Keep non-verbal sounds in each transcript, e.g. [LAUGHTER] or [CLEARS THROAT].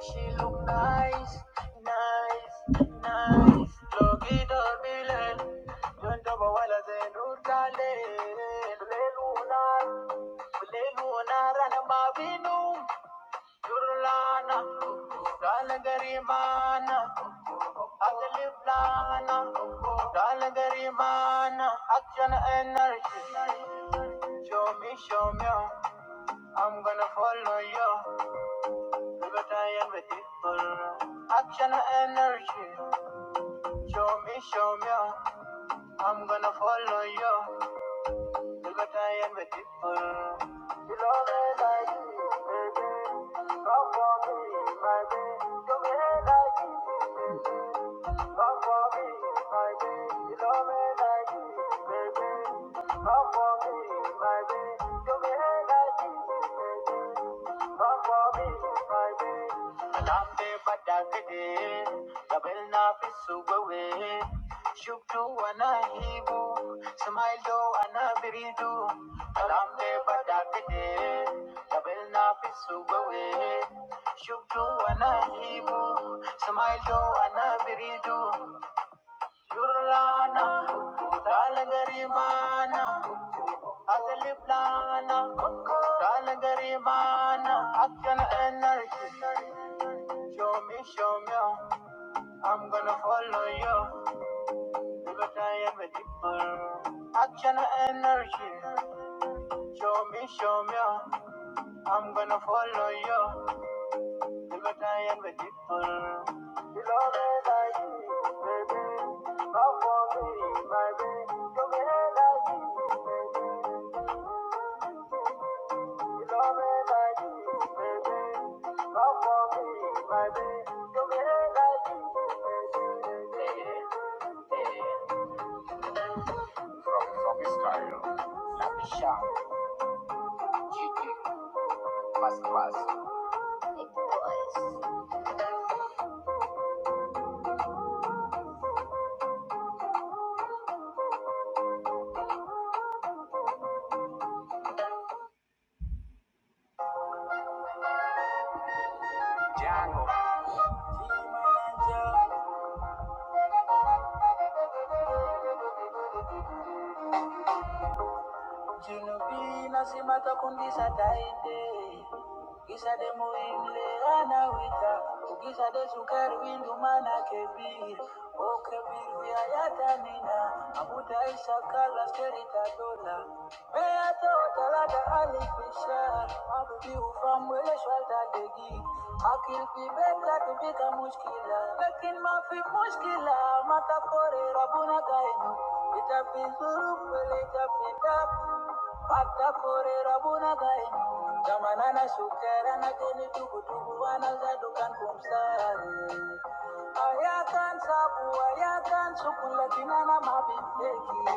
She look nice, nice, nice. Look it up, Bill. Don't double while I say, Ruta, Leluna, Leluna, Ranamavinum. Kurulana, Dalagarimana, Adaliplana, Dalagarimana, action energy. Show me, show me, I'm gonna follow you. Liberty and with people. Action energy. Show me, show me, I'm gonna follow you. Liberty and with people. You love it like me, baby. Come for me, my baby. You love like me. Come for me, my baby, come and like me, baby. Come for me, my baby, come and like me, baby. Come for me, my baby. Alambe badagade, gabelna fisugawe. Shuktu anahibu, smile anabiridu. Alambe badagade, gabelna fisugawe. Shuktu anahibu, smile anabiridu. Jurlana, Talagarimana, Adaliplana, Talagarimana, action energy. Show me, show me, I'm gonna follow you. Because I am a deeper. Action energy. Show me, show me, I'm gonna follow you. From Styro, Lapisha, GT, Masterclass. Genovina simata kundisa sataide, Gisa de muimle anawita Ugisa de sukari windu mana kebir O kebir vya yata nina Abuda isa kala sterita dola Mea tota lada alifishar Mabubi ufamwele shwalta degi Akil pi beka tupika mushkila Lakin mafi mushkila Mata kore rabuna gainu Itapi zuru pele itapi tapu Patakore shukera na geni tubu tubu wana zadu kan Ayakan sabu, ayakan sukula kinana mabiteki.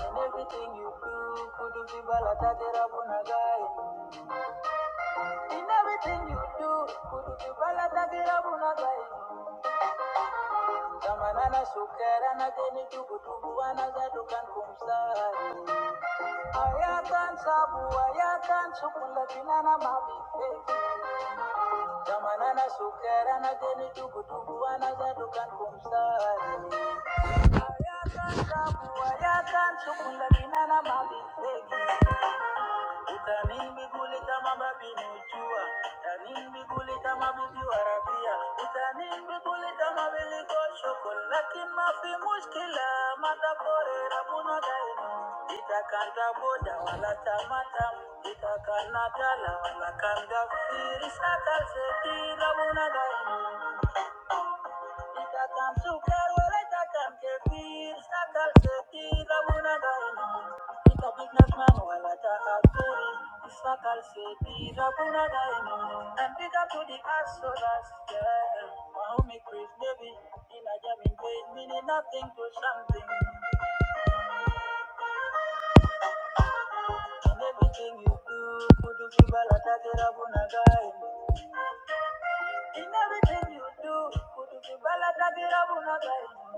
In everything you do, kudu vibala tate rabuna nagai. In everything you do, kudu vibala tate rabuna nagai. Jamana na shukera na geni tubu tubu wana zadu kan kumsare. Thank you. Utanimigulita mababi mujua, tanimigulita mabibi warabia, utanimigulita mabili ko shokol, lakin mafi mushkila, matapore rabuna daima. Itakanda boda wala tamatam, itakanatala wala kanda firisakal seti rabuna daima. Sitacam zucar, huele tacam kefir, sacar setir, abuna daina. Kita bignas manuela ta akuri, sacar setir, abuna daina. And big up to the asolas, yeah. Mahumi Chris baby. in a jamming place, meaning nothing to something. In everything you do, could you give a kudu kibala tagira buna daina. In everything you do, could you give a kudu kibala tagira buna daina.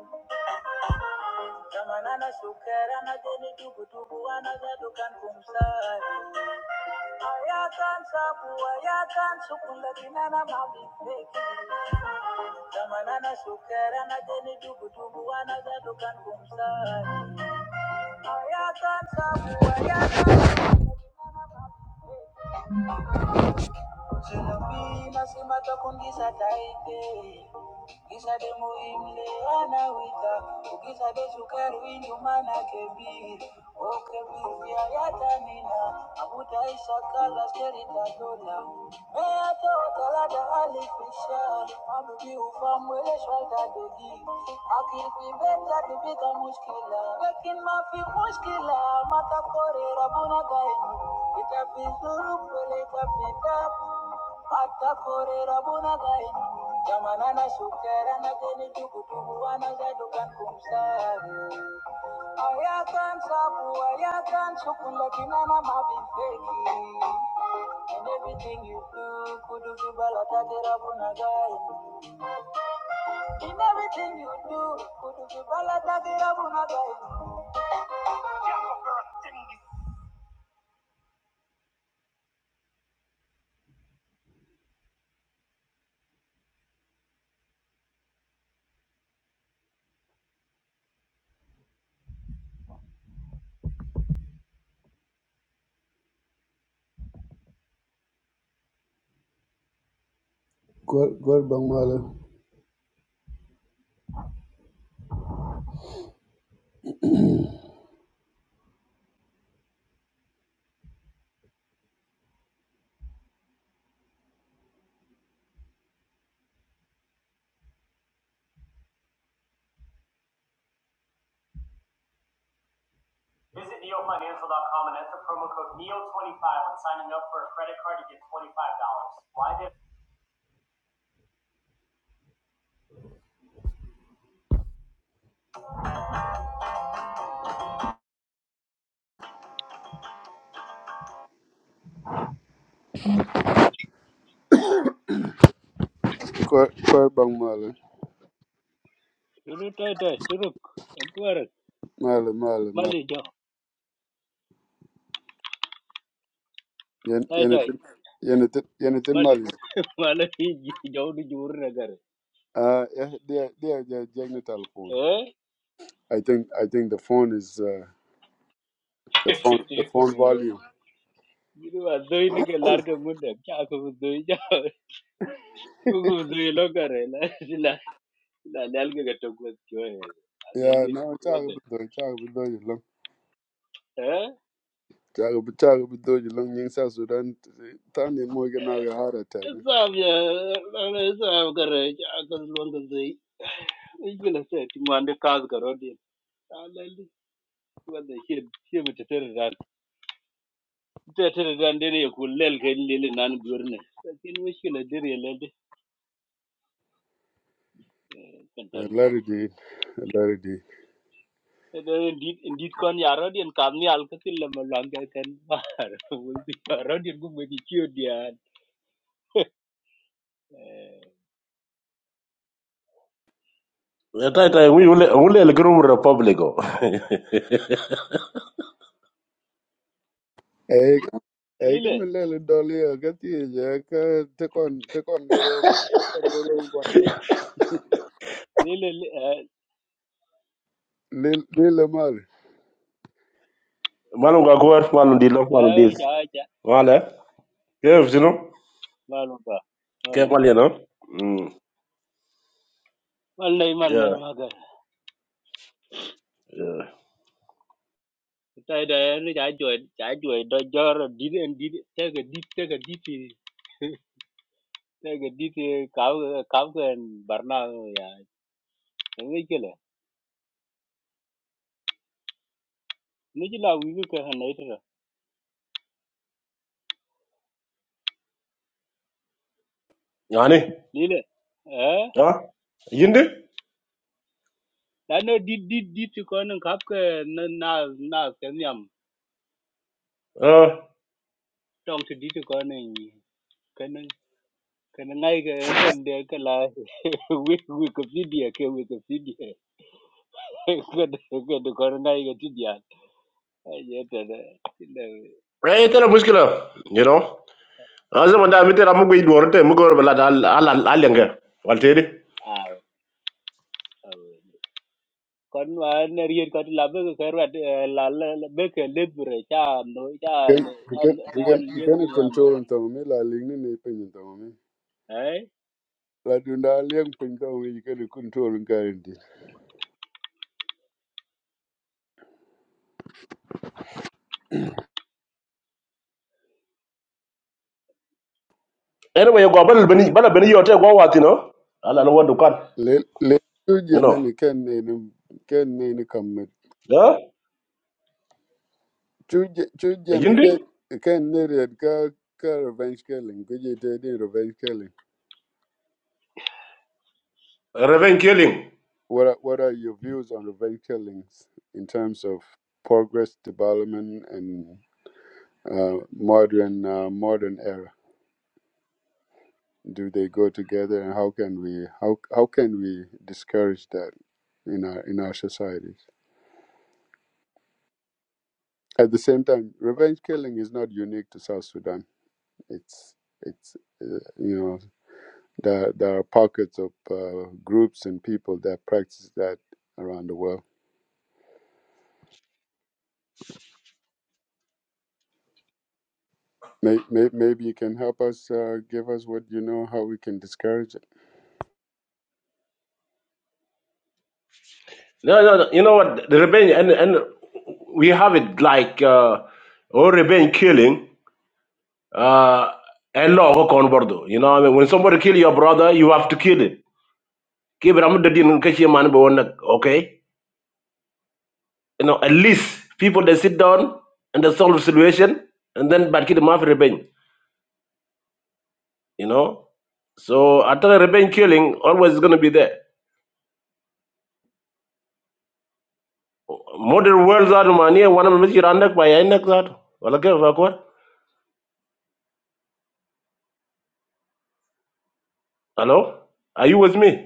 Zamanana shukera na deni dubu dubu ana zadukan kumsai. Ayatan sabu ayatan sukula dinana mami feki. Zamanana shukera na deni dubu dubu ana zadukan kumsai. Ayatan sabu ayatan Zelapi nasema takungisa taite Kisa de muhimle ana wita Ukisa de sukari winyu mana kebir O kebir vya yata nina Amuta isha kala skeri tadola Mea tota lada alifisha Mabubi ufamwele shwalta degi Akil pibeta tibita muskila Lakin mafi muskila Mata kore rabuna gainu Itapi zuru pole itapita Atakore rabuna gain, jamana na shukera na geni tuku tuku wana gadu Ayakan sabu, ayakan shukula kinana mabifeki. In everything you do, kudu kibala take rabuna gain. In everything you do, kudu kibala take rabuna gain. Good, good, Bang Mala. Visit neofinancial.com and enter promo code NEO25 when signing up for a credit card to get $25. Why did Koy koy bang mala Jadi tuai-tuai, ceruk, aku orang mala mala mala Mali jauh, yen yen e tuai-tuai, tin yen e tin yen e tin Mali, mali malah ini jauh di Jorong agaknya. uh yeah they they they jeng the telephone Eh, i think i think the phone is uh the jadi, phone the jadi phone apa? volume Jadi apa? Doi ni kalau argha muda, cakap kalau doi jauh, tujuh bulan doilah karang. Nah, si la, si la, lalai katok kuat juga. Adem yeah deh, no kuat chag deh. bu do chag bu do you long Eh, chag bu chag bu do you long ning sa sudan tan ni mo gena ga heart attack sahab ya, lalai sahab karang. Cakap kalau orang tu sih, sih pun lah saya. Tiap malam kauz karang dia, kalau ni kuat deh sih, sih macam cerita. ta ta gan de ne ku lel ke lele nan gurne lakin mushkila de re le de kan tan larry di larry di da indit indit kon yaro den kam ni al ka til la malang ka kan bar wol bi yaro den gum be kiyo dia Ya tai tai ngi ule ule le grum republico. [LAUGHS] eh eh lele kam le le doli ga ti je ka te kon te kon garo te kon garo wan ya lele lil lil mali Malum ga gwar malum di lo a malum di. ja ja Wala. Kef sino? malu [LAUGHS] ba malu Kef mal ba yana. Mm. mal nay mal nay Yeah. ma ga yeah. ta da ne ja joy ja joy do jor dit indit ta ga dit ta ga dit ta ga dit ka ka ka barna ya Ngikela. mi ji la wi ka na ita Yani? lile eh Ha? Yindi? la no di di di ti ko nan kap ka na na na ka nyam Ah. tong ti di ti ko nan ka nan ka nan ngai ka en kan de ka la [LAUGHS] wi wi ka video ke wi ka video ka [LAUGHS] de ka de ko nan ngai ka ti dia ye ta de ti de Eh tela muskila. You know. Azza man da mi tela mugo idoro te mugo bala al al al yanga. Walteri. a kon wa na ri ka ti la be ka ra la la be ka le bure cha no cha Ken, ken, an an ken, lien ken i ji yam no control in tong me la ling ni ne pin in tong me. eh La du da liang pin tong me ken i control in kain di. Ene wayo go bal bani bala bani yote go watino. Ala no wadu kan. Le, le chu You jen know. ni ken ne ni, ken ne ni kam me. Ha? Chu jen, chu Eh, jen Yindi? ken, ken ne riad ka, ka revenge killing. Kuji te di revenge killing. Revenge killing. What are, what are your views on revenge killings in terms of progress, development, and uh, modern uh, modern era? do they go together and how can we how how can we discourage that in our in our societies at the same time revenge killing is not unique to south sudan it's it's uh, you know there, there are pockets of uh, groups and people that practice that around the world may, may, maybe you can help us uh, give us what you know how we can discourage it No, no, no. You know what? The revenge, and and we have it like uh, all revenge killing. Uh, and law go on board. You know, what I mean, when somebody kill your brother, you have to kill it. Keep it. I'm not doing catch your man, but one, okay. You know, at least people they sit down and they solve the situation, and then but kill them after revenge. You know, so after revenge killing, always is gonna be there. Modern world that money. one of them is your under by your neck that. Well, okay, fuck what? Hello, are you with me?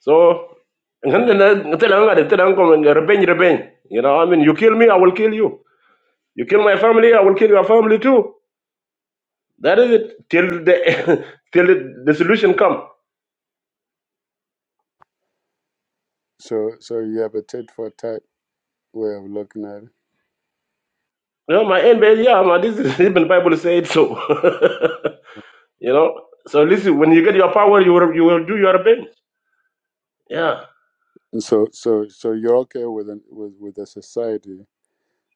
So revenge, revenge. You know, I mean, you kill me, I will kill you. You kill my family, I will kill your family too. That is it till the [LAUGHS] till the, the solution come. so so you have a tit for tat way of looking at it You know, my end, base, yeah, my, this is [LAUGHS] even Bible said so. [LAUGHS] you know, so listen, when you get your power, you will you will do your revenge. Yeah, and so so so you're okay with an, with with a society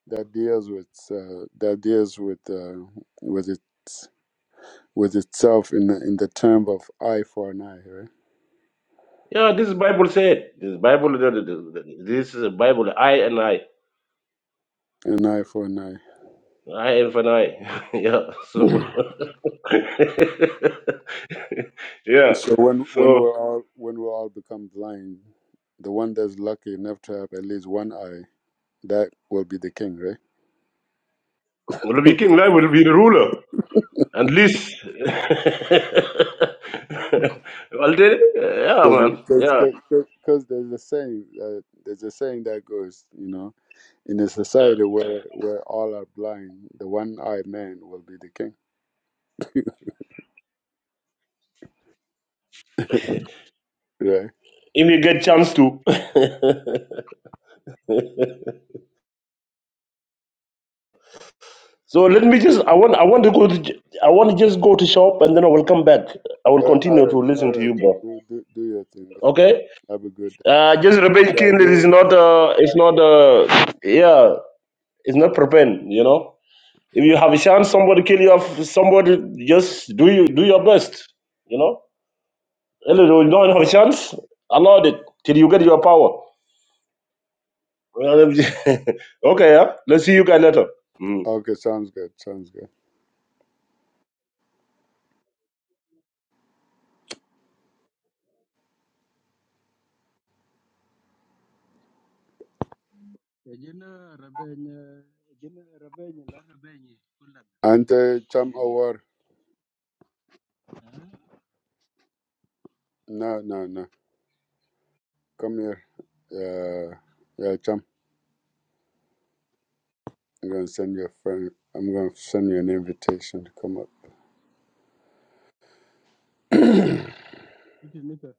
that deals with uh, that deals with uh, with its with itself in the, in the term of eye for an eye, right? yeah, this is Bible said. This Bible, the- the- the- this is Bible. I and I, An eye for an eye. I and for I. [LAUGHS] yeah, so. [LAUGHS] [LAUGHS] Yeah. So when when So we're all when we all become blind, the one that's lucky enough to have at least one eye, that will be the king, right? Rabbi King Lai will be the ruler. At least [LAUGHS] well then, yeah man. Yeah. Because there's a saying uh, there's a saying that goes, you know, in a society where where all are blind, the one eyed man will be the king, right? If you get chance to. [LAUGHS] so let me just I want I want to go to j- I want to just go to shop and then I will come back. I will right, all continue to right. listen all to right, you bro. Do, do, do your thing. Okay? Have a good day. Uh just Rabbi Yeah, King it is you. not uh it's not uh yeah, it's not prepared, you know. If you have a chance somebody kill you off somebody just do you do your best, you know? And if you don't have a chance, allow it till you get your power. [LAUGHS] okay, yeah? let's see you guys later. Mm. Okay, sounds good. Sounds good. Ejina rabenye ejina rabenye la rabenye kula And uh, Cham lele. Awar. Ah, No, no, no. Come here. Uh, yeah, Cham. I'm gonna send you a friend. I'm gonna send you an invitation to come up. iti nita.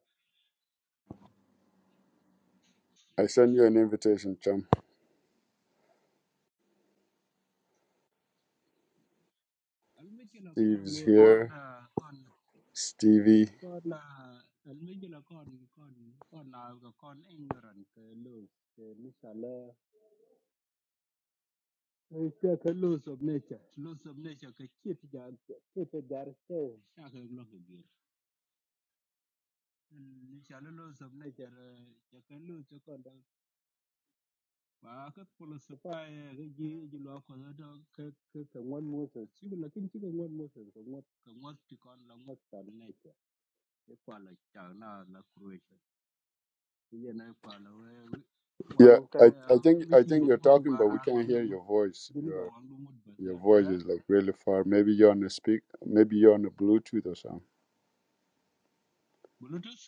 I send you an invitation, Cham. Almikila kon Steve's mo kon here. ah, kon Stevie. kon ah, almikila kon kon kon na ah, kon ignorant ke laws ke misala. Ika ke laws of nature. Laws of nature ke kit jar kit jar ke shaka globe gir. Misala laws of nature eh, ja ke laws kon ba ka polo se pa e ge ji ji lo ko do ka cái ka ngwan mo se si la kin chi ka ngwan mo se ka ngot ka ngot ti kon la ngot ta ne ke cái pa la cha na la kruisha ti ye na pa la we cái wang Yeah, ka I, na I think mi I chi think you're mi chi talking, wa but ra we wang can't na hear mut your voice. din ba Your wang du mut ba da your a voice is like really far. Maybe you're on a speak. Maybe you're on a Bluetooth or something. bluetooth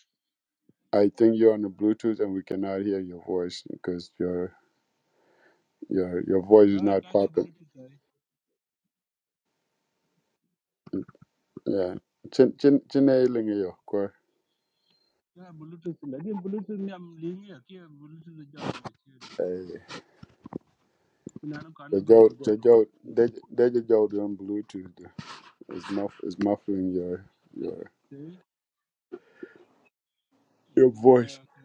I think you're on a Bluetooth, and we cannot hear your voice because you're Your your voice a is not ta cái popping. bluetooth ai Yeah. Chin chin chin ailing yo ko. cái bluetooth la cái bluetooth nyam li cái cái bluetooth ja ma chi Eh. ni na no ka na The cái jo ka je the jo cái they they the jo on Bluetooth It's muff it's muffling your your se e your kin ta voice. ka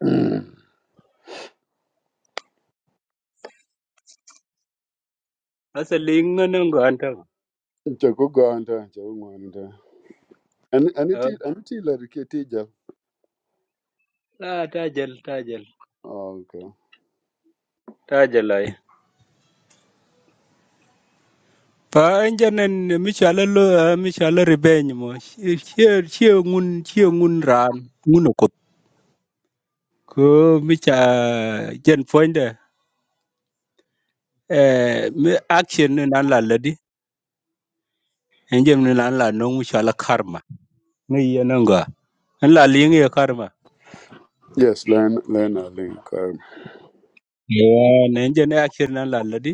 [CLEARS THROAT] asa linga nang It's go go on go on And and it أه، is and it is like it teacher. لا تاجل تاجل Oh, okay. تاجل أي pa enjanen mi chala lo mi chala ribeny mo chie chie ngun chie ngun ran ngun okot ko mi cha jen foinde eh mi action ni nan la ledi enjem ni nan la no mi chala karma ngi yenanga an la lingi ya karma Yes, learn learn a link. Um, yeah enjen action nan la ledi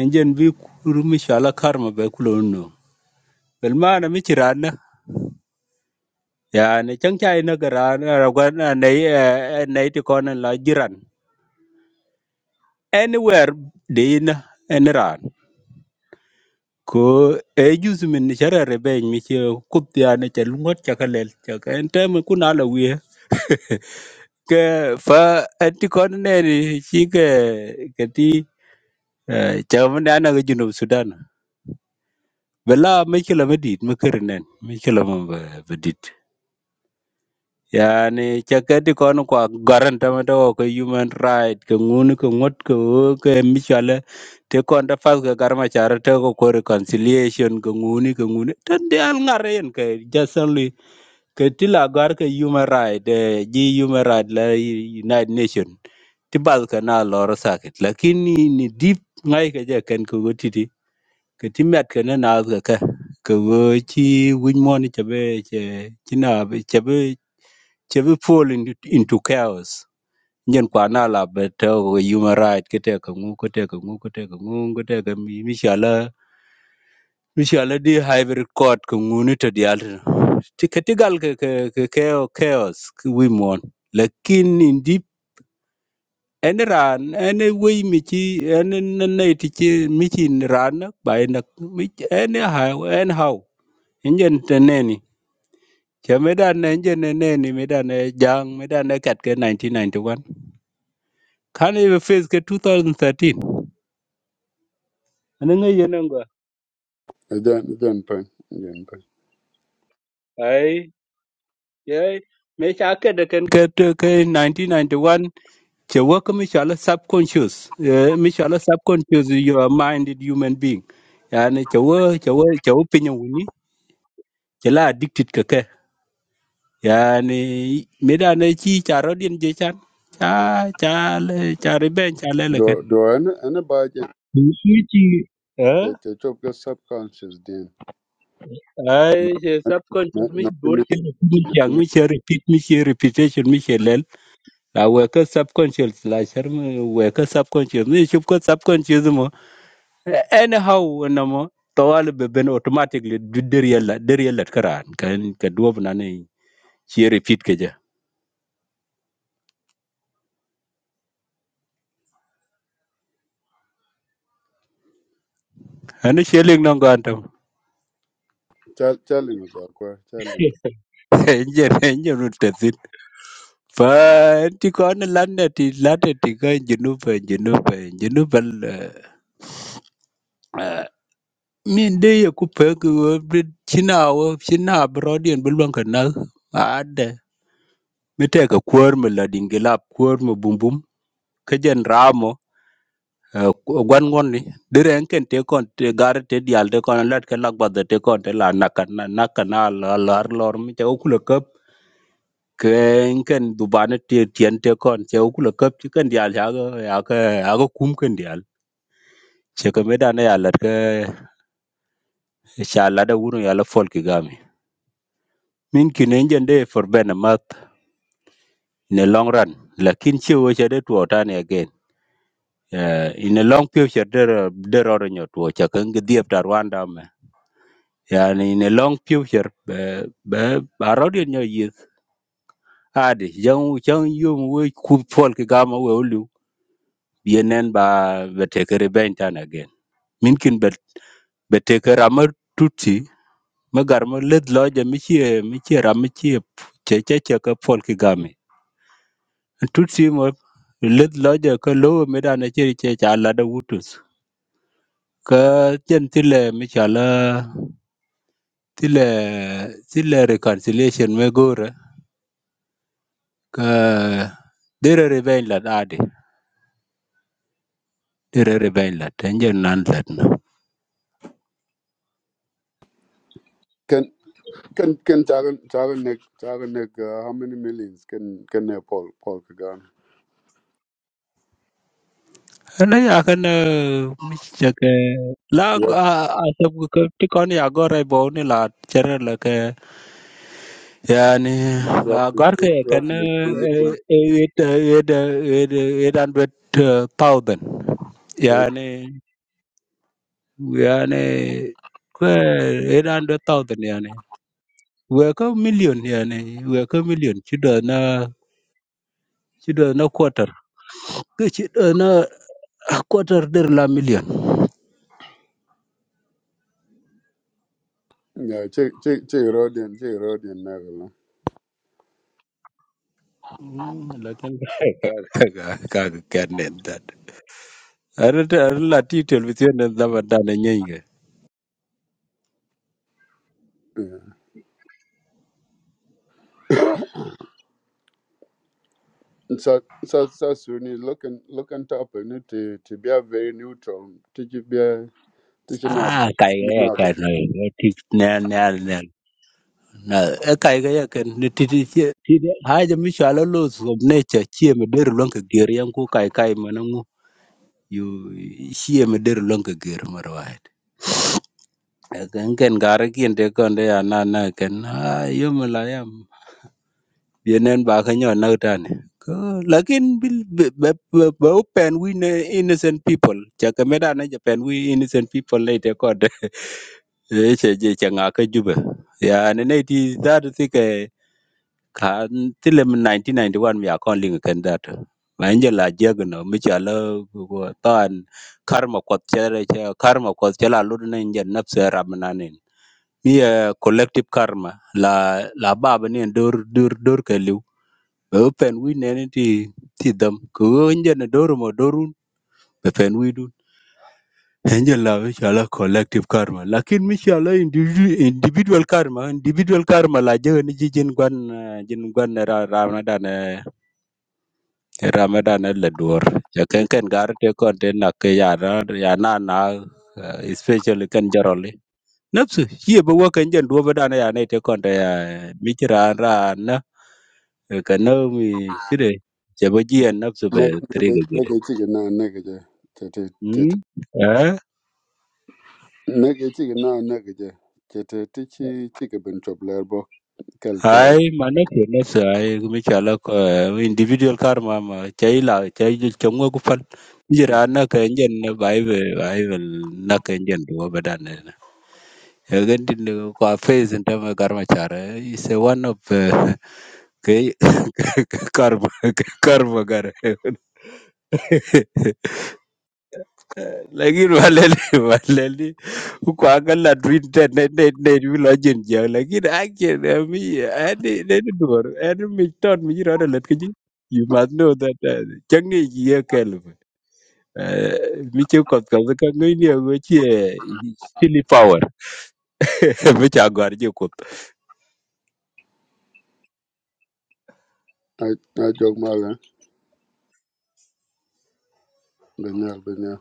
enjen bi kuru mi chala karma be kulo no bel mana mi chirana yani chẳng chai nó cái ra nó ra quan à, nấy à, nấy thì con là jiran anywhere đến anh ran ko e jus min ni chara rebe mi che kup ya ne che lungot cha kalel cha ka en tem ku na la wi [LAUGHS] ke fa anti kon ne ni chi ke ke ti eh, cha mun na na ga junub sudan bela mi che la medit mi ker nen mi che la mo bedit yani chakati kon kwa garan tamata ko ko human right ko ngun ko ngot ko ko michale te kon da fas ga garma chara te ko ko reconciliation ko nguni ko nguni tan de al ngare yen ke jasanli ke tila gar ke human right eh, ji human right la united nation ti bal ka na lor sakit lakini ni deep ngai ke je ken ko gotiti ke timat ke na na ga ka ko chi win moni chabe che china Che be fall into, into chaos. Nyen kwa na la beto ko human right kete ka ngu kete ka ngu kete ka ngu kete ka mi mi shala mi shala di hybrid court ko ngu ni to di alter. Ti ketigal ke ke ke ke- chaos ki we mon. Lakin indi en ran en we mi chi en ne ne ti chi mi chi ran na, ba en mi chi- en how en how. Nyen teneni. Che medan ne nyen ne neni medan ne jang medan ne kat ke 1991. Kane ibe phase ke 2013. Anenge yenengwa. again again pen again pen. Ai, yay. Me chake de ken ke te- ke 1991 che work me chala subconscious. Eh, Me chala subconscious you are minded human being. Yani che wo che wo che wo pinyo wini che la addicted ke ke. Yani me da ne chi charo din je chan. Cha cha le cha riben cha le le ken. Do do any anybody Chi chi. Ờ? the the job your subconscious then. ai subconscious mi No, bor ke no, yang mi repeat mi repetition mi she lel la we subconscious la sher mi we subconscious mi shup ko subconscious mo anyhow na mo tawal be ben automatically du der yalla der yalla karan kan ka duob na ne she repeat ke ja ana she ling non ga antam Tell tell him about Kwar. Tell him. jer jer tesin fa ti ko na landa ti landa ti ga jinu pa jinu pa jinu pa [LAUGHS] min de ye ku pek china wo china brodian bu lon ka nal ade mi te ka kuor mi la dingilap kuor mi bumbum ke jen ramo eh, ku- gwan ngon ni dire en ken te kon te gar te dial te kon lat ke lak bad te kon te la nakan nakan la lar lor mi te ku le kap ke en ken dubane te tien te kon te ku le kap ti ken dial ya ga ya ga ya ga kum ken dial che ka me dane ya lat ke cha la da wuno ya la fol ki gam min kin engine day for ben a month in a long run lakin chi wo chede tuo tani again uh, in a long future there there are nyo tuo cha kan gi diep tar wanda me yani in a long future be be arodi nyo yis adi jang jang yum wo ku fol ki gama wo lu yenen ba be tekere ben tan again min kin be be tekere amar tuti magar ma led loje mi chi mi chi ram mi chi che che che ka fol ki game tut sim let lo je ko lo mi da na che che cha la da wutus ka chen ti le mi cha la ti le ti le reconciliation me gore ka dere re ben la da de dere re ben la ten je nan la na Can can can Taran Taran Nick Taran Nick uh, how many millions can can uh, Paul Paul Kagame? ana ya kan mi cha ke la Rough, a a sab ko ti kon ya gore bo ni la chere la yani la roughly gor three- ke ken roughly eh, two eh, million it eh, it eh, eh, thousand eight. yani yani ke it and with thousand yani we ko million yani we ko million ci do na ci do na quarter ke ci na quarter der la million Yeah, che che che Rodian che Rodian Nagala. Mm, lakin ka ka ka ken ne dat ar ar la titel bi sen da ba da Yeah. So so so soon he's looking looking top and it to opportunity to be a very neutral. To you be a teaching up Ah, kai you ga ya know kan ne ti ne ne ne na e kai ga ya kan ne ti ti ti ti de ha ja mi shala lo so ne cha chi me der lon ka ger yan ku kai kai manangu yu chi me der lon ka ger marwai kan kan gar kien de kon de ya na na kan ha yo me la yam yenen ba ka nyo na ta ne ko lakin bil be be be- be open we ne innocent people cha ka me da na japan we innocent people later Eche je changa ka jube. Ya ne ne ti zaru sike ka tilem 1991 mi akon linga ken data. Ma inje la jega no mi chala taan karma kwat chere che karma kwat chala ludu na inje napse ramana nin. Mi eh, collective karma la la baba ni dur dur dur ke liu. Be pen wi ne ni ti ti dam. Ko inje na doru mo dorun. Be pen wi dun. angel la we shala collective karma lakin mi shala individu- individual karma individual karma la je ni ji jin gwan eh, jin gwan ra ramadan eh, ramadan eh la dor ya ken ken gar te kon te na ke ya ra ya na na eh, especially kan jaroli nafsu ye ba wa kan jan do ba dana ya ne te kon te ya mi kira ra ra na eh, ka na mi kire je ba ji ya nafsu be make tri ga make make gede a chicken now nigga. hmm eh Nage ci na nage je kete ti ci ci ke ben chop ler bo kel kel ai mana kene sa ai mi chala ko eh, individual karma ma chai la chai jo chongo ku pal jira na ka nyen na bible bible na ka nyen do badan na yagan din ko face nda ma karma chara is a one of eh, [LAUGHS] ke [LAUGHS] karma karma gar [LAUGHS] lakini walele walele [LAUGHS] huko angala twinte ne ne ne bilo jinja lakini ake na mi ani ne ni dur ani mi ton mi ro let kiji you must know that uh, changi ye kelb mi che kot ka ka ngi ni go che silly power [LAUGHS] mi cha gar je kot I I jog mala benyal benyal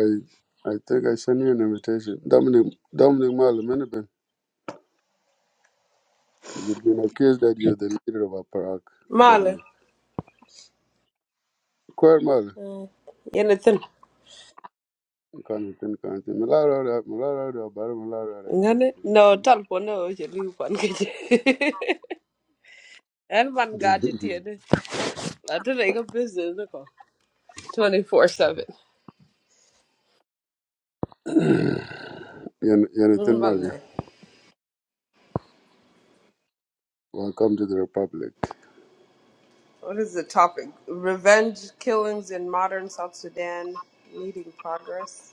I I think I sent you an invitation Dominic Dominic Mala mene you've been accused that you're the leader of Aparak Male, Dominic Kwer Mala yene thin. kan tin kan tin malara da malara da bar malara da Ngane, no talpo no oche liu pan keche. En man gati [COUGHS] tiede. Lato na ika business 24-7. [LAUGHS] yan yan Mm, [LAUGHS] Mala welcome to the republic What is the topic? Revenge killings in modern South Sudan. Leading progress.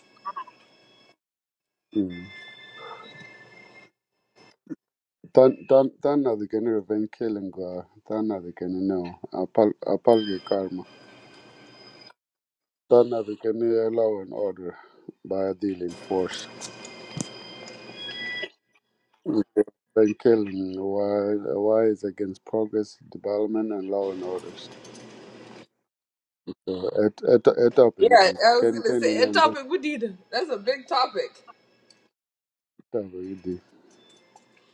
Hmm. Tan tan tan adhikeni revenge uh tan adhikeni no no, apal apalge karma. Tan adhikeni law and order by a deal in force. Revenge killing why why is against progress, development and law and orders. So et et et topic Yeah, di I was ken gonna ken in say a and topic we did. That's a big topic. topic di.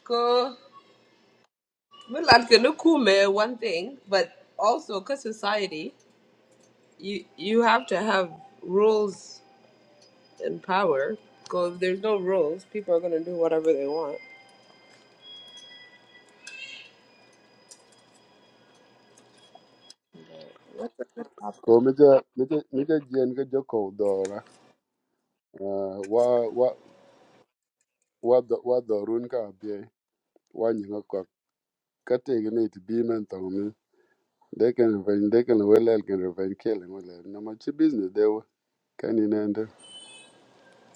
Ko Milan can kume one thing, but also because society, you you have to have rules and power. because if there's no rules, people are gonna do whatever they want. That's a good topic. Ko meja meja meja jien ga joko dora uh, wa wa wa do- wa dorun ka bie wa nyinga kwa kate gani to be mental They can revenge. They can well. They can revenge killing. Well, eh, no much business. They were can in end. eh.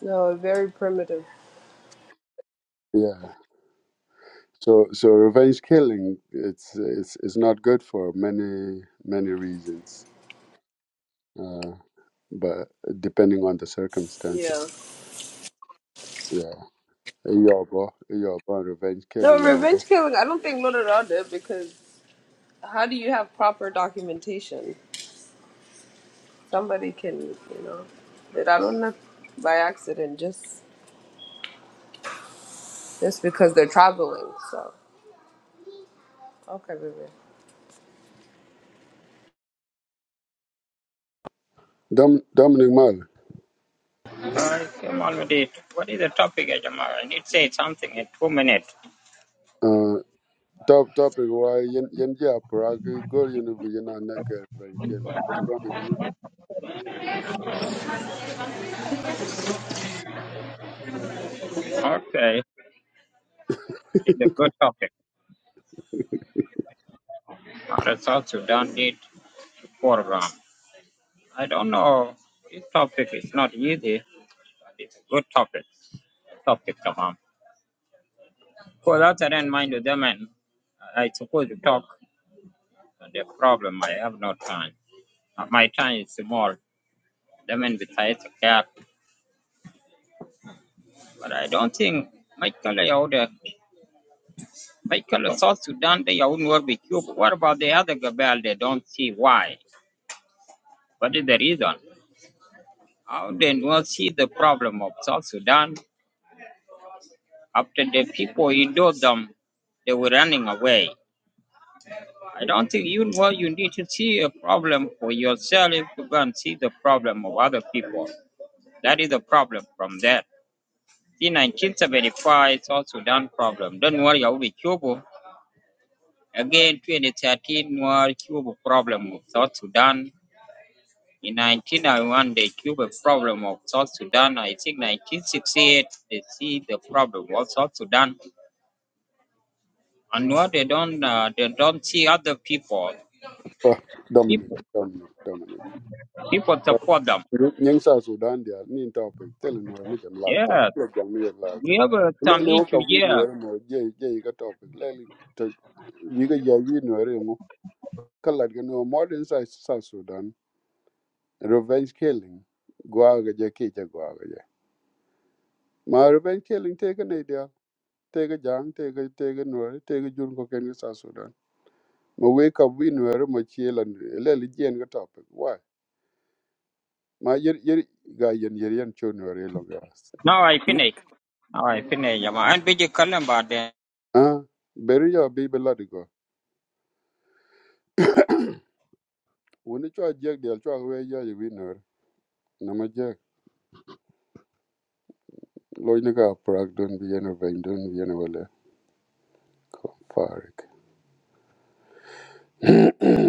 No, very primitive. Yeah. So so revenge killing. It's it's it's not good for many many reasons. Uh, but depending on the circumstances. Yeah. Yeah. Yobo yobo revenge killing No, mobo. revenge killing. I don't think Lodoron did because how do you have proper documentation? Somebody can, you know, did I don't know by accident just just because they're traveling. So okay, baby. Dom Dominic Mal. I came already. What is the topic, Jamal? I need to say something in two minutes. Uh, top topic why yen yen ja prag go yen bu yen na revenge killing. What's wrong with you? [LAUGHS] Okay, it's a good topic. Uh, South Sudan need a program. I don't know. This topic is not easy, but it's a good topic. Topic, Jamal. For that, I don't mind to them, and I suppose to talk. But the problem, I have no time. Uh, My time is small. Them and besides a cap, but I don't think. My colleague out there Michael South Sudan, they wouldn't work with you. But what about the other Gabel? They don't see why. What is the reason? How they not see the problem of South Sudan? After the people endured them, they were running away. I don't think you know you need to see a problem for yourself to go and see the problem of other people. That is the problem from that. See 1975 South Sudan problem. Don't worry, I will be Cuba. Again, 2013 war Cuba problem of South Sudan In 1991, they cubed the problem of South Sudan. I think 1968, they see the problem of South Sudan. And what they don't, uh, they don't see other people. Oh, Dominic People, Dominic Dominic. people support them. Yang South Sudan dia ni topic tell no me jam laugh te. Yeah, Le jam me laugh te. we have uh, Le some le o ka issue wi no here. no je je ka topic le le to yi ga ya wi no re mo. Kala ga no modern South South Sudan revenge killing gwa ga je ke je gwa ga je. Ma revenge killing te ga ne dia te ga jang te ga te ga no te ga jun ko ken South Sudan. Ma we ka wi no re mo che la le le jen ga topic why. Ma yer yer ga yen yer yen cho no re lo ga. Now I finish. Now I finish. Yeah, and be the calendar. Ah, beri ya bibi ladigo. Wuni chwa jek diel chwa we ya yi winner. Nama jek. Loy nika prag don bi yena vain don bi yena wale. Ko farik. [CLEARS THROAT]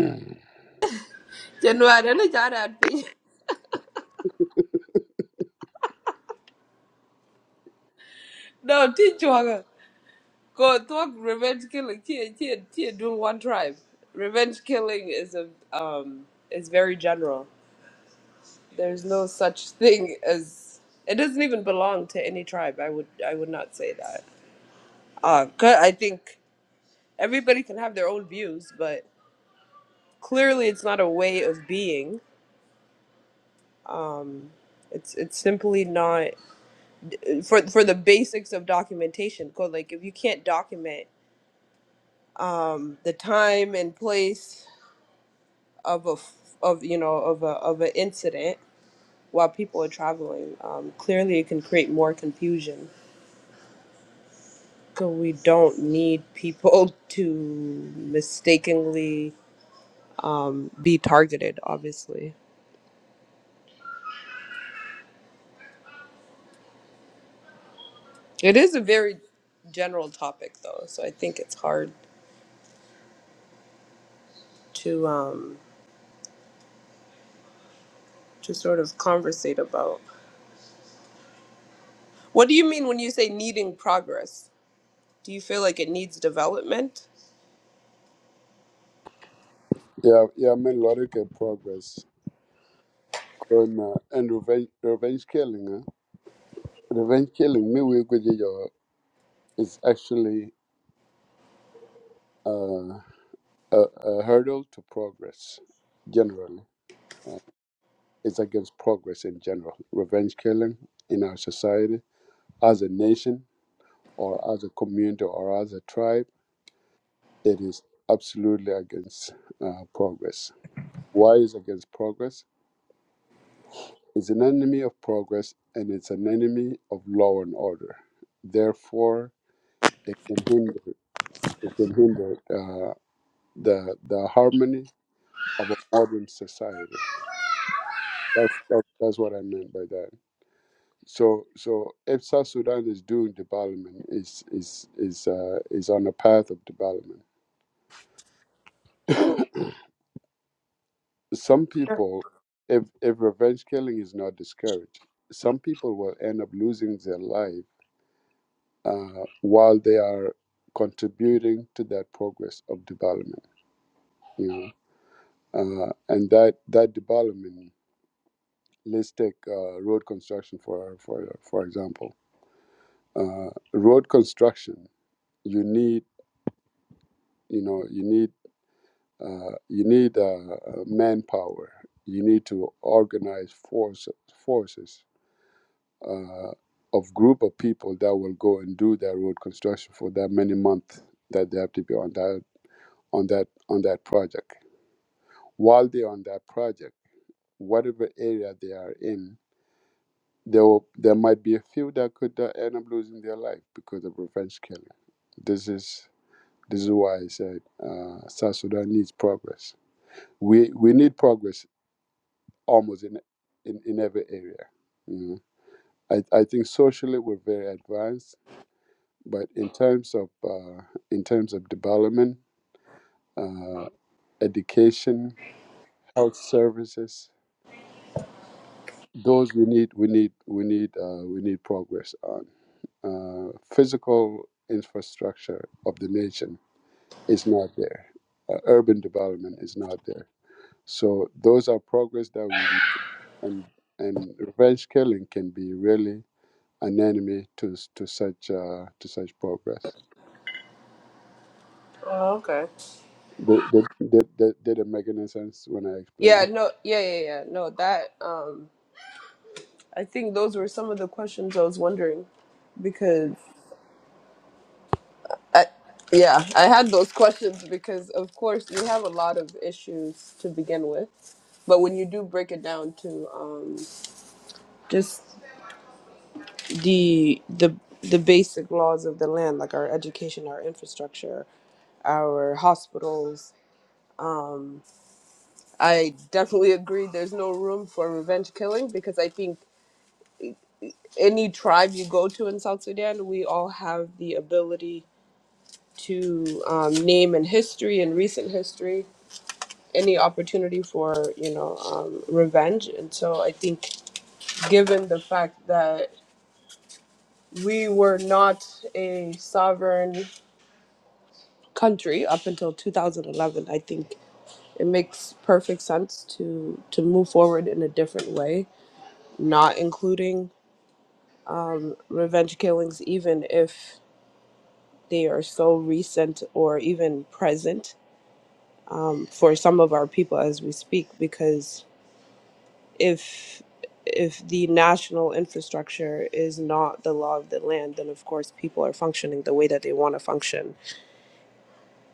January, I don't know, Jara, I'd be- [LAUGHS] No, teach you. Go talk revenge killing. Tia, Tia, Tia doing one tribe. Revenge killing is a um is very general. There's no such thing as it doesn't even belong to any tribe. I would I would not say that. Uh, 'cause I think everybody can have their own views, but clearly it's not a way of being. Um, it's it's simply not for for the basics of documentation. Go like if you can't document um, the time and place of a f- of you know of a of an incident while people are traveling. Um, clearly, it can create more confusion. 'Cause we don't need people [LAUGHS] to mistakenly um, be targeted. Obviously, it is a very general topic though, so I think it's hard to um, to sort of conversate about. What do you mean when you say needing progress? Do you feel like it needs development? Ya ya men lori ke progress. Corona and revenge revenge killing. Eh? Revenge killing me we go je yo is actually uh, a, a hurdle to progress generally. It's against progress in general. Revenge killing in our society as a nation or as a community or as a tribe it is absolutely against uh, progress. Why is against progress? It's an enemy of progress and it's an enemy of law and order. Therefore, it can hinder it can hinder uh, the the harmony of a modern society. That's that's, that's what I meant by that. So so if South Sudan is doing development, is is is uh, is on a path of development. [COUGHS] some people, if if revenge killing is not discouraged, some people will end up losing their life uh, while they are contributing to that progress of development. You know, uh, and that that development. Let's take uh, road construction for for for example. Uh, road construction, you need you know you need uh, you need uh, uh, manpower. You need to organize force, forces uh, of group of people that will go and do that road construction for that many months that they have to be on that on that on that project. While they're on that project, whatever area they are in, there will, there might be a few that could uh, end up losing their life because of revenge killing. This is this is why I said uh, South Sudan needs progress. We we need progress almost in in, in every area. You know? I, I think socially we're very advanced But in terms of uh, in terms of development, uh, education, health services, those we need we need we need uh, we need progress on. Uh, physical infrastructure of the nation is not there. Uh, urban development is not there. So those are progress that we need. and and revenge killing can be really an enemy to s- to such uh, to such progress. Oh, okay. Did, did, did, did did it make any sense when I explained Yeah, it? no, yeah, yeah, yeah. No, that um I think those were some of the questions I was wondering because I, yeah, I had those [LAUGHS] questions because of course you have a lot of issues to begin with, but when you do break it down to um, just the the the basic laws of the land, like our education, our infrastructure, our hospitals, um, I definitely agree. There's no room for revenge killing because I think any tribe you go to in South Sudan, we all have the ability to um, name in history in recent history any opportunity for you know um, revenge and so i think given the fact that we were not a sovereign country up until 2011 i think it makes perfect sense to to move forward in a different way not including revenge killings even if they are so recent or even present um, for some of our people as we speak because if if the national infrastructure is not the law of the land, then of course people are functioning the way that they want to function,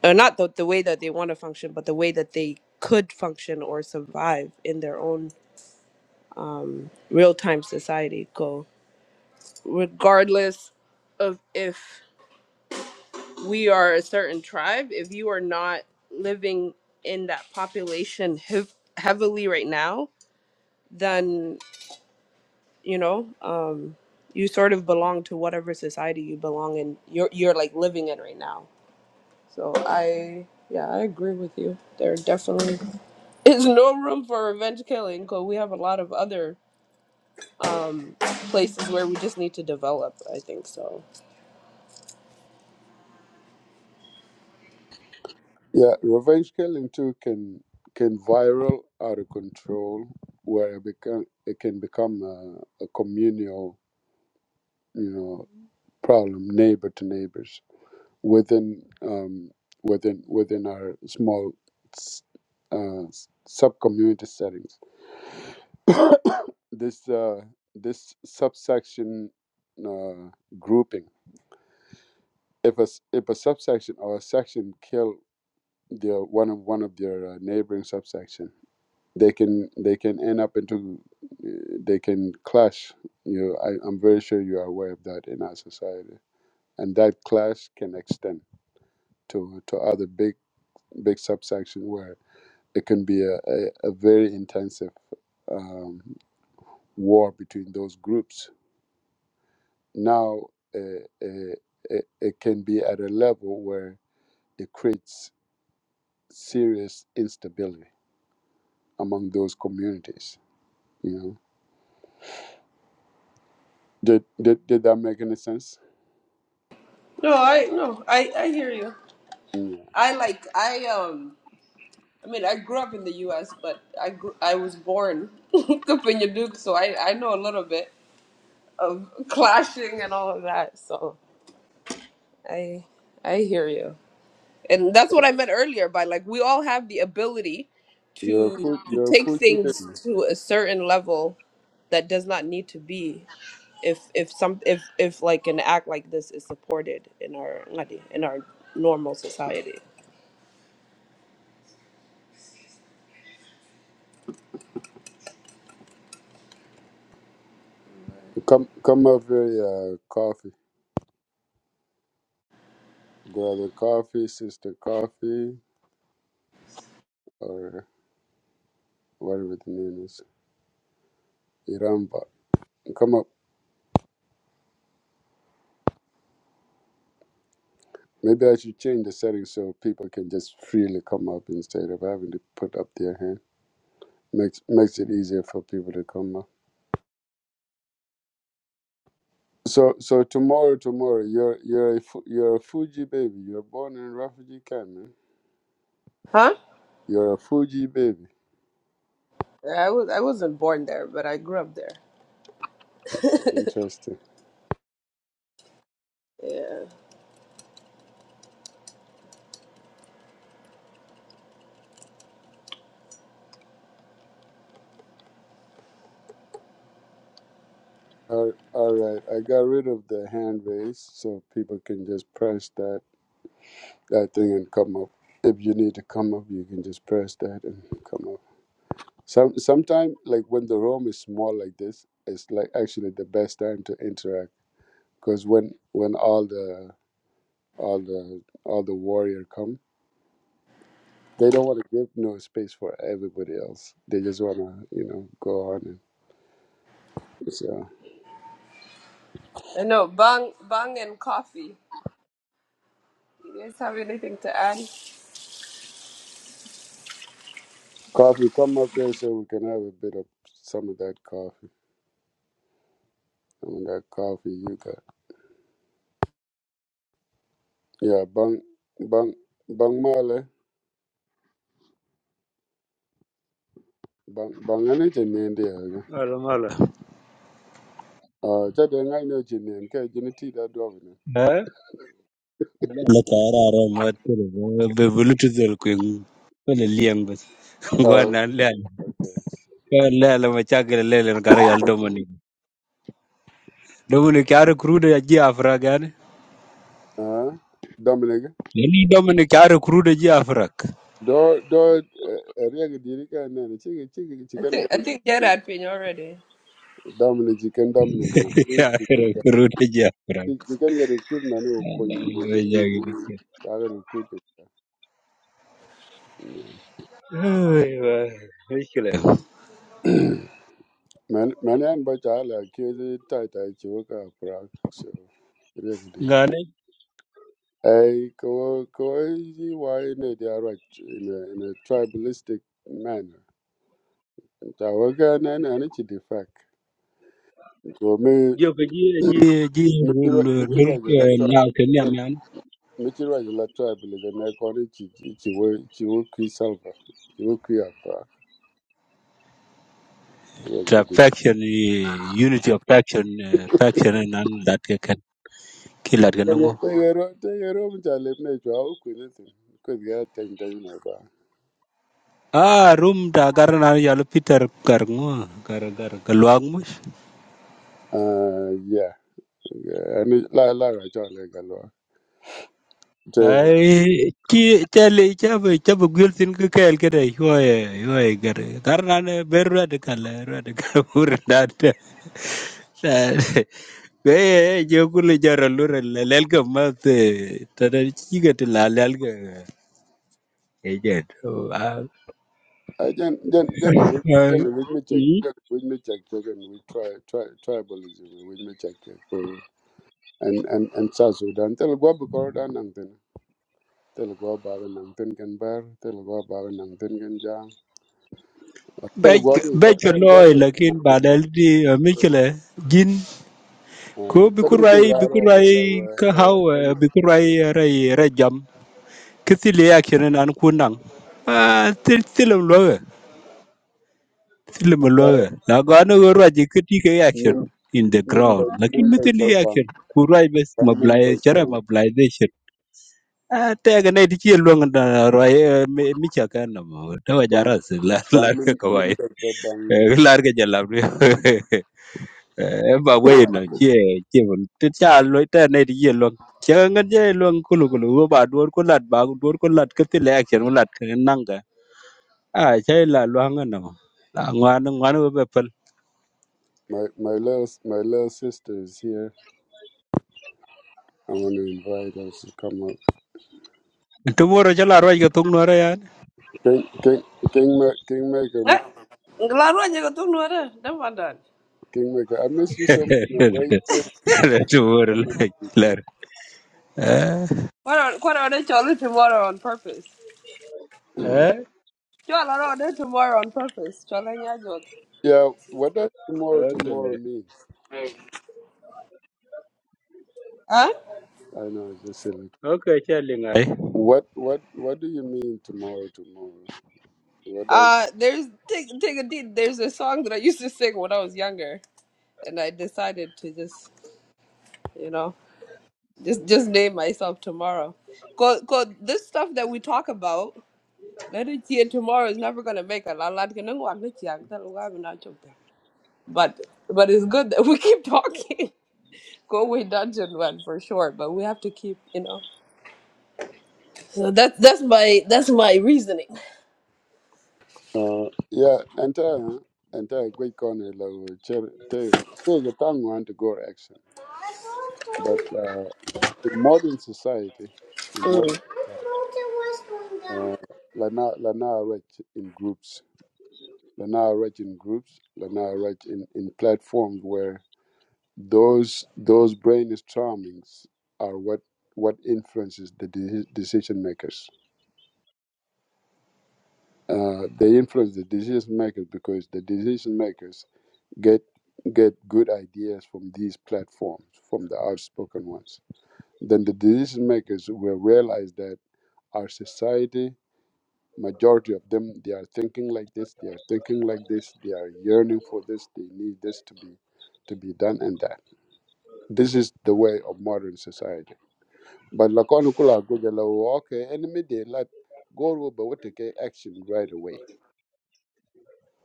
or not the, the way that they want to function, but the way that they could function or survive in their own um, real time society. Go regardless of if we are a certain tribe, if you are not living in that population hev- heavily right now, then. you know um you sort of belong to whatever society you belong in you're you're like living in right now so i yeah i agree with you there definitely [LAUGHS] is no room for revenge killing because we have a lot of other places where we just need to develop i think so Yeah, revenge killing too can can viral out of control, where it become it can become a, a communal, you know, problem, neighbor to neighbors within um within within our small s- uh, sub community settings. [COUGHS] this uh this subsection uh, grouping, if a s- if a subsection or a section kill their one of one of their uh, neighboring subsection they can they can end up into uh, they can clash you I, i'm very sure you are aware of that in our society and that clash can extend to to other big big subsection where it can be a, a, a very intensive um, war between those groups now uh, uh, it, it can be at a level where it creates serious instability among those communities you know did did, did that make any sense no i no i i hear you i like i um I mean, I grew up in the U.S., but I grew, I was born [LAUGHS] up in Yaduke, so I, I know a little bit of [LAUGHS] clashing and all of that. So I I hear you. and that's what i meant earlier by like we all have the ability You're a to food, to you're a take Fuji things baby. to a certain level that does not need to be if if some if if like an act like this is supported in our in our normal society Come, come up here, uh, coffee, brother, coffee, sister, coffee, or whatever the name is, Iramba. Come up. Maybe I should change the settings so people can just freely come up instead of having to put up their hand. Makes makes it easier for people to come up. So, so tomorrow, tomorrow, you're you're a Fu- you're a Fuji baby. You're born in refugee camp, man. huh You're a Fuji baby. i was i wasn't born there but i grew up there Interesting. yeah All all right, I got rid of the hand raise so people can just press that that thing and come up. If you need to come up, you can just press that and come up. Some sometimes like when the room is small like this, it's like actually the best time to interact because when when all the all the all the warrior come, they don't want to give no space for everybody else. They just wanna you know go on and so i know bang bang and coffee you guys have anything to add coffee come up here so we can have a bit of some of that coffee. Some of that coffee you got. Yeah, bang bang bang male. Bang bang any jinin there. Mala mala. Uh jadi ngai no jinin ke jini ti da do ni. eh la tara ra ma tere be bulutu del ku wala liang bas [LAUGHS] Uh ngwana la la la ma cha gele le le gar yal Dominic a recruiter ya ji afrak yani. uh Dominic. Yani Dominic a recruiter ji afrak. Do do eh, area diri ka na ni chicken chiki i chicken think ga i think you're at already Dominic chicken [LAUGHS] Dominic recruit Ya chicken ga. recruiter ji afrak. Chicken ga recruit na ni ko ni Allah ya ni. jagi biki. Ta ga recruit. Ai wa. Mishkila. Man man an ba cha la ke tai tai chiwa ka pra so. Area Ngane I go crazy why in they are right in a in a tribalistic manner. Tawaga na na ni chidi fak. Go me jo pe ji ji me chiro me chiro jela ji tribe. na kenya Me man. me chiro jela tribalism. Na koni chi chi chi wo chi wo kui salva. Chi wo kui apa. The faction eh, unity of faction eh, faction and none that can kill at Tegero tegero mchale mne chwa wo kui nisi. Kui zga teng teng na ba. Ah, room da garna yalo Peter garngo gar gar galwang Ah yeah. Ani la la ra chwa le galwa. ai ki chali chabu chabu gul tin ku kel kare hoye hoye gare karna ne berra de kala ra de kabur da da be je kul jara lur lel ka mat ta da chi ga la lel ga e je to a I then then then we then we me check then we me check check and we try try tribalism we me check check uh, and and and South Sudan tell go be corridor nang ten tell go ba ga nang ten can bar tell go ba ga nang ten can jam be tell go be be ko tell go loy be lakin nang ba ten ba dal di mikle jin ko uh bi can be go kurai ra bi ro de kurai la wa ka e haw wa can bi kurai be rai rai jam Cái tili ya kirin an kunang. Ah, til tilim loge. Tilim ba loge. La gano go raji kiti ke ya min kirin in the min ba ground. min Lakin mi ba ba tili ya bang kirin. Kurai bes bang min ba mablai ba chara mobilization. Ah, ta ga nai dike longa da roi mi chaka na mo. Ta wa bang jara su la la bang min ka min kawai. ba ba bang lar ke jalap ni ba we no che che bun te cha lo te ne di ye lo che ngan je lo kulu kulu wo ba dur ko lat ba dur ko lat ke ti le action lat ke nang Ah, chai la luang no. La ngwan ngwan we be pel. My my little my little sister is here. I want to invite her to come up. Tomorrow chala roi ke tung nora yan. King King Kingmaker Kingmaker Ma- Eh, ngelaruan jago ketua lu ada. Dah padan. Kingmaker. I miss you so much. man. Where you been? [LAUGHS] Tomorrow Come and la see, lar. Eh. What on what on it chole tomorrow on purpose? Eh. [LAUGHS] You all are on it tomorrow on purpose. You all Chola joke, Yeah. What does tomorrow tomorrow Okay. mean? Huh? I know it's just silly. Okay, chai linga. What what what do you mean tomorrow tomorrow? What does Uh there's take take a deed. There's a song that I used to sing when I was younger, and I decided to just you know just just name myself tomorrow. Cause cause this stuff that we talk about, let it hear tomorrow is never gonna make a lot. lot- kanang wag na tiyang talo wag na chok to. But but it's good that we keep talking. [LAUGHS] Go away dungeon one for sure, but we have to keep you know. So that that's my that's my reasoning. uh yeah entire entire great corner like cherry take a tongue want to go action. But uh, in modern society, in modern Mm. Uh, Lana, Lana write in groups. Lana write in groups. Lana write in, in platforms where those those brainstormings are what what influences the de- decision makers. Uh, they influence the decision makers because the decision makers get get good ideas from these platforms, from the outspoken ones. Then the decision makers will realize that our society majority of them they are thinking like this they are thinking like this they are yearning for this they need this to be to be done and that this is the way of modern society but lakoni kula goje la okay enemy day let go will what take action right away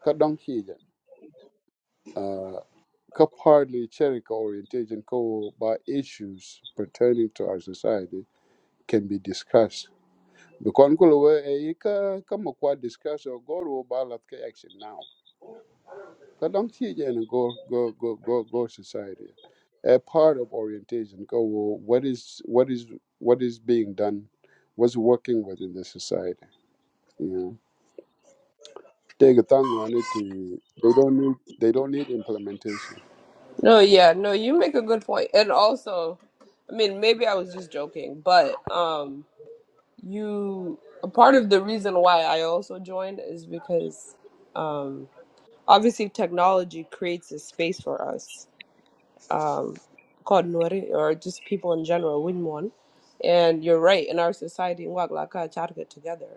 kadam hija uh ka partly cherika orientation ko by issues pertaining to our society can be discussed because kula we e ka kama discuss or go will ba lat action now Kadang chi and go go go go go society. A part of orientation go well, what is what is what is being done, what's working within the society. You know, take a tongue on it to they don't need they don't need implementation. No, yeah, no, you make a good point. And also, I mean, maybe I was just joking, but um you a part of the reason why I also joined is because um obviously technology creates a space for us um called Nwari or just people in general, win one. And you're right, in our society, Ngwag Laka Charga together.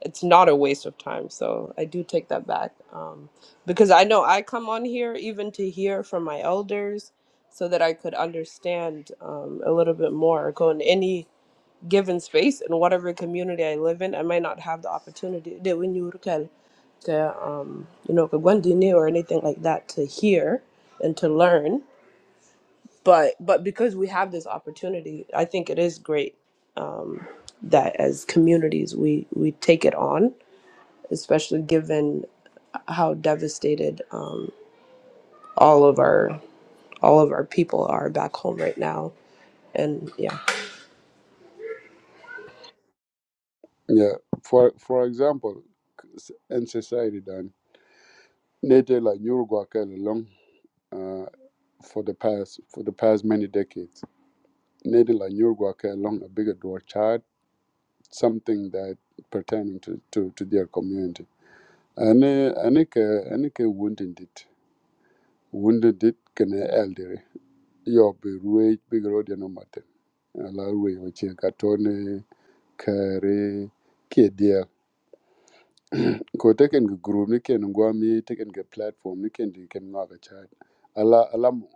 it's not a waste of time. So I do take that back um, because I know I come on here even to hear from my elders so that I could understand um, a little bit more. Go in any given space in whatever community I live in, I might not have the opportunity that when you can to um, you know kagwandini or anything like that to hear and to learn. But but because we have this opportunity, I think it is great um, that as communities we we take it on especially given how devastated um, all of our all of our people are back home right now. And yeah, Yeah, for for example, in society done, Nate like Nyurguakel along uh, for the past for the past many decades. Nate like Nyurguakel along a bigger door chart, something that pertaining to, to, to their community ane ane ke ane ke wounded it. wounded dit kene elder yo be ruwe be rodi no mate ala ruwe o che ka tone kare ke dia ko teken ge group ni ken ngwa mi teken ge platform ni ken di ken ngwa ga cha ala ala mo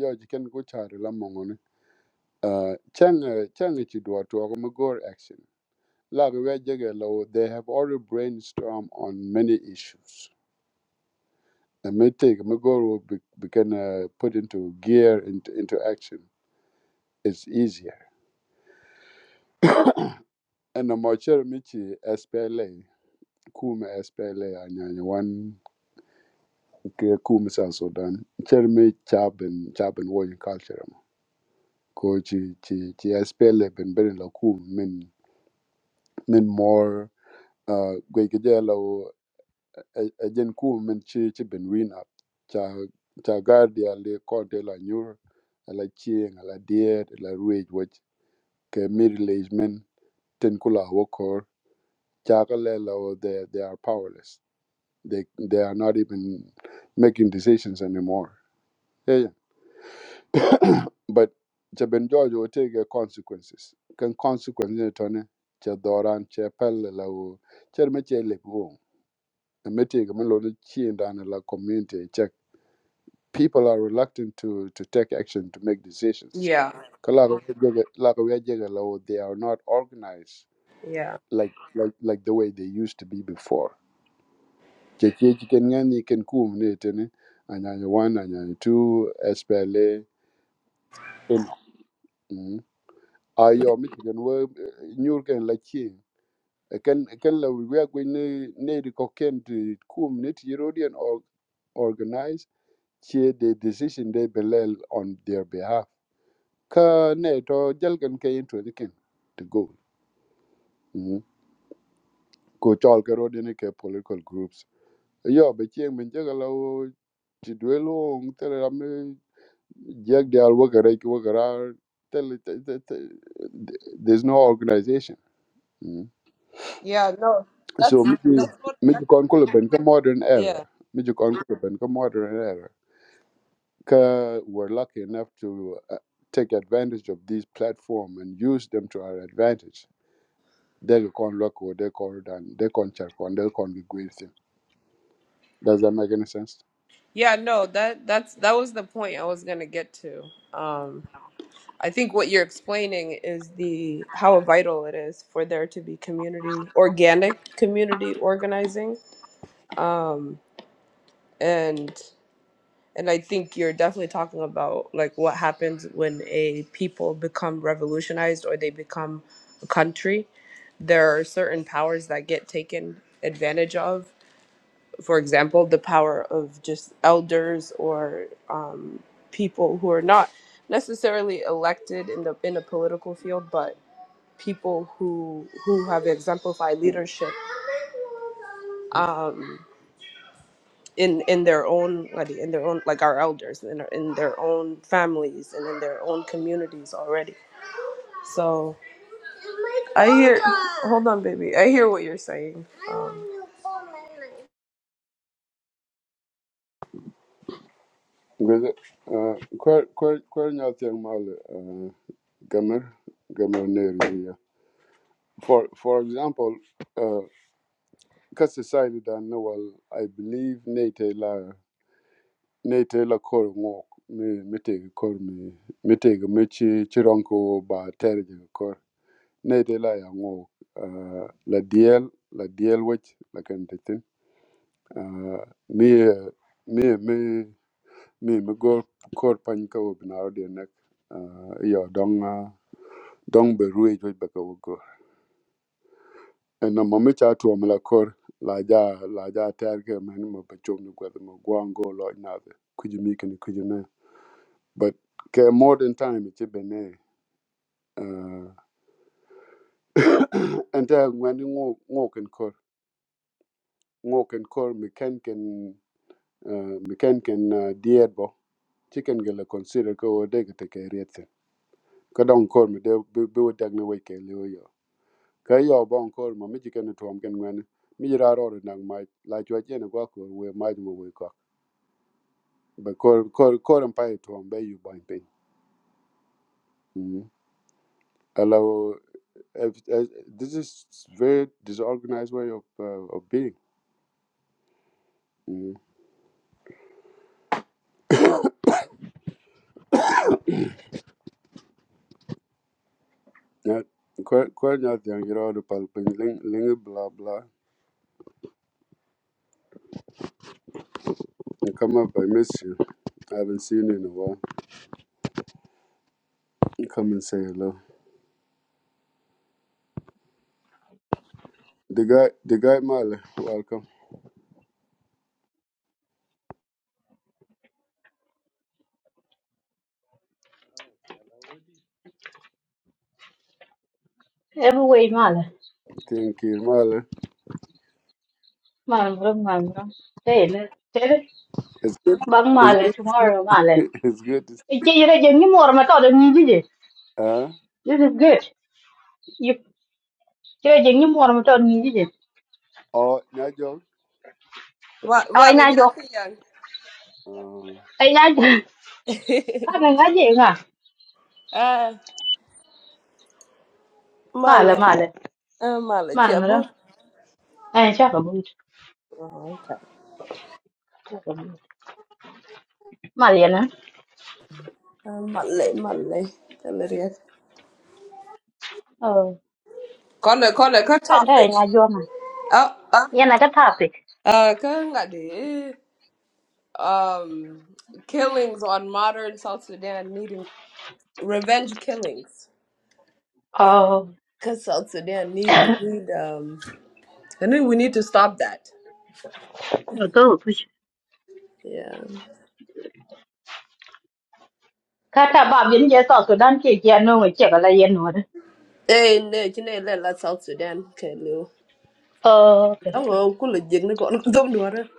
yo ji ken ko cha la mo ngone uh chang eh, chang e chi do to ko mo go gore action la ge we jege lo they have already brainstormed on many issues And me take me go will be, be can uh, put into gear into, into action. It's easier. And the Marcher Michi SPLA, Kum SPLA, and yani one Kum South Sudan, Chermi Chab and Chab and Warrior Culture. Ko chi chi chi SPLA been very la Kum min min more uh Gwegajalo Ajen Kum min chi chi been win up. Cha cha guardia le conte la nyur ala chieng ala diet ala ruage ke middle aged men ten kula wokor chakalela or they they are powerless. They they are not even making decisions anymore. Yeah, yeah. But the Ben George will take the consequences. Can consequences ne tone che doran che pelle la o che me che le go. Me take me lo chi ndana la community check. People are reluctant to to take action to make decisions. yeah, Kala ko jege- la ko we jege la o, they are not organized yeah, like like like the way they used to be before. Cheche chicken ngani ken kum ni tene anyanya one anyanya two SPLA eno. Mm. Ayo mi chicken we nyur ken la chi. Ken ken la we are going ne ne ri ko ken ti kum ni ti Herodian or organize che the decision they belay on their behalf. Ka ne to jal ken ke into the ken to go. Mm. Ko chol ke Herodian ke political groups yo be chen men che la o ti dwe lo ng te la me jag de Alwagarek, Wagara, tell it, it- it- it- there's no organization Mm. yeah. No, so that's mi ki- that's what. mi ki kon modern era Yeah, mi ki kon ko modern era ka we're lucky enough to uh, take advantage of these platform and use them to our advantage they con look or they call it and they con check on they con be great thing does that make any sense yeah. No, that that's that was the point I was gonna get to. Um, I think what you're explaining is the how vital it is for there to be community, organic community organizing. Um, and And I think you're definitely talking about like what happens when a people become revolutionized or they become a country. There are certain powers that get taken advantage of. For example, the power of just elders or um, people who are not necessarily elected in the in the political field, but people who who have exemplified leadership. Um, in in their own like in their own like our elders in in their own families and in their own communities already. So hold on, baby. I hear what you're saying. Gwede, uh, kwer, kwer, kwer nyatheng mal, uh, gamer, gamer ner wiya. For, for example, uh, ka society dan na wal, I believe nate la, nate la kor ngok, me mi tege kor me mi me mi chi, chironko ba terje kor. Nate la ya ngok, uh, la diel, la diel wech, la kente tin. Uh, me. mi, mi, mi mi go kor pany ka wo bin aro de nek uh, yo dong uh, dong be ruwe jo be ka wo go en no mami cha tu mi la kor la ja la ja ter ke men mo be chom ni gwe mo go an go lo na de kuji mi ken kuji na but ke modern time ti be ne uh, [COUGHS] en ta ngani ngo ngo ken kor ngo ken kor mi ken ken uh, mi ken ken uh, diet bo chicken gele consider ko wo de ke te ke riet ka dong kor mi de bi bi wo dag ni wo ke le wo yo ka yo bon kor ma mi ken tuom ken ngwen mi ra ro na ma la chwa chen ko ko we ma mo we ko be kor kor kor am pai tuom be yu ban pe hello this is very disorganized way of uh, of being mm. na ko ko nya tiang ro do pal ling ling blah blah You come up i miss you I haven't seen you in a while. You Come and say hello. The guy, the guy Male, welcome. Every way male. Thank you, Male. Mal ngrom mal ngrom. Tele. Tele. It's good. Bang It's male good. tomorrow [LAUGHS] male. It's good. Ike yere jengi mor ma to de ni jije. Uh, This is good. You yere jengi mor ma to de ni jije. oh, Nigel. Wa- Ai Wale na jo. nyati yan. Uh, Ai na jo. [LAUGHS] Ka na ga je nga. Ah, Male male, male. ah, male Mal ngrom. chabut. Ai cha ka bu. Oh, okay. Mal yana. Ah, Male, male. Talarian. Oh. Kona, kona, ka Ka da topics. na jo ma. Oh, Ah, ah. Yana ka topic. Uh, ka nga di, eh, um, killings on modern South Sudan needing revenge killings. Oh. Cause South Sudan need need um I think we need to stop that. No to push. Yeah. Ka ta ba bin je to so dan ke ya no ngi che ka la yen no. Eh ne chine le la South Sudan ke lu. Oh. Don't go cool jig dum [LAUGHS] duare.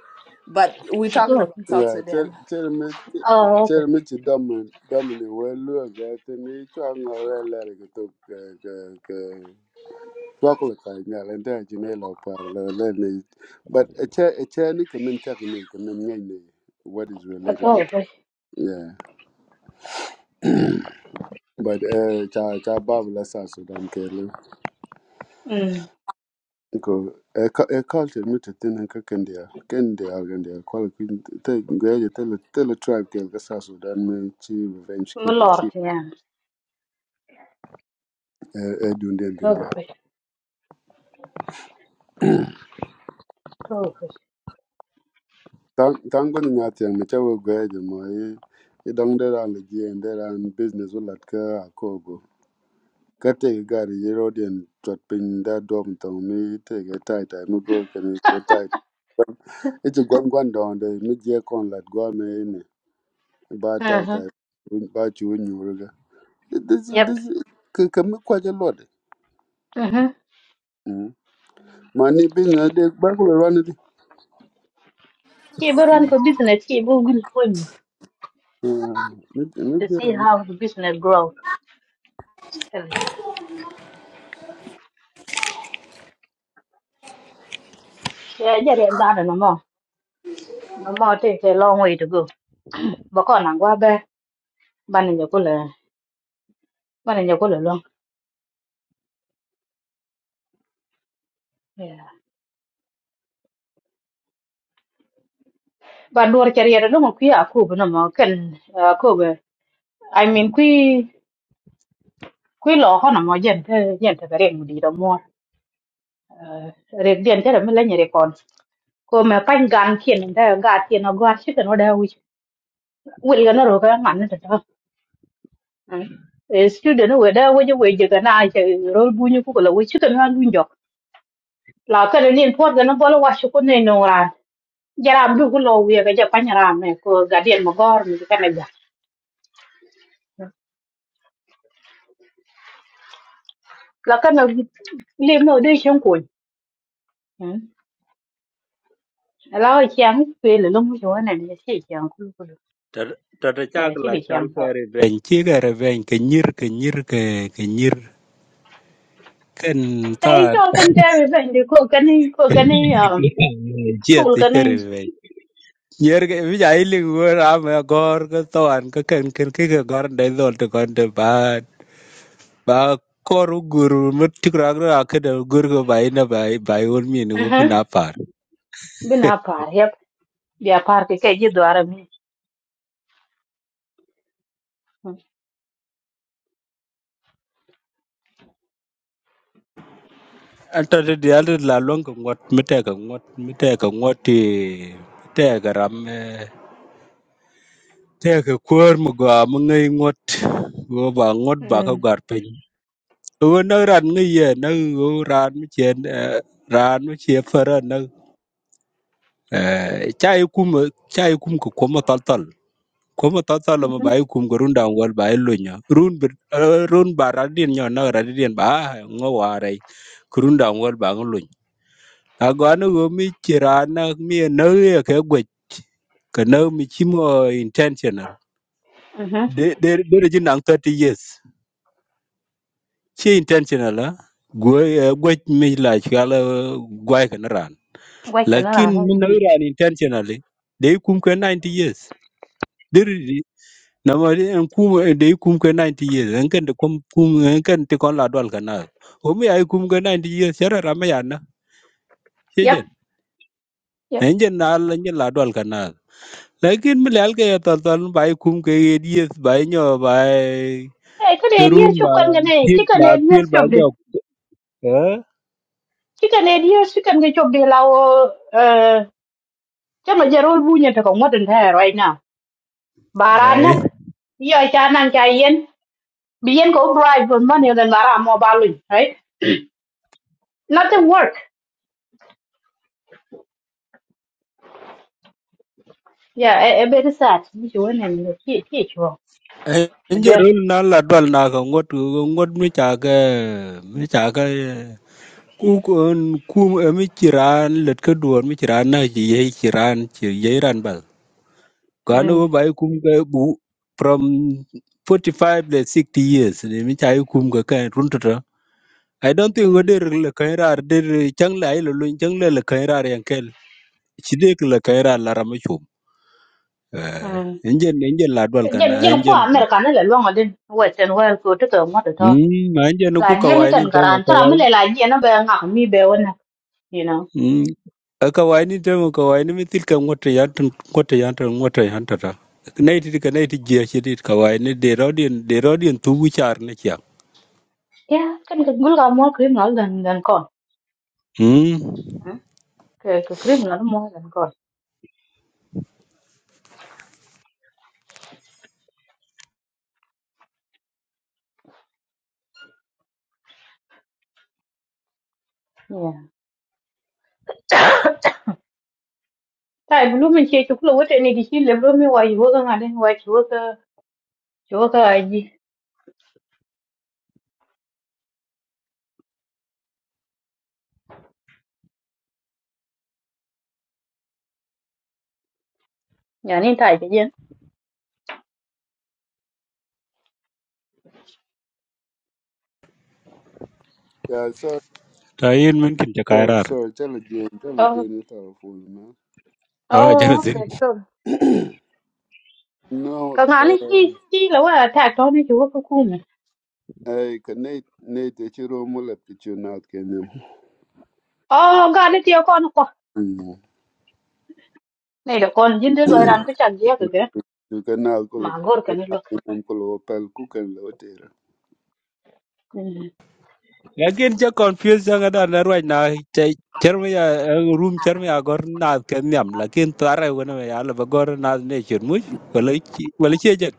But we are talking [LAUGHS] about Okay. South yeah, tell Sudan. tell me Oh, okay. tell me to Dominic Dominic well look at the chung or let it go to chocolate kind of and then Janela parallel. But a chair a chair nick and technique and then what is I thought relatable. to it was. Yeah. But uh cha cha babla sa sudan Mm. Because a, cu- a culture meet a thing and Kendia, Kendia, Kendia, Kuala Queen, Gaja, tell a tell a tribe, Kelgasa, Sudan, me, Chi, revenge My killing, Lord, Chi, yeah. Edundin, Thought Kendia. it was. Thought it was. Tango Nyati and Machawa Gaja, my, it don't there on the G and there on business will at Ka, Kogo. Kate Gary, Yerodian, Trotpin, that dom to me, take a tight, I'm a girl, can go tight. But it's a gun gun down the mid year con, let go me in, bar mm tight, huh. I win, bat you in your this this Yep. can can make quite a lot. Mm-hmm. Mm. Money being a day back will run it. She will run Mm. for business. She will win for you Mm. to see how the business grows. Mm. Yeah, yeah, yeah, that no more. No more. It takes a long way to go. But on and go back. Ban in your cooler. Ban in your cooler long. Yeah. But do a career. No more. Queer. Cool. No more. Can. Cool. I mean, queer. Queer law. No more. Gent. Gent. Very good. No more. red den tere mi lenye rekon ko me pany gan kien da ga tien o gar chicken o da wich wel ga na ro ga man ta e student we da we je we je ga na che ro bu nyu ko la wich chicken ha lu njok la ka ni pot ga na bolo wa shi ko ne no ran jara bu ko lo we ga ja pany ran me ko ga den mo gor mi ka na ja la ka na le no de chen ko la o chiang pe le lo mu jo na ne che chiang ku ku Tata ya chak la chal che ke revenge. Chi ke revenge ke nyir ke nyir ke ke nyir ken Hey, tat. yo kan tare ben di ko kani ko kani [LAUGHS] um Chia tul ti che kani. revenge. Nyer ke vi jai ling wo ram gor ke toan ke ken ken ke gor dai dol te kon te bat. ba koru guru mutikragra akada gurgo bai na bai bai on mi ni gopi na Mhm. par [LAUGHS] Bina par yep. Bia par ke ke ji dwara mi. anta de dial la long ko ngot mete ka ngot mete ka ngot te ka ram te ka kor mu go am ngai ngot go ba ngot ba ka Mhm. gar pe go na ran ngai ye na go ran mi chen ran mi che fara na eh, chai kum chai kum ko ko mo tal Komo to solo mo bai kum go runda wal bai lunya run bir eh, run baradin nyo na radin ba ah, ngo ware kurunda wal ba luny ago anu go mi chirana mi no ye ke gwe kana mi chimo intentional Mhm. de de de jin nang 30 years chi intentional ha gwe eh, gwe mi la chala gwe kana ran Wa kana na lakin na. mi no na. ran intentionally de kum ke 90 years na ma di en kum de kum ke 90 years en ken de kum kum en ken ti kon la dol kana o mi ay kum ke 90 years era rama ya na Yep. sejen Yep. en jen na la ni la dol kana lakin mi lal ke ta tan bay kum ke 80 years bay nyo bay Hey, kan e dier run chup ba kan gane. pil Chi kan ba e dier pil ba chup de. dok eh Chi kan e dier chi kan ge chup de la o eh chama jarol bunya to ko modern hair right now. ay Baranak. Yo cha nan cha yen. Bien ko bribe for money than bara mo balun, right? Nothing work. Yeah, e e bit sad. Ni chu nen ni ti ti chu. en je Der. rul na la dol na ko ngot ngot mi cha ke mi cha ke ku ku mi chiran let ke duon mi chiran na ji ye chiran chi ye ran Kwan Mm. wo ba kum ka bu from 45 to 60 years ni mi chai kum ka kan run to I don't think wo Mm. der le kan ra der chang lai lo lo chang le le kan ra yan kel. Chi de le kan ra la ra ma chum. Eh Mm. enjen enjen la dwal kan Jen jen ko enjen. America na le long adin. Western world ko to ko mo to. to. Mm ma enjen La ku ka die ni wai ni kan to ma karan ka tra mo wai. le la die na ba ngak mi be wona. You know. Mm ka wai ni to ma ka wai ni mi til ka ngote yan tan ngote yan tan ngote yan ta ta. Nei ti ka nei ti je chi dit ka wai ni de rodin de rodin tu gu char ne kya. Yeah, kan ka gul ga mo criminal dan dan kon. Mm Mm. Ke ke criminal mo dan kon. Yeah. Tai bulu min che chu ko wote ni di chi le bulu mi wa yu ga ngaden wa chu ga chu ga ai ji. Ya ni tai je jen. Yeah, sorry, ta yin min kin ta sorry, kairar sorry. Tell it, Jane. Tell it, Oh. Jane. telephone, a jana Oh, sin okay. so. man. [CLEARS THROAT] No, ka ngani chi um, chi là wa ta to ni chu ko ku me I can Nate, Nate, the chiro mula pichu na kenya. o ga ni ti ko no ko Mm. ne do kon jin de lo ran ko chan je ko ke You can now ma call gor ka it, ni lo call Opel Cook and Lotera. lakin cha confuse ga da na ruwa na cha charmi ya eh, room charmi ya gor na ken yam lakin tara wona ya la ba gor na ne chir mu wala chi wala chi jan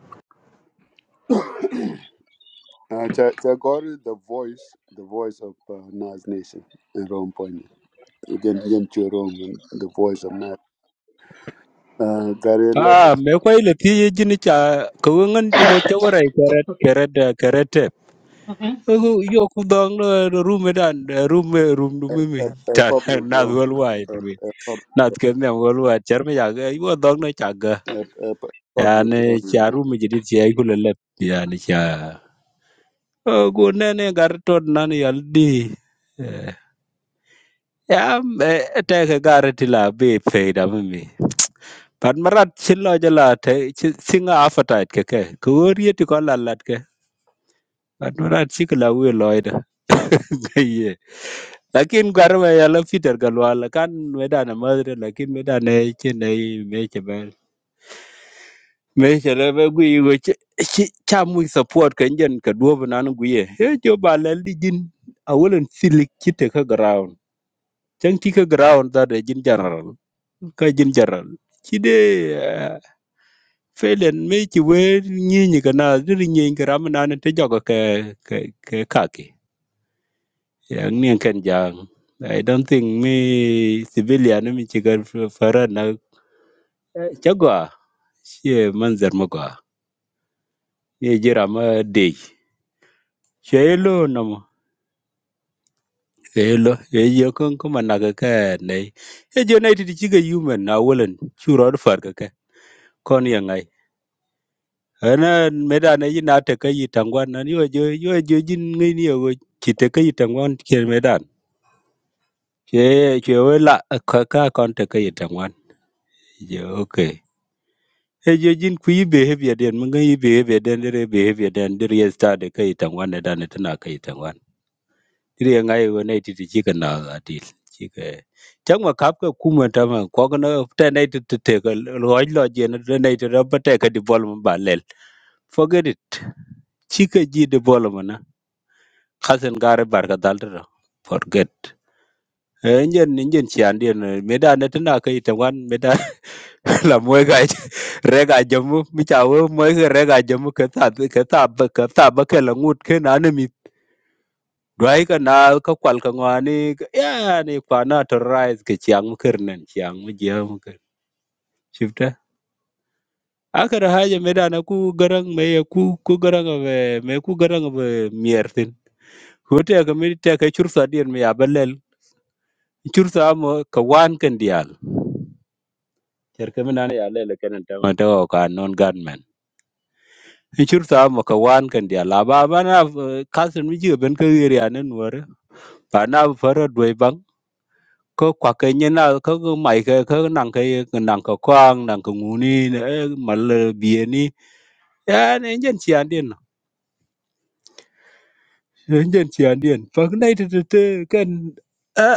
Uh, cha cha gori the voice, the voice of uh, Nas Nation in Rome Point. Again, again, chiro the voice of Nas. Uh, Gary a Lepic, me kwai le ti ye jin cha ko ngan ju go cha wora keret keret da keret yo ku dong no room dan room room du a, mi mi a, a ta public na room, wal wai a, du mi a, pub- na ken yam wal wai charmi ya ga yo dong no cha a, a pu- public yani room. cha rumi jidit cha ikule lep yani cha "Oh, gu nene gari tot nan yal di Eh, ya eh, teke gari tila bi feida mimi pat marat chilo jala te chi- singa afatait keke kuworieti ko lalat ke pat marat chikila wi loida [LAUGHS] gaye lakin gwarwe yala fitar galwala kan medane madre lakin medane chene meche me chere be gwi go cha mu support ken jen ka duob nan gwi e jo ba le li jin a wolen silik kite ka ground chan ti ka ground da de jin general ka jin general ci de eh, felen me ci we ni ni kana dir ni gram nan te jogo ke ke ke kaki yang ni ken jang i don't think me civilian mi ci gar farana chagwa she manzar magwa ye jira ma dey she lo elo ejo kon ko managa ka ne ejo na ti ti ga yumen na wolen churo do farga ka kon ya ngai ana meda na yi na ta ka yi tangwan nan yo jo yo jo jin ngai ni yo ki ta ka yi tangwan ke medan ke ke wala ka ka kon ta ka yi tangwan je okay ejo jin ku yi behavior den mun ga yi behavior den dere behavior den dere ya sta da ka yi tangwan da na tana ka yi tangwan iri nga yo ne ti ti ka na ga ti ti ka chang ma kap ka ku ma ta ma ko ga na ta ne ti ti te ka lo lo je na ta ne ti ra ba te ka di bol ma ba lel forget it ti ka ji di bol ma na khasen gare bar ka dal ra forget enjen enjen ci andi ne me da ne tana kai ta wan me da [LAUGHS] la moy ga ja, re ga jamu mi ta wo moy ga re ga jamu ka ta ka ta ba ka ta ba ka la ngut ke na ne Dwai ka naal ka kwal ka ŋwani ka- yani kwana to rise ka chiang mu kirnen chiang mu jia mu kir shifta akara haja medana ku garang me ya ku ku garang be me ku garang be miertin hote ka mi te ka chursa dien me ya balel chursa mo ka wan kan dial cerke mi nana ya lele kenen tama te o ka non gunmen chursa mo ka wan kan dial la ba ba na kasen mi jiben ka yeri anen wore pa na fara dwai bang Ko kwakkenyena ko maike ko nanke nanko kwang nanko nguni ne mal bieni ya ne njen chiandien njen chiandien pak nai te te te ken a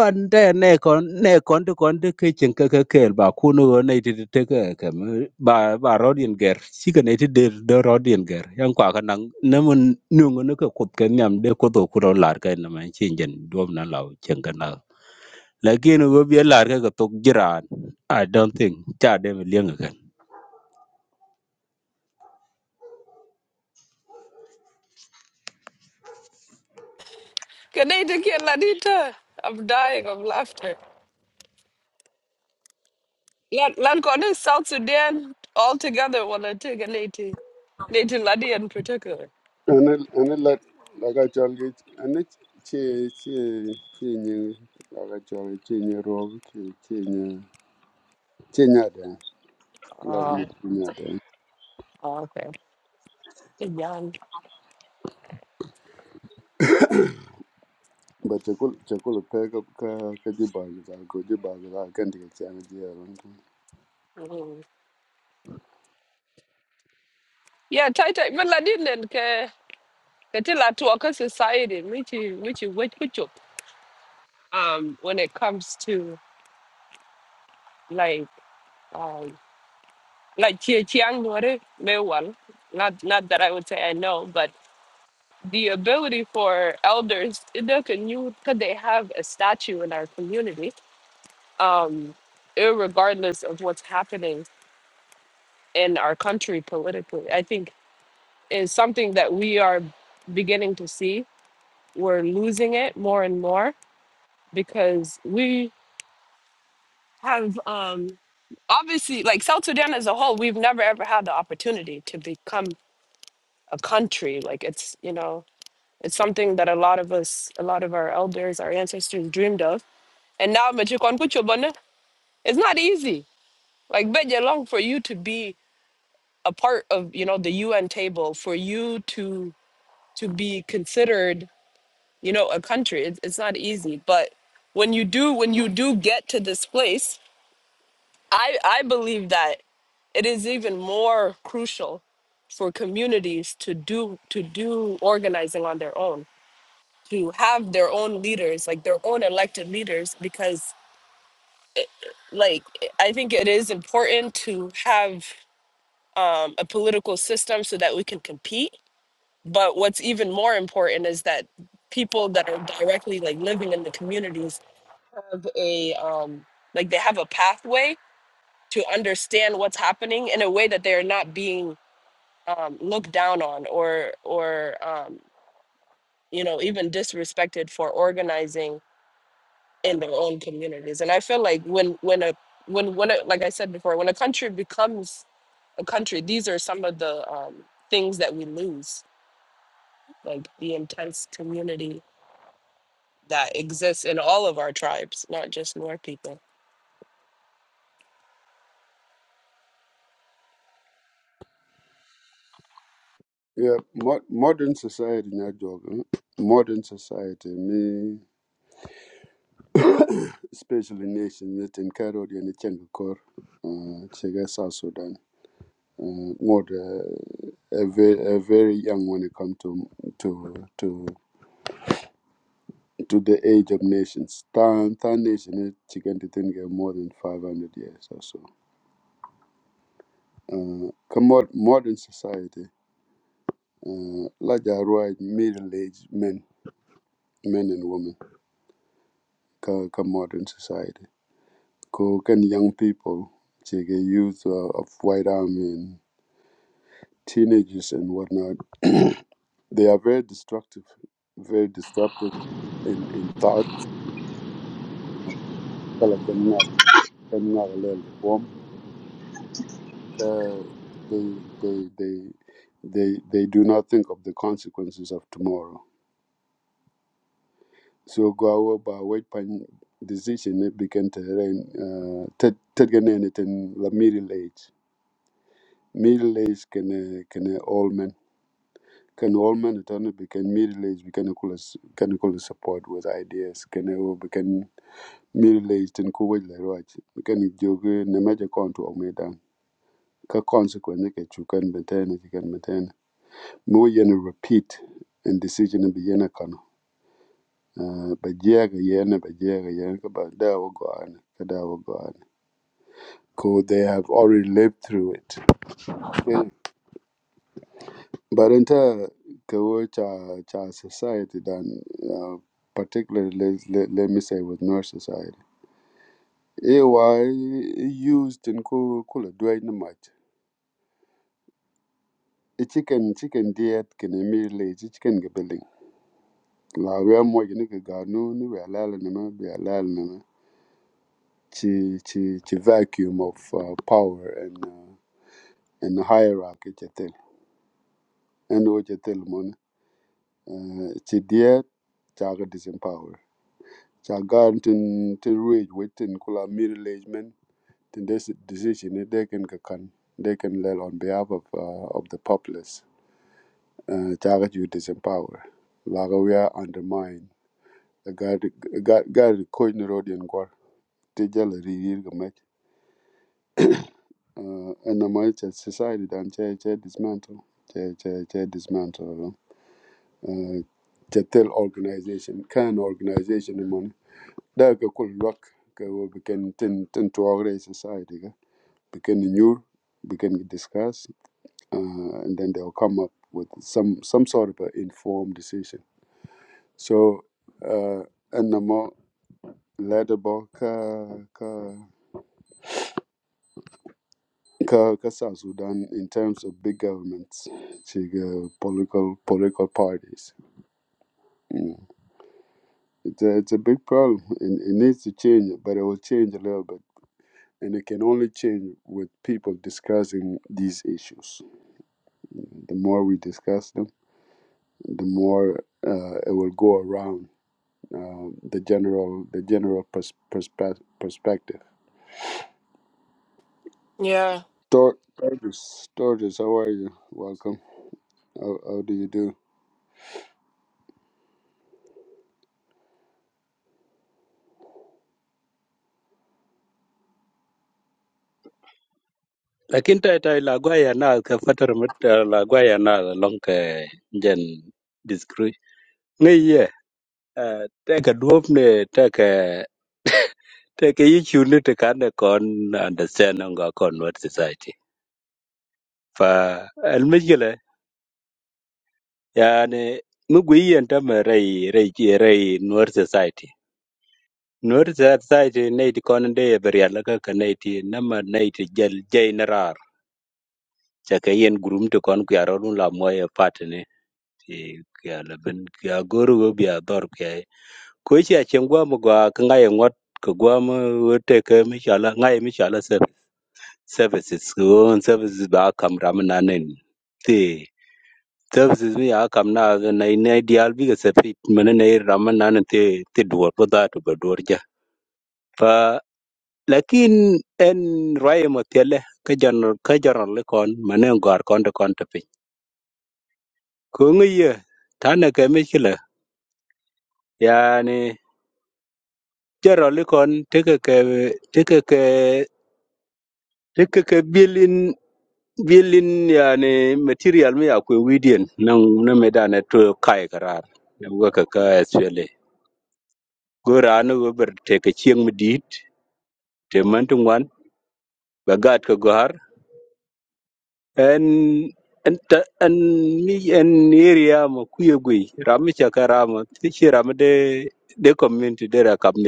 on te ne kon ne kon te kon te ke chen ke ke kel ba kuno go nai te te te ke ke me, ba ba rodien ger si ke ne te de de rodien ger yang kwa ka nang ne mun nungo ne ke kut ke nyam de ko do kuro lar ke na man chin jen dom na law chen ke na lakini go bi lar ka ga tok jiran i don't think cha de mi lieng ga Can I take your ladita? I'm dying of laughter. Let let go to South Sudan altogether while I take a lady. Lady Laddie in particular. And it, and it like, like I told you, and it, she, she, she knew, like I told you, she knew Rob, she, she knew, she knew that, love me, Oh, she knew that. oh, okay. Young. But she could, she could pick up, ka, ka, jibag, ka, go jibag, ka, can't get chance, yeah, Mm. Yeah, tight tight. But Laddie then ke ke tila tuaka society. which, which, which which um when it comes to like um like Chiang Nuore Mewal. Not not that I would say I know, but the ability for elders because they have a statue in our community, um, irregardless of what's happening in our country politically. I think is something that we are beginning to see. We're losing it more and more because we have um obviously like South Sudan as a whole, we've never ever had the opportunity to become country like it's you know it's something that a lot of us a lot of our elders our ancestors dreamed of and now Machikwan Kuchobana, it's not easy like Beja long for you to be a part of you know the UN table for you to to be considered you know a country it's, it's not easy but when you do when you do get to this place I I believe that it is even more crucial for communities to do to do organizing on their own to have their own leaders, like their own elected leaders, because like I think it is important to have um, a political system so that we can compete. But what's even more important is that people that are directly like living in the communities have a um, like they have a pathway to understand what's happening in a way that they are not being um, looked down on or or um, you know even disrespected for organizing in their own communities. And I feel like when when a when when a, like I said before, when a country becomes a country, these are some of the um, things that we lose, like the intense community that exists in all of our tribes, not just Nuer people. yeah, mo- modern society, not joking. Modern society, me. especially nation that encouraged and Changkor, Chega South Sudan. Uh, more uh, a, very, a very young when it comes to to to to the age of nations. Tan Tan nation chicken to think more than five hundred years or so. Uh, commo- modern society, uh, like a right middle-aged men, men and women, ka ka modern society. Ko kan young people, chega youth uh, of white army teenagers and whatnot, they are very destructive, very disruptive in, in thought. Kala kamina kamina galel bom. Uh, They they they they they do not think of the consequences of tomorrow. So go by wait pan decision it began to rain uh ted ted gane ne middle age. Middle age can uh, can uh, all men can all men attorney become middle age we can call us can call us support with ideas Can uh, we can miri le tin ku wei le roach kan jog ne me je kon tu me dan ka consequence ke chu kan maintain ke kan maintain mo yen repeat and decision be yen kan ba je ga yen ba je ga yen ka ba da wo go an ka da wo go an ko they have already lived through it Yeah. but enta ka wo cha cha society dan uh, particularly let, let, let me say with North society AY used in ku Kula Dwight i chicken chicken diet can immediately chi chicken ga building la we are more ga ga nu ni we are la na we are la na chi chi chi vacuum of uh, power and uh, and hierarchy che and o che tel mon uh, chi diet cha ga disempower cha ga tin tin rage within kula middleagement tin this decision they can ga they can lay on behalf of uh, of the populace uh, cha you disempower la we are undermined gari ga- gari koy ni road yen gor te jala ri yir ga mek uh, and the might society dan che che dismantle che che che dismantle no uh, che tel organization can organization ni mon da ga kul lok ka wo beken tin tin to our society ga beken ni nyur beken discuss uh, and then they'll come up with some some sort of an informed decision so uh, and the more letter ka ka ka ka South Sudan in terms of big governments, like, uh, political political parties. Mm. It's a, it's a big problem, and it needs to change, but it will change a little bit, and it can only change with people discussing these issues. The more we discuss them, the more uh, it will go around uh, the general the general pers- perspe- perspective. Yeah. Tor- Tortoise, Tortoise, how are you? Welcome. How, how do you do? lakin tai tai la gwa ya na ka fatar mit eh, la gwa ya na long ka jen discre ngai ye eh, te ka duop ne te ka te ka yi chu ne te ka ne kon understand nga kon what society fa al mejle yani mu gwi yen ta ma rai rai ki- rai nuwar society nuwar society ne ti kon de ya bari alaka ka ne ti na ma ne ti jel ca ka yen gurum to kon ku ya ro la moye patne ti ku ya la ben ku ya goru go bi ya dor ku ya ko chi a chen gwa mo gwa ka ngai ngot ko gwa mo wo te ka mi sha ngai mi sha services ko services ba kam ram na nen ti services mi ya kam na ga nai nai dial bi ga se fit mena nai ram na nen ti ti duor po da to ba duor ja pa lakin en rai mo tele ka jan ka jan le kon mena gar kon to kon to Kong'iyo tana kemich kila yani Jerolikon teke ke teke ke teke ke bilin bilin yani material mi akwe widien nan na medane to kai karar na waka ka SPLA gora anu gober teke chieng midit te mantungwan bagat ka gohar en en ta- en mi en area ma kuye gui rami chaka rama tishi rama de de community de ra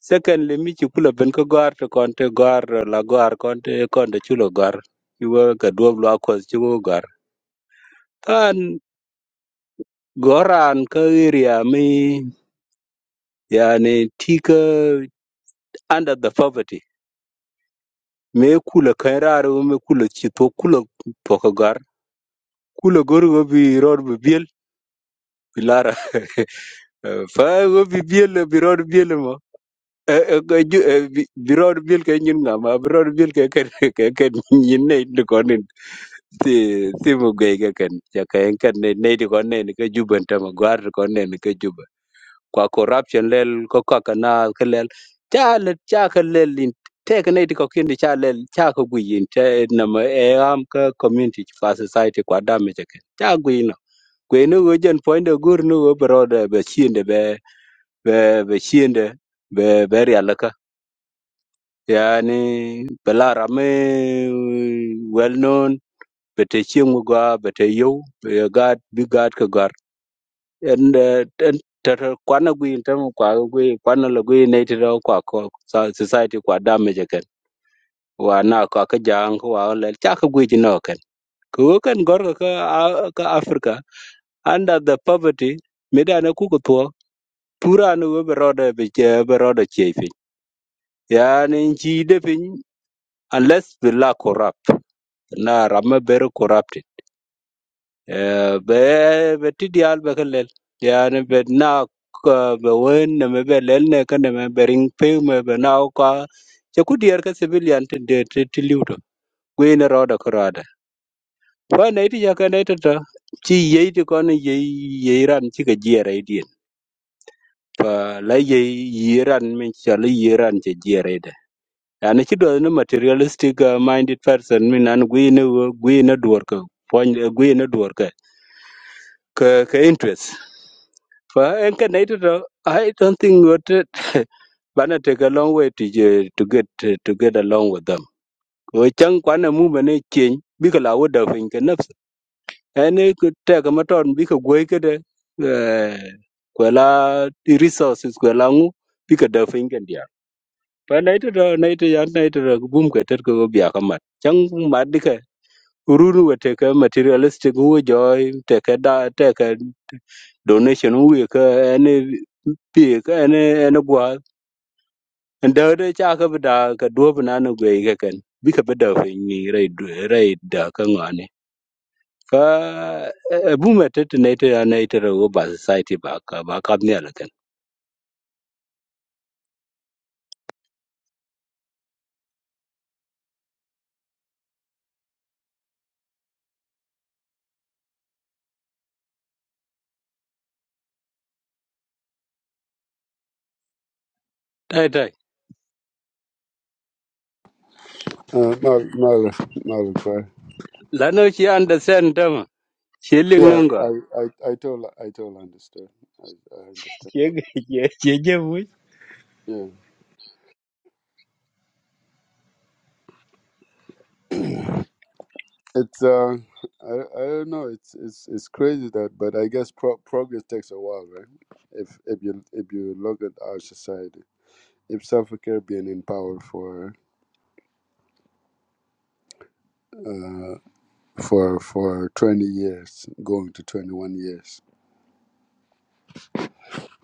Secondly, mi chukula ben ko gwar to konte gwar la gwar konte konte chulo gar. iwa ka duob lo akwas chugo gwar kan goran ka area mi yani tika under the poverty me kula kan raro me kula chito kula poka gar. kula gor go bi rod bi biel bilara. [LAUGHS] fa go bi biel bi rod biel mo birod bil ke nyin ngama birod bil ke ken [LAUGHS] ke ken nyin ne ni konin ti ti mu gei ke ken ya ke en ken ne ne di kon ne ni ke juben ta ma gwar di kon ne ni ke juben kwa corruption lel ko ka kana ke lel cha le cha ke lel in te ke ne di ko kin di cha lel cha ko gui in te na ma e am ka community fa society kwa damage ke ken cha gui no gui no go jen point de gur no go birod be chiende be be be chiende be be ria yani bala rame well known bete chieng gwa bete yo be gad bi gad ka gar and uh, and tata kwana gwi tam kwa gwi kwana la gwi ne tira kwa ko sa- society kwa damage ken wa na kwa ka jang wa le cha ka gwi jino ken ko kan gor ka ka ka africa under the poverty medana ku ko to pura we be rode be je be rode chefi yani chi de pin unless we la corrupt na rama very corrupted Eh, be be tidial be kelel yani be na ka- be wen ne me be lel ne ka ne me be ring pe me be na ka che ku dier ka civilian te de te ti liuto gwe ne roda ko roda fa ne ti ja ka ne te to chi ye ti ko ne ye ye ran chi ka jiere i dien fa la ye ye ran min cha le ye ran che jiere de yani chi do ne materialistic uh, minded person min an gwe ne gwe ne duor ka pon gwe ne duor ka, ka interest. For and I don't I don't think what it [LAUGHS] bana take a long way to je- to get to get along with them. Ko chang kwana mu bane chen bi ka lawo da fin ka nafs. Ene ku ta ka maton bi ka goy ka da eh, kwela i resources kwela ngu bi ka da fin ka dia. Pa na ito do na ito yan na ito do bum ka tet ko biya ka mat. Chang mat Ururu wateke materialistic huwe joy teke da teke donation huwe ka ene pi ka ene ene gwa ndade cha ka bda ka duob na na gwe ka ken bi ka bda fe ni rai du- rai da ka ngane ka e bu metet ne te ne te na ite ro ba society ba ka ba ka ne ala ken tai tai Uh, Mal, Mal, la no chi understand them she ling Yeah, nang ga I, I, I totally, I totally understand. I, I understand. che ge che che Yeah, it's uh, I, I don't know. It's it's it's crazy that, but I guess pro- progress takes a while, right? If if you if you look at our society, if South Africa been in power for uh for for twenty years, going to twenty-one years,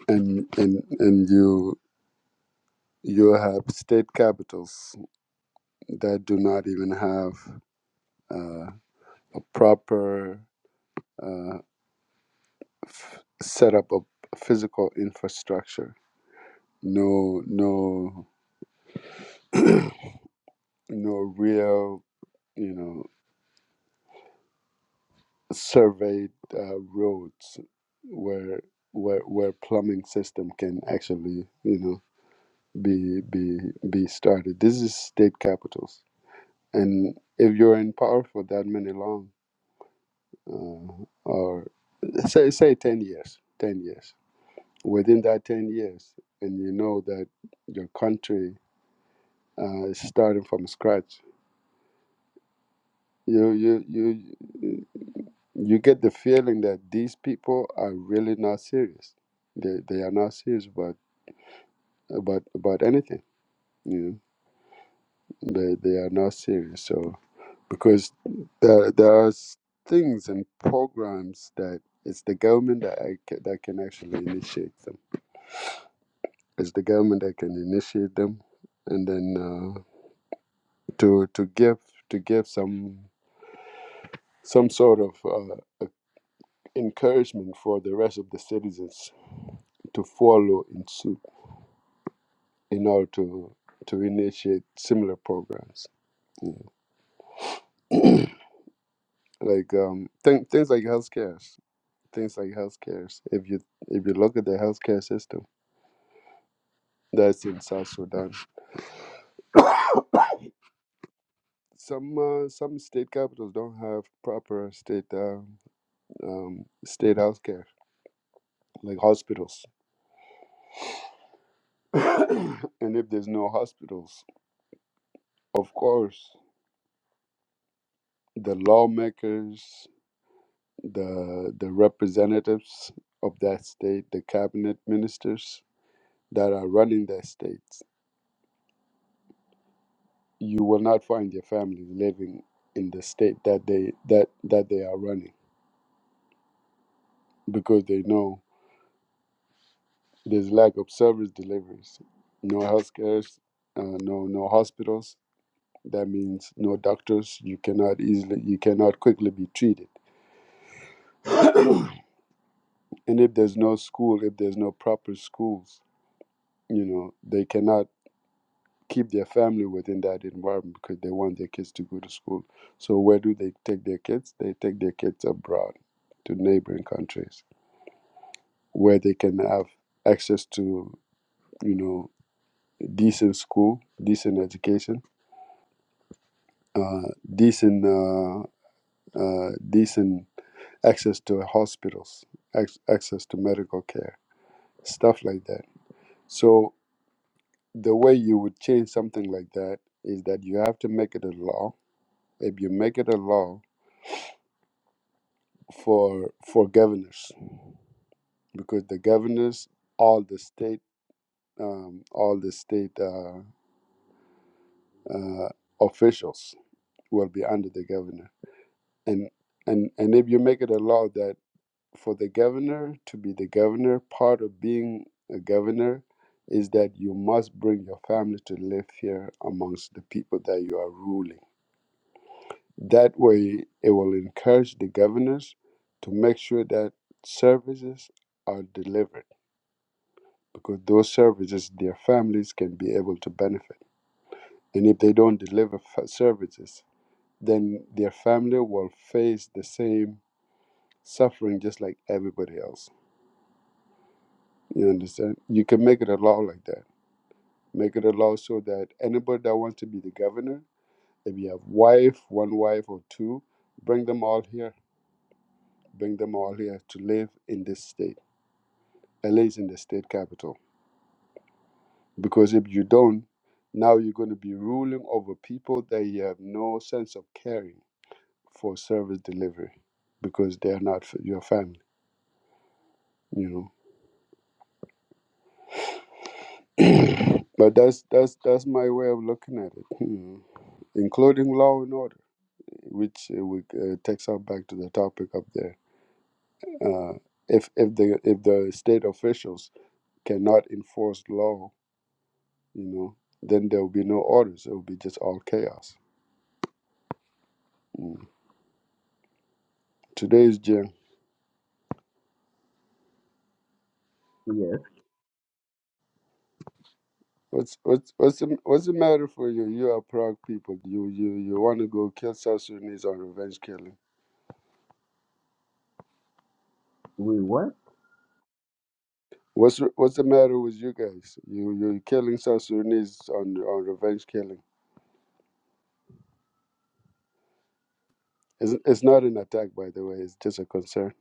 and and and you you have state capitals that do not even have uh, a proper. uh, f- set up a physical infrastructure no no no real you know surveyed uh, roads where where where plumbing system can actually you know be be be started this is state capitals and if you're in power for that many long uh, or say say 10 years 10 years within that 10 years and you know that your country uh, is starting from scratch You you you you get the feeling that these people are really not serious. They they are not serious about about about anything. You know, they they are not serious. So because there there are s- things and programs that it's the government that I, ca- that can actually initiate them. It's the government that can initiate them, and then uh, to to give to give some some sort of uh, encouragement for the rest of the citizens to follow in suit in order to to initiate similar programs [CLEARS THROAT] like um th- things like healthcare things like healthcare if you if you look at the healthcare system that's in south sudan some uh, some state capitals don't have proper state uh, um, state healthcare like hospitals [COUGHS] [CLEARS THROAT] and if there's no hospitals of course the lawmakers the the representatives of that state, the cabinet ministers that are running their states, you will not find your family living in the state that they that that they are running because they know there's lack of service deliveries, no healthcare, uh, no no hospitals. That means no doctors. You cannot easily you cannot quickly be treated. And if there's no school, if there's no proper schools, you know they cannot keep their family within that environment because they want their kids to go to school. So where do they take their kids? They take their kids abroad to neighboring countries where they can have access to you know decent school, decent education, uh, decent uh, uh, decent access to hospitals, ac- access to medical care, stuff like that. So the way you would change something like that is that you have to make it a law. If you make it a law, for for governors because the governors all the state um, all the state uh, uh, officials will be under the governor and and and if you make it a law that for the governor to be the governor part of being a governor is that you must bring your family to live here amongst the people that you are ruling that way it will encourage the governors to make sure that services are delivered because those services their families can be able to benefit and if they don't deliver f- services then their family will face the same suffering just like everybody else you understand you can make it a law like that make it a law so that anybody that wants to be the governor if you have wife one wife or two bring them all here bring them all here to live in this state at least in the state capital Because if you don't, now you're going to be ruling over people that you have no sense of caring for service delivery because they're not f- your family, you know. [CLEARS THROAT] but that's that's that's my way of looking at it, you know, including law and order, which uh, we, uh, takes us back to the topic up there. Uh, if if the if the state officials cannot enforce law, you know, then there will be no orders. It will be just all chaos. Mm. Today is Jan. Yes, What's what's what's the, what's the matter for you? You are Prague people. You you you want to go kill South Sudanese on revenge killing. we were. What's what's the matter with you guys? You you're killing South Sudanese on on revenge killing. It's it's not an attack, by the way. It's just a concern.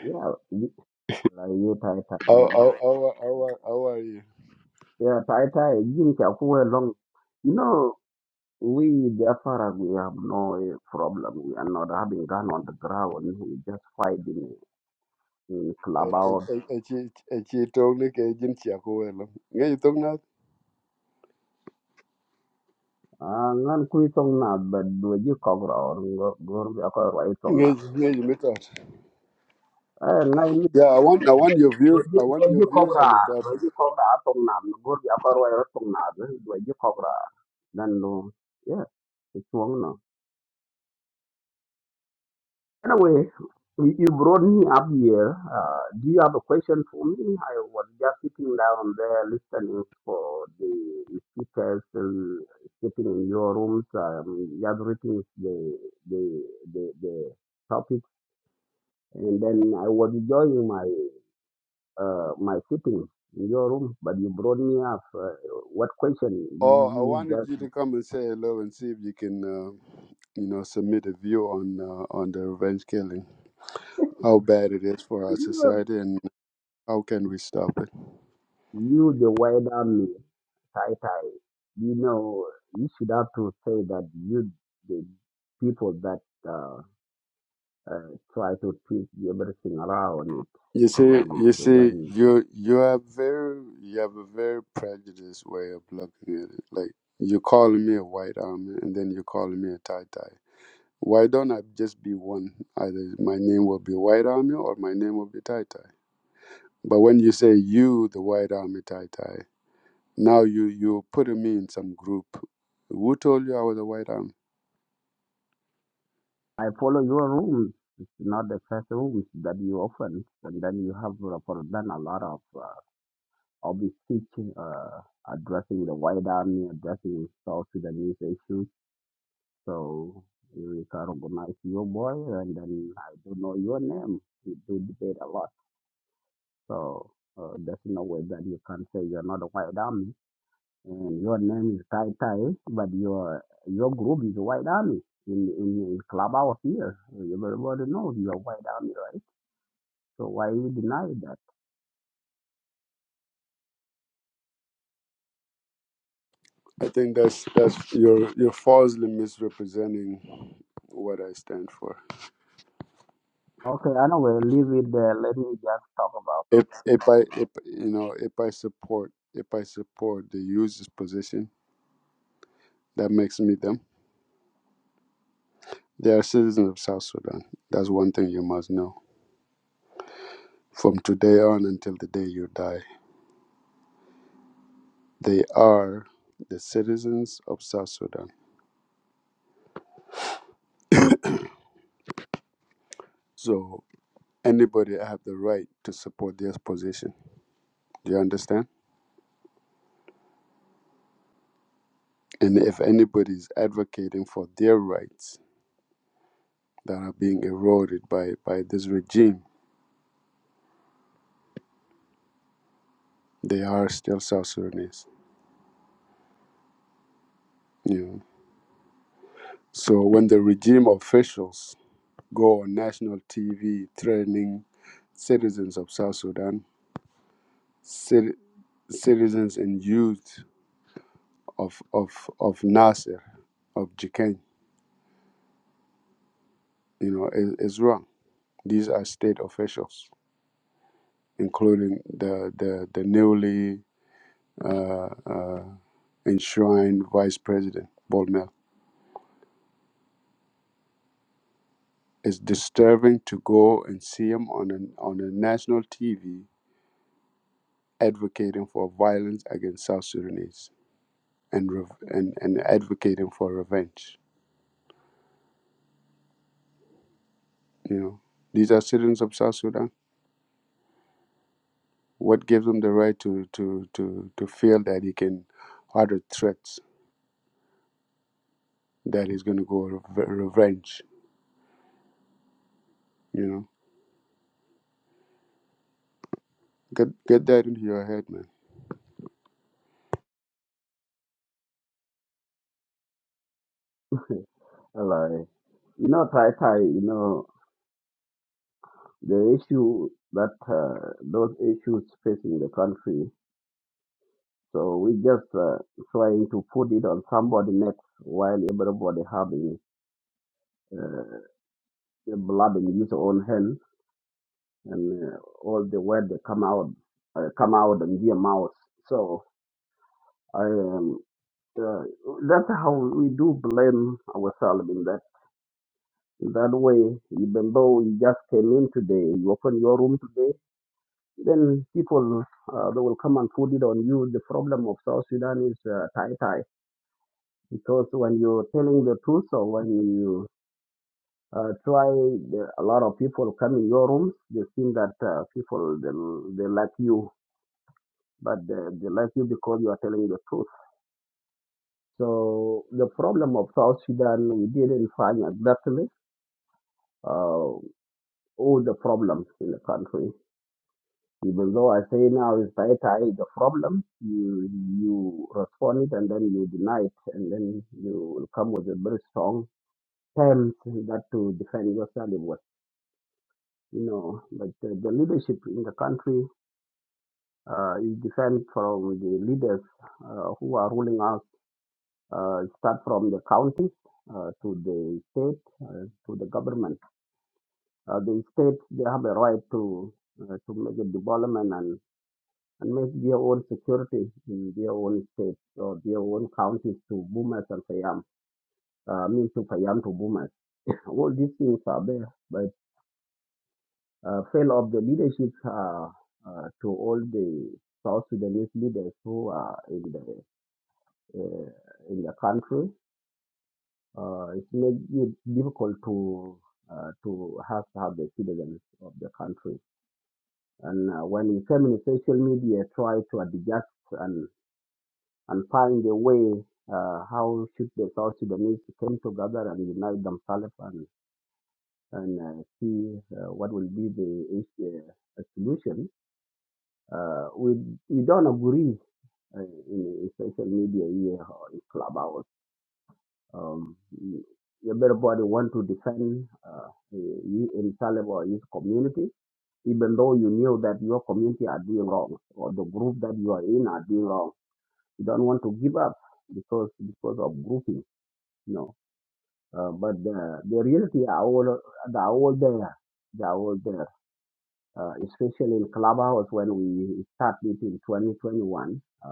Yeah, you- like you Taita. How how how are- how are, how are you? Yeah, Taita, you Chakuwe long. You know, we Jafara, we have no uh, problem. We are not having gun on the ground. We just fight in, in Eh, eh, clubhouse. eh, eh, chi- eh, chi tong ni ke jin chia ko welo. Nge chi tong na- Ah, ngan kui tong na but do you cover or go go be ako right tong na. nge- nge chi mitot. Eh, ngai ni Yeah, I want I want your do views. I you want do your you views cover on the do topic. you cover tong na go be ako right tong na do you cover. Then no, yeah, it's wrong Anyway, you you brought me up here. Uh, do you have a question for me? I was just sitting down there listening for the speakers and sitting in your rooms, um, gathering the, the, the, the topics. And then I was enjoying my, uh, my sitting in your room, but you brought me up. Uh, what question? Oh, I You wanted you to come and say hello and see if you can, uh, you know, submit a view on uh, on the revenge killing, how bad it is for our just society, and how can we stop it. You, the wider me, tie tie, you know, you should have to say that you, the people that uh, uh, try to twist everything around it You see, when it, you see, when you you have very you have a very prejudiced way of looking at it. Like you're calling me a white army, and then you're calling me a tie tie. Why don't I just be one? Either my name will be white army, or my name will be tie tie. But when you say you, the white army tie tie. Now you you putting me in some group. Who told you I was a white arm? I follow your rules. It's not the first rules that you open, and then you have uh, for done a lot of uh, of speech uh, addressing the wider me, addressing South Sudanese issues So you can recognize your boy, and then I don't know your name. We do debate a lot. So uh, there's no way that you can say you're not a white army, and your name is Tai Tai, but your your group is a white army. In in, in clubhouse here, everybody knows you're a white army, right? So why you deny that? I think that's that's you're you're falsely misrepresenting what I stand for. Okay, anyway, leave it there. Let me just talk about. If if I if you know if I support if I support the users position, that makes me them. They are citizens of South Sudan. That's one thing you must know. From today on until the day you die, they are the citizens of South Sudan. So anybody have the right to support their position. Do you understand? And if anybody is advocating for their rights that are being eroded by, by this regime, they are still South Sudanese. You know? So when the regime officials go on national TV threatening citizens of South Sudan, cit- citizens and youth of, of, of Nasser, of Jikeng, you know, is, is wrong. These are state officials, including the, the, the newly uh, uh, enshrined Vice President Bolmel. It's disturbing to go and see him on a, on a national TV advocating for violence against South Sudanese and, rev and and advocating for revenge. You know, these are citizens of South Sudan. What gives him the right to to to to feel that he can utter threats that he's going to go re- revenge? You know, get get that into your head, man. [LAUGHS] Hello. You know, Tai Tai, you know, the issue that uh, those issues facing the country. So we just uh, trying to put it on somebody next while everybody having uh, the blood in his own hand and uh, all the word they come out uh, come out in their mouth. So I um, uh, that's how we do blame ourselves in that in that way. Even though you just came in today, you open your room today Then people uh, they will come and put it on you. The problem of South Sudan is uh, tie tie because when you're telling the truth or when you uh, try, the, a lot of people come in your rooms. They think that uh, people they, they like you, but they, they like you because you are telling the truth. So the problem of South Sudan, we didn't find exactly uh, all the problems in the country Even though I say now is Taita the problem, you you respond it and then you deny it, and then you will come with a very strong terms that to defend yourself with. You know, but uh, the leadership in the country uh, is different from the leaders uh, who are ruling us. Uh, start from the counties uh, to the state uh, to the government. Uh, the states they have a right to uh, to make a development and. and make their own security in their own states or their own counties to Boomers and Fayam, uh, mean to Fayam to Boomers. All these things are there, but uh, fail of the leadership uh, uh, to all the South Sudanese leaders who are in the uh, in the country. Uh, it makes it difficult to uh, to have to have the citizens of the country. And uh, when you come in social media, try to adjust and. and find a way uh, how should the South Sudanese come together and unite themselves and, and uh, see uh, what will be the uh, solution. Uh, we, we don't agree uh, in, in social media here or in clubhouse. Um, everybody want to defend uh, you himself or his community, even though you knew that your community are doing wrong or the group that you are in are doing wrong. You don't want to give up because because of grouping No. Uh, but the, the reality are all, they are all there. They are all there. Uh, especially in Clubhouse when we start it in 2021, uh,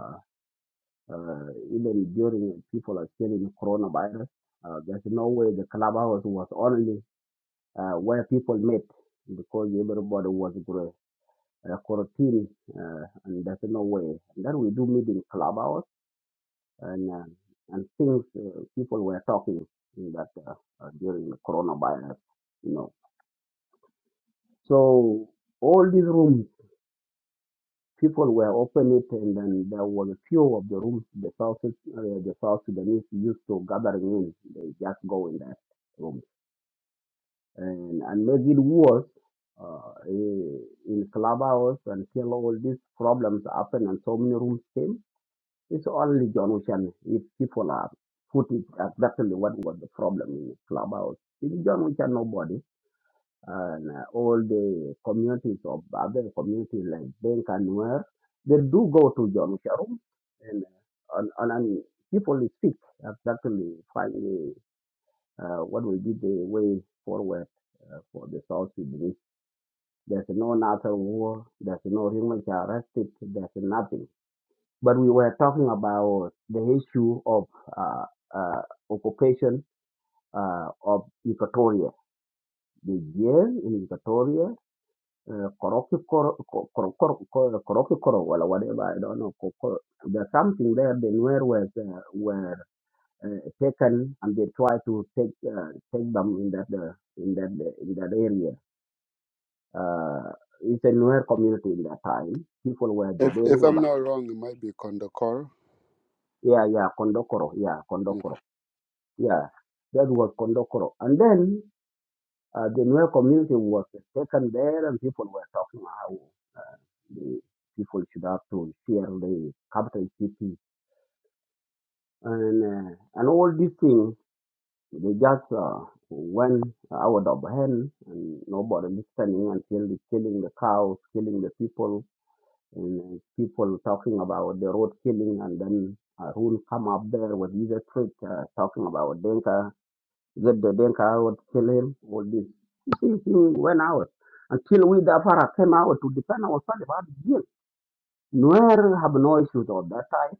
uh, even during people are still in coronavirus, uh, there's no way the Clubhouse was only uh, where people met because everybody was gr- uh, quarantined uh, and there's no way. Then we do meet in Clubhouse and uh, and things uh, people were talking in that uh, uh, during the coronavirus, you know. So all these rooms, people were open it, and then there was a few of the rooms the South uh, the South Sudanese used to gathering in. They just go in that room, and and made it worse. Uh, eh, in clubhouse until all these problems happened and so many rooms came It's only John Wishan. If people are put it exactly what was the problem in Clubhouse, it's John Wishan nobody. And uh, all the communities of other communities like Bank and where they do go to John Wishan room and, uh, and, and, and people speak exactly find the, uh, what will be the way forward uh, for the South Sudanese. There's no NATO war, there's no human rights arrested, there's nothing but we were talking about the issue of uh, uh, occupation uh, of Equatoria, the jail in Equatoria, uh, Korokikoro, Koro- Koro- or whatever, I don't know. There's something there, the Nuer was, uh, were uh, taken and they tried to take uh, take them in that, uh, in that, in that area. Uh, it's a Nuer community in that time. People were If if debating I'm about, not wrong, it might be Kondokoro. yeah, yeah, Kondokoro, yeah, You Kondokoro Yeah, that was Kondokoro. And then uh, the Nuer community was taken there and people were talking how uh, the people should have to share the capital city. And, uh, and all these things, they just uh, went out of hand and nobody listening until the killing the cows, killing the people, and uh, people talking about the road killing and then Arun come up there with his trick uh, talking about Denka That the Denka would kill him, all this. You see, he went out. Until we, the Apara, came out to defend ourselves about the deal. Nuer have no issues of that type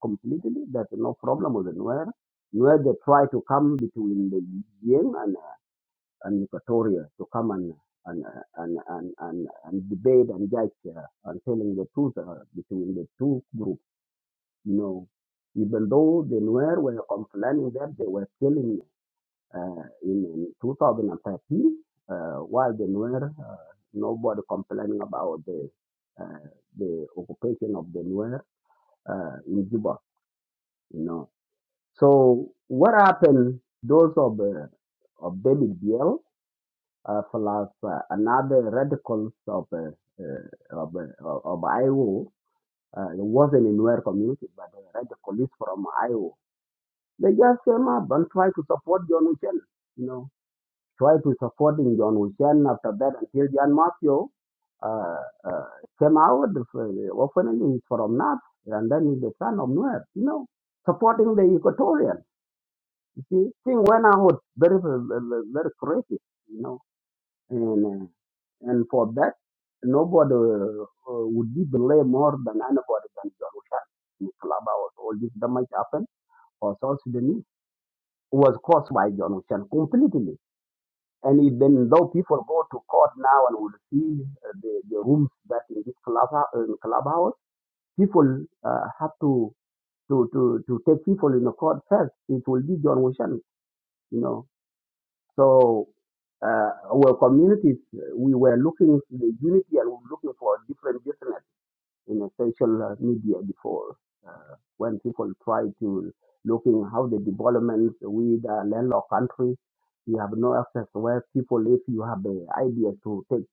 completely. There's no problem with the Nuer. Nuer, they try to come between the Jing and, and Equatoria to come and and, uh, and, and, and, and debate and judge uh, and telling the truth uh, between the two groups. You know, even though the Nuer were complaining that they were killing uh, in 2013 uh, while the Nuer, uh, nobody complaining about the uh, the occupation of the Nuer uh, in Juba, you know. So what happened? Those of uh, of David Biel uh, plus uh, another radicals of uh, uh, of, uh, of Iowa. Uh, it wasn't in Nuer community, but the radicals from Iowa. They just came up and tried to support John Ocean, you know tried to supporting John Wishen after that until John Matthew uh, uh, came out. uh, he's from North, and then he's the son of Nuer. You know, supporting the Equatorian. You see, thing went out very, very, very crazy. You know, and uh, and for that, nobody uh, would be blamed more than anybody than John Wishen. In clubhouse, all this damage happened for South Sudanese was caused by John Wishen completely And even though people go to court now and will see uh, the, the rooms that in this club, uh, in clubhouse, people uh, have to, to, to, to take people in the court first. It will be John Wishan, you know. So uh, our communities, uh, we were looking for the unity and we were looking for different business in a social uh, media before uh, when people try to looking how the developments with a landlocked country you have no access where people if you have the idea to take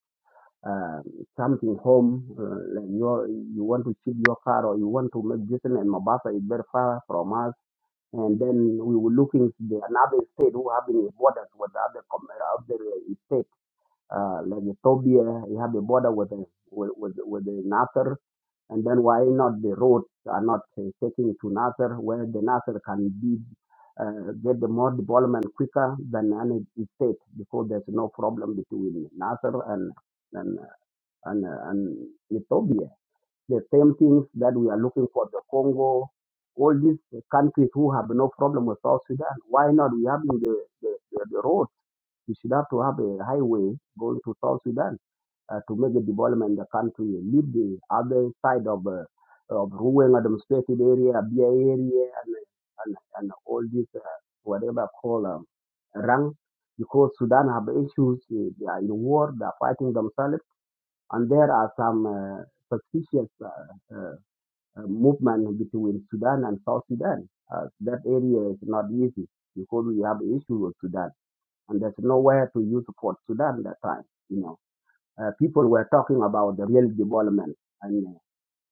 um, something home uh, like your you want to ship your car or you want to make business and Mombasa is very far from us and then we were looking to the another state who having borders with the other com- uh, other uh, state uh, like Ethiopia, you have the border with the, with, with, with the Nasser, and then why not the roads are not uh, taking to Nasser, where the Nasser can be uh, get the more development quicker than any state because there's no problem between Nasser and and and, and Ethiopia. The same things that we are looking for the Congo, all these countries who have no problem with South Sudan. Why not we having the the, the, the road? You should have to have a highway going to South Sudan uh, to make a development in the country. Leave the other side of uh, of Ruang administrative area, Abia area, and and, and all this uh, whatever call um, rank because Sudan have issues. uh, They are in war. They are fighting themselves, and there are some uh, suspicious uh, uh, uh, movement between Sudan and South Sudan. Uh, that area is not easy because we have issues with Sudan and there's nowhere to use Port Sudan that time. You know, uh, people were talking about the real development, and uh,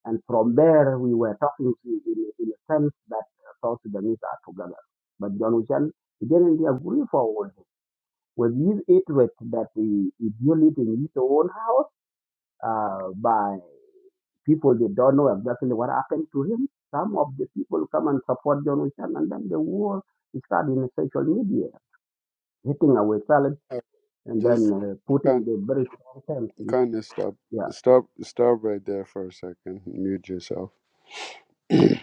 and from there we were talking to, in, in a sense that uh, South Sudanese are together. But John Ocean he didn't agree forward with his hatred that he, he built it in his own house uh, by people they don't know exactly what happened to him. Some of the people come and support John Ocean, and then the war started in the social media, hitting ourselves know, and then just uh, putting the very strong terms. is- Kind of stop, Yeah, stop, stop right there for a second. Mute yourself. [CLEARS THROAT]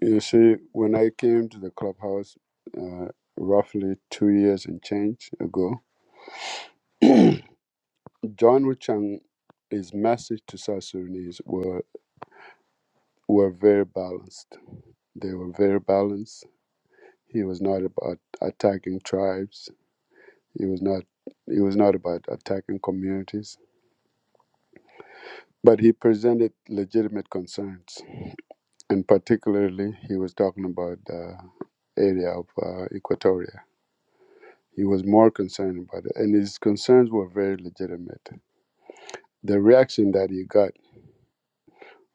You see, when I came to the clubhouse, uh, roughly two years and change ago, [CLEARS THROAT] John Wuchang, his message to South Sudanese were were very balanced. They were very balanced. He was not about attacking tribes. He was not. He was not about attacking communities. But he presented legitimate concerns, and particularly, he was talking about. uh, area of uh, Equatoria. He was more concerned about it, and his concerns were very legitimate. The reaction that he got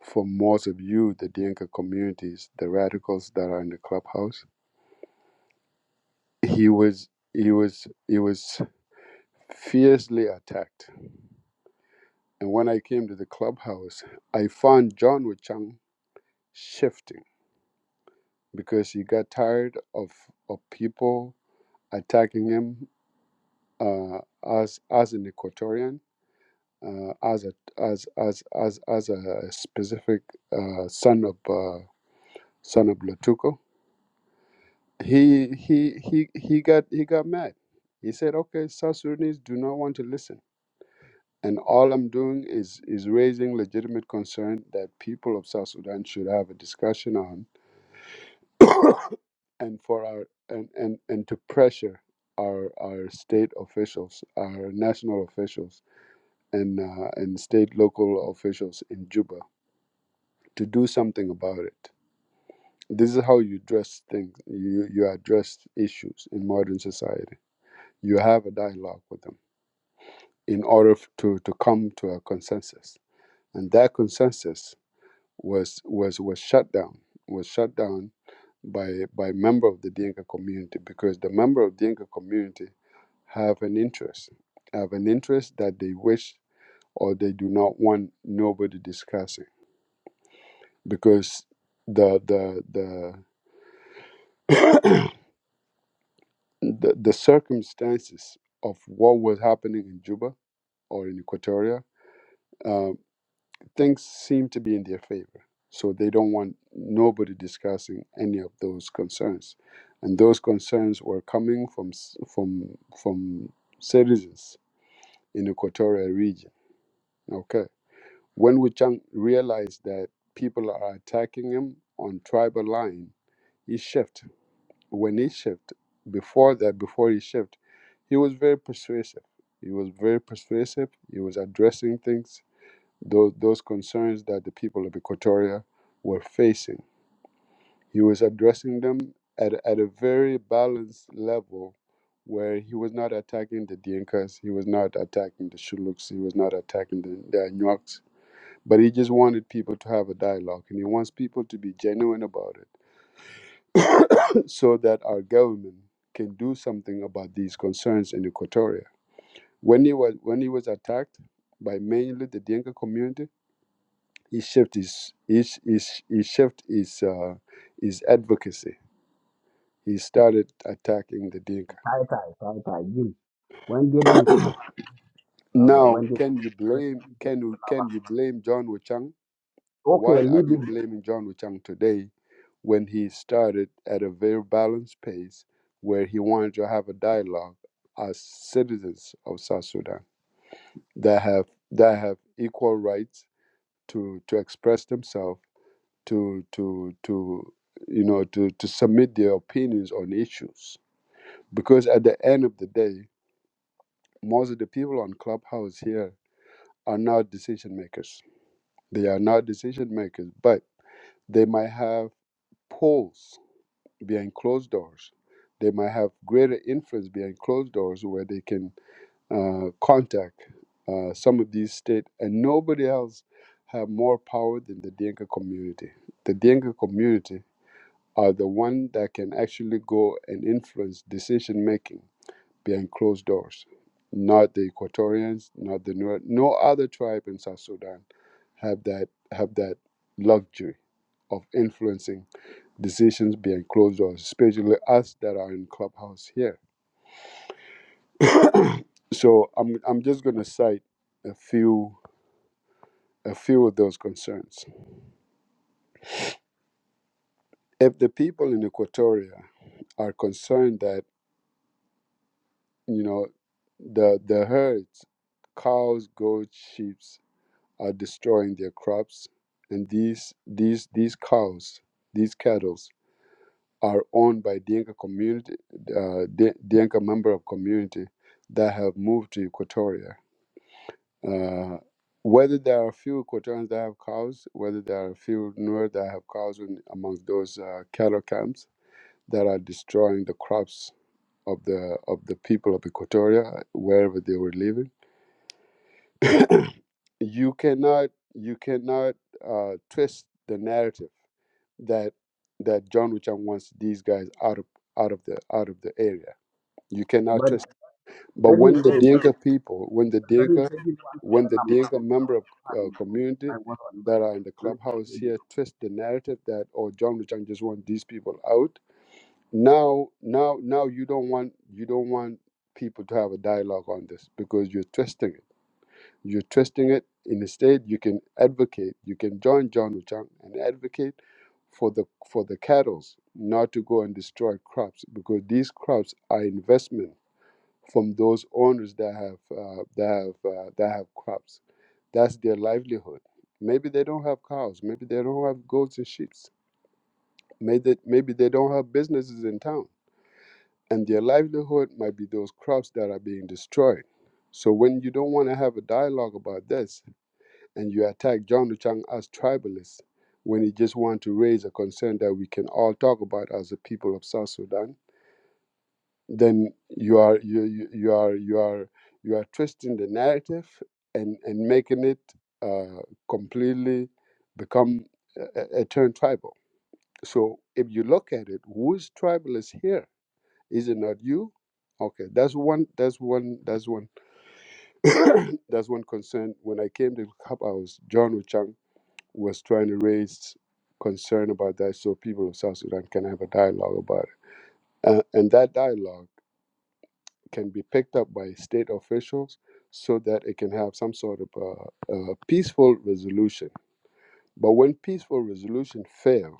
from most of you, the Dinka communities, the radicals that are in the clubhouse, he was he was he was fiercely attacked. And when I came to the clubhouse, I found John Wichang shifting because he got tired of of people attacking him uh, as as an Equatorian uh, as a as as as as a specific uh, son of uh, son of Latuko. He he he he got he got mad. He said, "Okay, South Sudanese do not want to listen, and all I'm doing is is raising legitimate concern that people of South Sudan should have a discussion on, [COUGHS] and for our and and and to pressure." Our, our state officials, our national officials, and uh, and state local officials in Juba to do something about it. This is how you address things. You, you address issues in modern society. You have a dialogue with them in order to, to come to a consensus. And that consensus was was was shut down. Was shut down by by member of the Dinka community because the member of the Dinka community have an interest, have an interest that they wish or they do not want nobody discussing because the the the the, the circumstances of what was happening in Juba or in Equatoria, uh, things seem to be in their favor. So they don't want nobody discussing any of those concerns, and those concerns were coming from s- from from citizens in the Equatorial region. Okay, when Wuchang realized that people are attacking him on tribal line, he shifted when he shift before that before he shift he was very persuasive he was very persuasive he was addressing things those those concerns that the people of equatoria were facing he was addressing them at, at a very balanced level where he was not attacking the Dinkas, he was not attacking the Shuluks, he was not attacking the, the Anyuaks, but he just wanted people to have a dialogue and he wants people to be genuine about it so that our government can do something about these concerns in Equatoria. When he was when he was attacked by mainly the Dinka community, he shifted his he, he, sh- he shift his uh, his advocacy. He started attacking the Dinka. tie tie tie tie. Jim, when did you start, brother? Now, When did can you when blame did you get can you lava? can you blame John Wuchang? Okay, Why are leave you it. blaming John Wuchang today when he started at a very balanced pace where he wanted to have a dialogue as citizens of South Sudan? that have that have equal rights to to express themselves to to to you know to to submit their opinions on issues because at the end of the day most of the people on clubhouse here are not decision makers they are not decision makers but they might have polls behind closed doors they might have greater influence behind closed doors where they can uh, contact uh, some of these states, and nobody else have more power than the Dinka community. The Dinka community are the one that can actually go and influence decision making behind closed doors. Not the Equatorians, not the Nuer, no other tribe in South Sudan have that have that luxury of influencing decisions behind closed doors, especially us that are in clubhouse here. So I'm I'm just gonna cite a few a few of those concerns. If the people in Equatoria are concerned that you know the the herds, cows, goats, sheep, are destroying their crops, and these these these cows, these cattle, are owned by Dinka community, uh, Dinka member of community that have moved to Equatoria. Uh, whether there are a few Equatorians that have cows, whether there are a few Nuer that have cows in, amongst those uh, cattle camps, that are destroying the crops of the of the people of Equatoria wherever they were living. You cannot you cannot uh, twist the narrative that that John Wicham wants these guys out of out of the out of the area. You cannot But twist. But let me when the say this. Dinka people, when the Let me Dinka, say this one when second. the I'm Dinka member out of of uh, time. community I was on that break. are in the Let me clubhouse say this. here twist the narrative that oh John Wicham just wants these people out now now now you don't want you don't want people to have a dialogue on this because you're twisting it you're twisting it instead you can advocate you can join john Chang and advocate for the for the cattle's not to go and destroy crops because these crops are investment from those owners that have uh, that have uh, that have crops that's their livelihood maybe they don't have cows maybe they don't have goats and sheep maybe maybe they don't have businesses in town and their livelihood might be those crops that are being destroyed. So when you don't want to have a dialogue about this and you attack John Chang as tribalist, when you just want to raise a concern that we can all talk about as a people of South Sudan, then you are you you, you are you are you are twisting the narrative and and making it uh, completely become a a turn tribal. So if you look at it, who is tribalist here? Is it not you? Okay, that's one. That's one. That's one. [COUGHS] that's one concern. When I came to Clubhouse, John Ochang was trying to raise concern about that, so people of South Sudan can have a dialogue about it, uh, and that dialogue can be picked up by state officials, so that it can have some sort of uh uh peaceful resolution. But when peaceful resolution fail,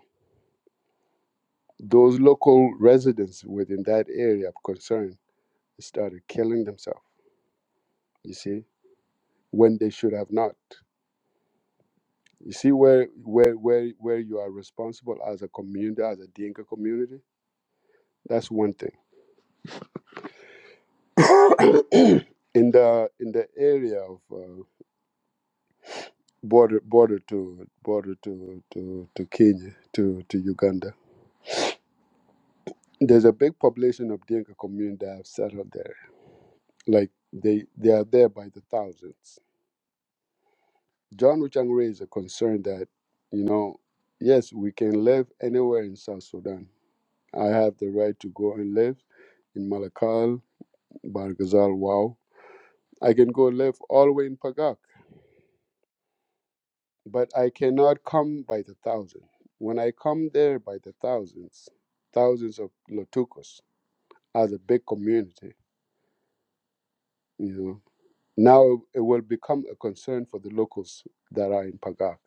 those local residents within that area of concern started killing themselves. You see when they should have not. You see where where where where you are responsible as a community, as a Dinka community. That's one thing. [COUGHS] in the in the area of uh, border border to border to to to Kenya to to Uganda, there's a big population of Dinka community that have settled there. Like they they are there by the thousands. John Wuchang raised a concern that you know, yes, we can live anywhere in South Sudan I have the right to go and live in Malakal, Bargazal, Wow. I can go live all the way in Pagak, but I cannot come by the thousand. When I come there by the thousands, thousands of Lotukos as a big community, you know, now it will become a concern for the locals that are in Pagak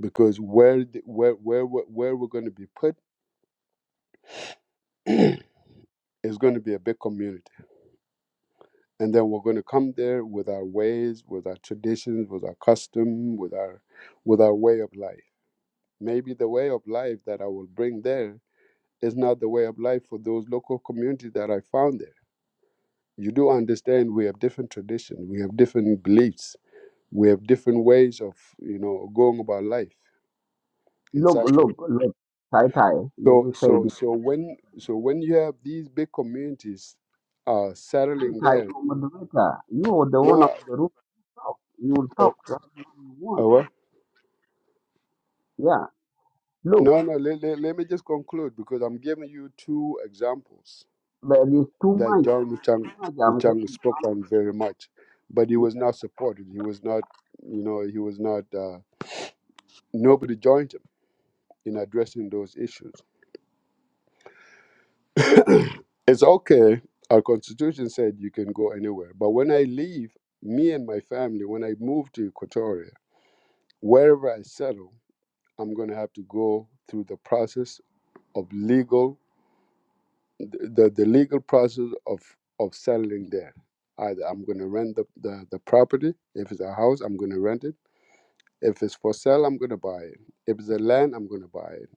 because where the, where where we- where we're going to be put [CLEARS THROAT] is going to be a big community And then we're going to come there with our ways, with our traditions, with our custom, with our with our way of life. Maybe the way of life that I will bring there is not the way of life for those local communities that I found there. You do understand we have different traditions, we have different beliefs, we have different ways of, you know, going about life in Look, South Africa. look, look. Tie tie. Let So me say so this. so when so when you have these big communities uh Tie settling tie. there, You moderator. You are the one no of the room. Talk. You will uh, talk as long you want. uh, what? Yeah. Look, No, no, let, let, let me just conclude because I'm giving you two examples there is too that much. John Wuchang, Too much. I'm Wuchang getting. spoke on very much, but he some. was not supported. He was not, you know, he was not, uh, nobody joined him in addressing those issues. It's okay. Our constitution said you can go anywhere. But when I leave, me and my family, when I move to Equatoria, wherever I settle, I'm going to have to go through the process of legal the, the legal process of of settling there. Either I'm going to rent the, the, the property. If it's a house, I'm going to rent it. If it's for sale, I'm going to buy it. If it's a land, I'm going to buy it.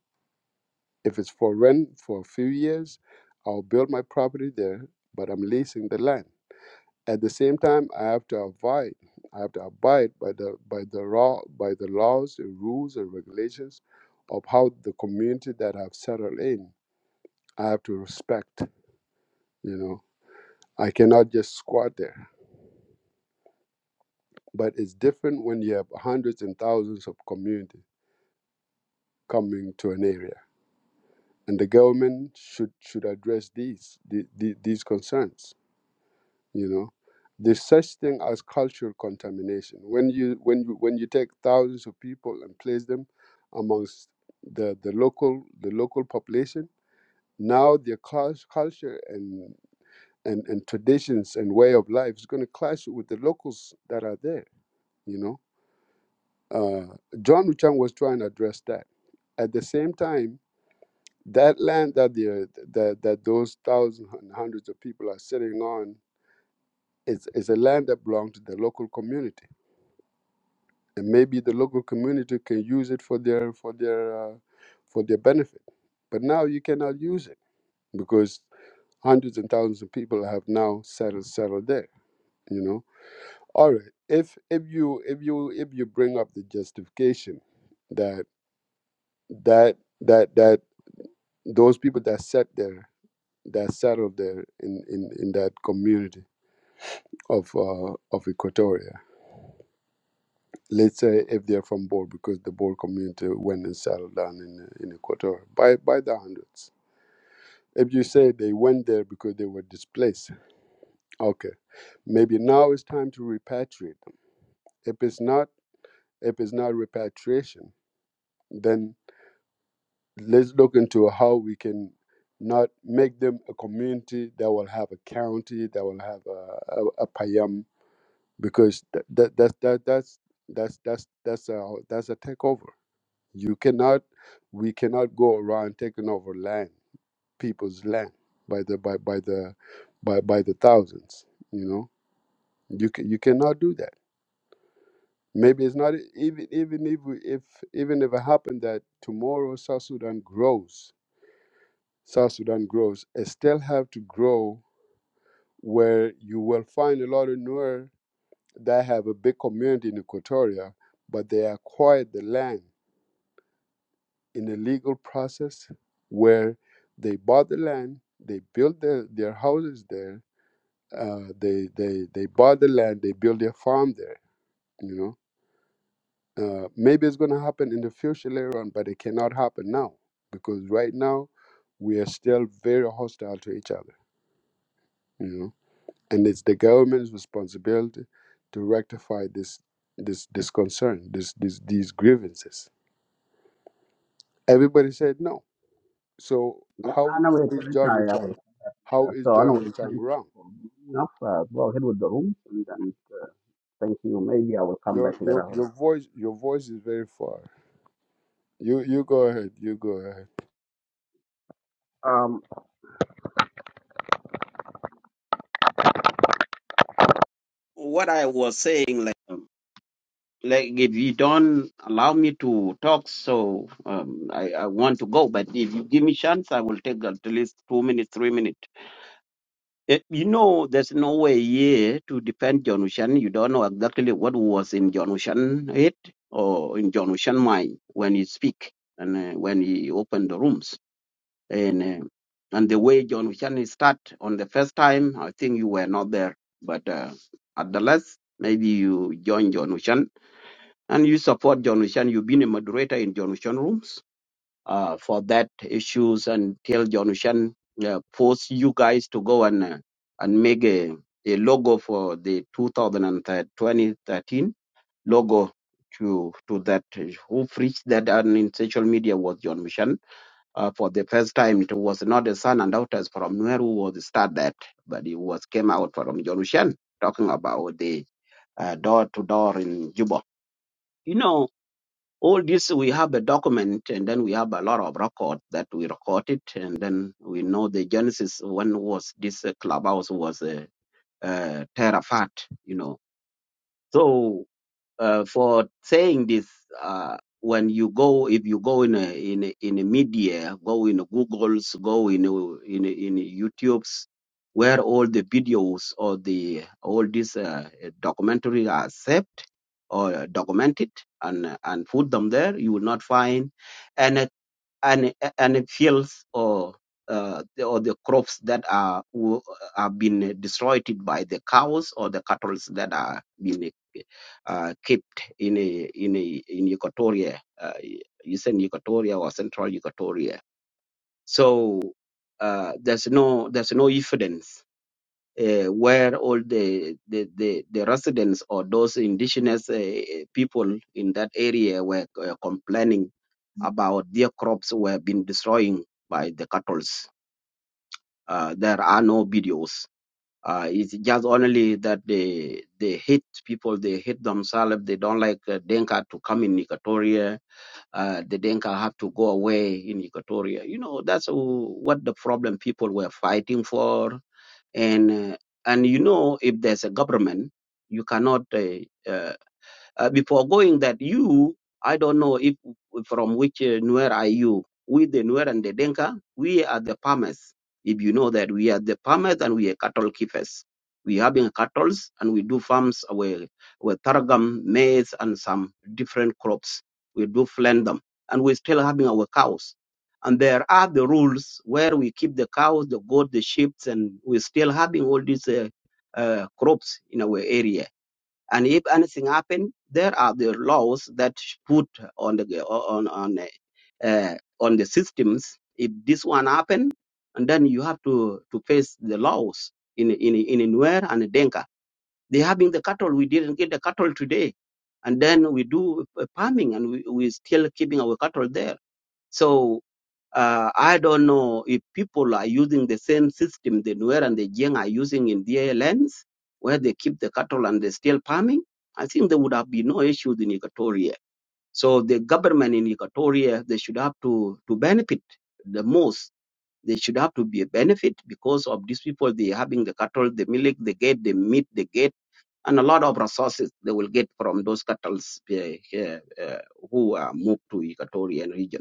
If it's for rent for a few years, I'll build my property there, but I'm leasing the land. At the same time, I have to abide. I have to abide by the by the law by the laws, the rules, and regulations of how the community that I've settled in. I have to respect. You know, I cannot just squat there. But it's different when you have hundreds and thousands of community coming to an area, and the government should should address these the, the, these concerns. You know, there's such thing as cultural contamination. When you when you when you take thousands of people and place them amongst the, the local the local population, now their cul- culture and, and and traditions and way of life is going to clash with the locals that are there. You know Uh, John Wuchang was trying to address that. At the same time, that land that the that, that those thousands and hundreds of people are sitting on is, is a land that belongs to the local community, and maybe the local community can use it for their for their uh, for their benefit. But now you cannot use it because hundreds and thousands of people have now settled settled there. You know, all right. If if you if you if you bring up the justification that that that that those people that sat there, that settled there in, in, in that community of uh, of Equatoria. Let's say if they're from Bor, because the Bor community went and settled down in in Equatoria by by the hundreds. If you say they went there because they were displaced, okay, maybe now it's time to repatriate them. If it's not, if it's not repatriation, then let's look into how we can not make them a community that will have a county, that will have a, a, a payam because that that that, that that's that's that's that's a that's a takeover. You cannot, we cannot go around taking over land, people's land by the by by the by by the thousands. You know, you ca you cannot do that. Maybe it's not e-, even even if we, if even if it happened that tomorrow South Sudan grows, South Sudan grows, it still have to grow where you will find a lot of Nuer that have a big community in Equatoria, but they acquired the land in a legal process where they bought the land, they built their, their houses there, uh, they, they, they bought the land, they built their farm there, you know. Uh, maybe it's going to happen in the future later on, but it cannot happen now because right now we are still very hostile to each other, you know. And it's the government's responsibility to rectify this this this concern, this, this these grievances Everybody said no. So Yeah, I how know it's is John retired. I Wichang? will. How uh, is So I know John it's thank Wichang you wrong? for being up. Uh, go ahead with the room, and then thank you. Maybe I will come Your back your later on. your voice your voice is very far. You you go ahead. You go ahead. Um, what I was saying, like, um, like if you don't allow me to talk, so um, I, I want to go. But if you give me chance, I will take at least two minutes, three minutes. Eh, you know, there's no way here to defend John Ocean. You don't know exactly what was in John Ocean head or in John Ocean mind when he speak and uh, when he opened the rooms. And uh, and the way John Ocean start on the first time, I think you were not there. But uh, at the last, maybe you join John Ocean and you support John Ocean. You've been a moderator in John Ocean rooms uh, for that issues until John Shan uh, force you guys to go and uh, and make a, a logo for the 2013 logo to to that uh, who preached that on in social media was John Mishan uh, for the first time it was not a son and daughters from where who was start that but it was came out from John Mishan talking about the uh, door to door in Juba you know all this we have a document, and then we have a lot of record that we recorded, and then we know the genesis when was this uh, clubhouse was uh, uh, terrified, you know. So uh, for saying this uh, when you go if you go in a, in a, in a media go in a googles go in a, in a, in a youtubes where all the videos or the all these uh, documentary are saved or documented and and put them there you will not find any and and fields or uh, the- or the crops that are wo- are been destroyed by the cows or the cattle that are being uh, kept in a, in a, in Equatoria, uh, eastern Equatoria or central Equatoria. So uh, there's no there's no evidence uh, where all the, the, the, the residents or those indigenous uh, people in that area were uh, complaining about their crops were being destroyed by the cattle. Uh, there are no videos. Uh, it's just only that they they hate people, they hate themselves, they don't like uh, Denka to come in Equatoria. Uh, the Denka have to go away in Equatoria. You know, that's wh- what the problem people were fighting for and uh, and you know if there's a government you cannot uh, uh, uh, before going that, you, I don't know if from which uh, Nuer are you. We, the Nuer and the Denka, we are the farmers. If you know that we are the farmers and we are cattle keepers. We having cattle and we do farms with, with targum, maize, and some different crops. We do flend them. And we still having our cows. And there are the rules where we keep the cows, the goat, the sheep, and we still having all these uh, uh, crops in our area and if anything happen, there are the laws that put on the on on uh, on the systems. If this one happen, and then you have to to face the laws in in in Nuer and Denka. They having the cattle. We didn't get the cattle today, and then we do uh, farming and we we still keeping our cattle there. So uh, I don't know if people are using the same system the Nuer and the Jiang are using in their lands, where they keep the cattle and they still farming. I think there would have been no issues in Equatoria. So the government in Equatoria, they should have to, to benefit the most. They should have to be a benefit because of these people, they having the cattle, the milk, the get, the meat, the get, and a lot of resources they will get from those cattle uh, uh, who are moved to Equatorian region.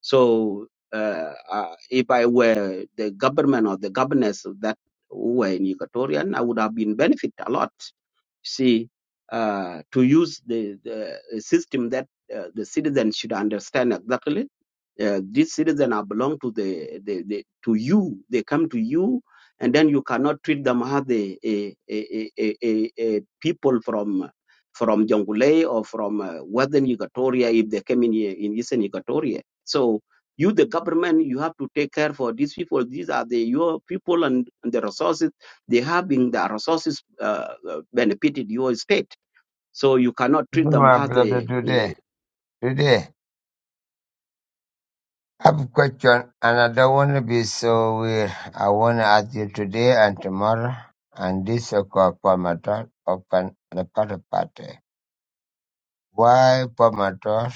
So uh, uh, if I were the government or the governors of that who were in Equatorian, I would have been benefit a lot. See, uh, to use the, the system that uh, the citizens should understand exactly uh, these citizens are belong to the, the, the to you. They come to you, and then you cannot treat them as the a, a, a, a, a people from from Jonglei or from uh, Western Equatoria if they came in here in Eastern Equatoria. So you, the government, you have to take care for these people. These are the your people and, and the resources they have been the resources uh, uh, benefited your state. So you cannot treat them My as brother, the today, today, I have a question and I don't want to be so weird. I want to ask you today and tomorrow and this is called formator of an party party. Why formator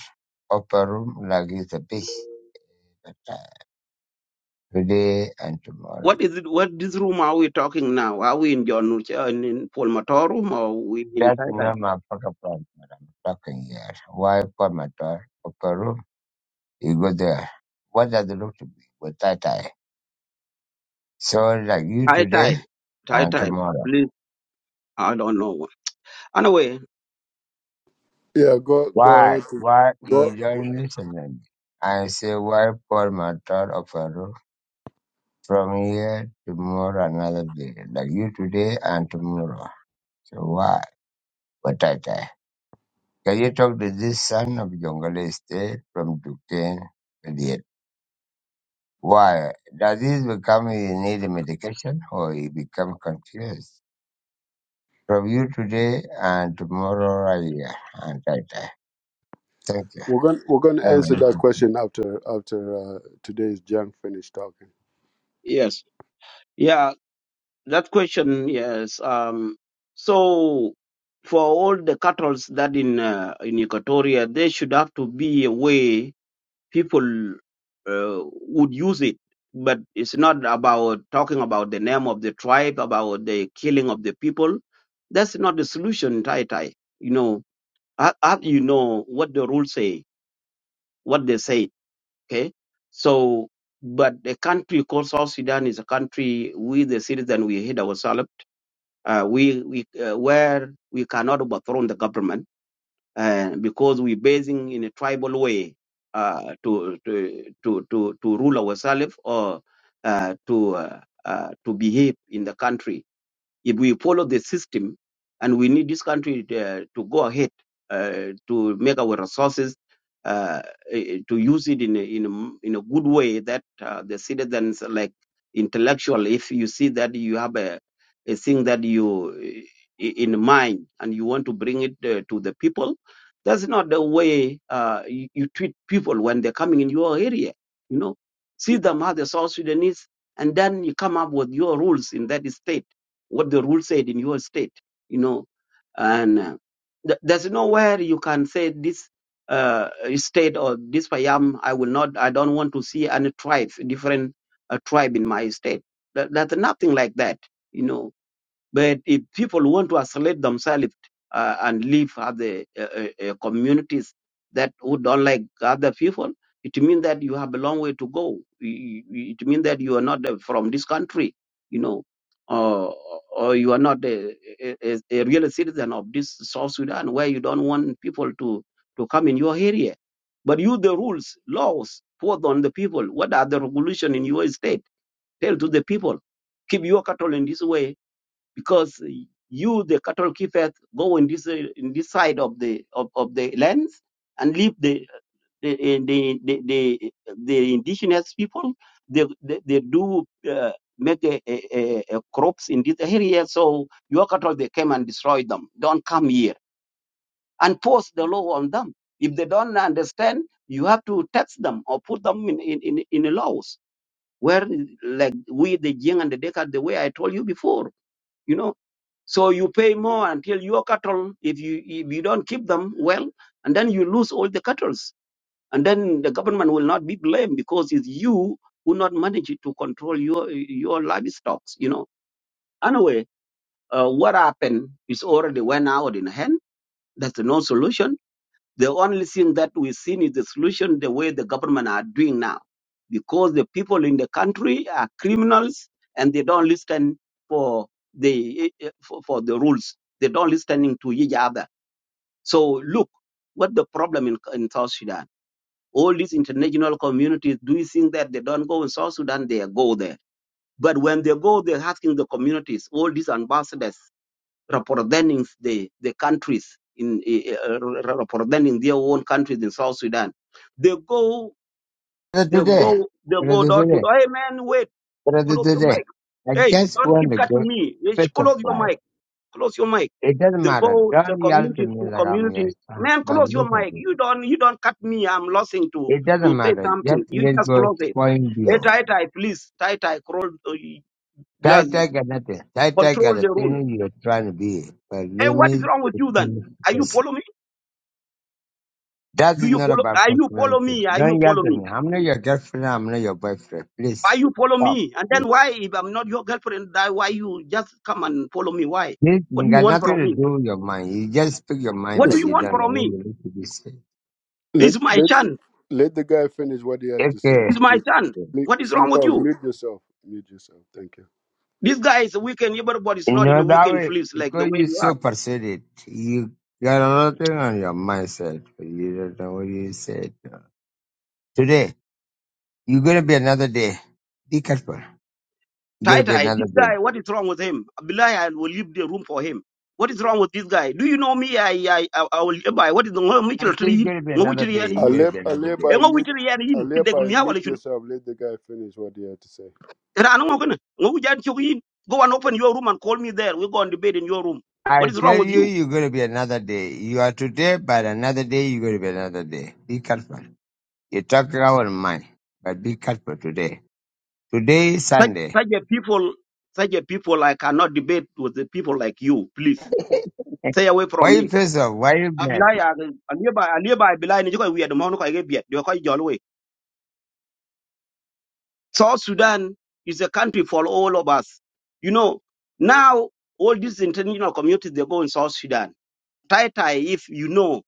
of a room like it's a beach? Today and tomorrow. What is it? What this room are we talking now? Are we in John Nuche- uh, in in Paul room or we in That's Tai Tai? not my pocket plan that I'm talking here. Why formator of a room? You go there. What does it look to be with that eye? So like you Tai today Tai, Tai and Tai. tomorrow. Please, I don't know. Anyway, Yeah, go go Why? ahead. to- Why Go, you go. don't listen to me? I say, why pour my thought of a roof from here to tomorrow another day, like you today and tomorrow. So why? But I die. Can you talk to this son of Jongle State from Duquesne? Idiot. Why? Does this become you need medication or you become confused? From you today and tomorrow I hear and I die. Thank you. We're going to we're going to Have a answer that nice question after after uh, today's junk finish talking. yes, yeah, that question, yes. Um, so for all the cattles that in uh, in Equatoria, there should have to be a way people uh, would use it but it's not about talking about the name of the tribe about the killing of the people that's not the solution in tai tai you know how, how do you know what the rules say what they say okay so but the country called south sudan is a country we the citizen we hate ourselves uh, we, we uh, where we cannot overthrow the government uh, because we're basing in a tribal way uh, to, to to to to rule ourselves or uh, to uh, uh, to behave in the country if we follow the system, and we need this country uh, to go ahead uh, to make our resources uh, eh, eh, to use it in a, in a, in a good way that uh, the citizens like intellectual if you see that you have a, a thing that you eh, in mind and you want to bring it uh, to the people that's not the way uh, you, you treat people when they're coming in your area you know see them as the south sudanese and then you come up with your rules in that state what the rule said in your state, you know. And uh, th- there's nowhere you can say this uh, state or this payam. I will not. I don't want to see any tribe, different uh, tribe in my state. That, that's nothing like that, you know but if people want to isolate themselves uh, and live other uh, uh, uh, communities that who don't like other people, it means that you have a long way to go. You- you- It means that you are not uh, from this country, you know, or, or you are not a, a, a a real citizen of this South Sudan where you don't want people to, to come in your area. But you, the rules, laws, put on the people. What are the regulation in your state? Tell to the people, keep your cattle in this way because you, the cattle keepers, go in this uh, in this side of the of, of the lands and leave the the the the, the, the indigenous people. They they, they do uh, make a, a, a crops in this area, so your cattle they came and destroy them. Don't come here and force the law on them. If they don't understand, you have to tax them or put them in in in, in the laws. Where like we the Jing and the Decker, the way I told you before, you know so you pay more until your cattle, if you if you don't keep them well, and then you lose all the cattle, and then the government will not be blamed because it's you who not manage to control your your livestock. You know. Anyway, uh, what happened is already went out in hand. That's no solution the only thing that we've seen is the solution the way the government are doing now, because the people in the country are criminals and they don't listen for the eh, eh, for, for the rules. They don't listening to each other. So look, what the problem in, in South Sudan? All these international communities, do you think that they don't go in South Sudan? They go there. But when they go, they're asking the communities, all these ambassadors representing the, the countries in uh, uh, representing their own countries in South Sudan. They go, day. they Today. go, they go Brother door Today. to door. Hey man, wait, Brother close your today, mic. I Hey, just don't want keep to cutting go me. Hey, sh- Close your specify. mic. Close your mic. It doesn't They matter. go the Don't yell to communities me to like I'm your community. son, Man, but close look your at mic. it. You don't, you don't cut me. I'm losing to It doesn't to say matter. Just something. You let just go close it. point Hey, deal. tie tie, please, tie tie, control, uh, blaz- Title got nothing. Title got control the the room. thing you're trying to be. But Hey, let what is me wrong with you then? finish Are you this. following me? That Do is you not follow? about Are you follow personality. me? Are you Don't yell follow to me? me. I'm not your girlfriend. I'm not your boyfriend. Why Please you follow stop. me? And then why, if I'm not your girlfriend, that why you just come and follow me? Why? This What you do you got want nothing from to me? do with your mind. You just speak your mind, What do but Just you you want don't know from what me? you need to be saying. Let It's my let son. let the guy finish what he has to say. Okay. It's my Sleep son. sleep, What is wrong sleep with out. you? Mute yourself. Mute yourself. Thank you. This guy is a weekend. Everybody's You not in know a that weekend way fleece like the because way you you are. so persuaded, you got another thing on your mindset, but you don't know what you said. Today, you're gonna be another day. Be careful. You're gonna Tai be Tai, another this day. guy, what is wrong with him? Abdullah, I will leave the room for him. What is wrong with this guy? Do you know me? I, I, I, I will buy. What is the I Mitchell say you're tree? gonna be Ngo another witiri day. yani I You're yin. gonna let be I another let day. by Ngo mute. witiri yani I yin. let Kideg by miya mute wala yourself. Let the guy finish what he had to say. Rana ngo kana jan chuk yin. Go and open your room and call me there. We go and debate in your room. I What is wrong tell with you, you? you're gonna be another day. You are today, but another day you're gonna be another day. Be careful. You talk our mind, but be careful today. Today is Such Sunday. such a people such a people I cannot debate with the people like you. Please [LAUGHS] stay away Why from you me. pissed off? Why you mad? Abilai aliba aliba abilai ni jokai weird mo no kai get you kai Jolwe. South Sudan is a country for all of us. You know now all these international communities they go in South Sudan. tie tie if you know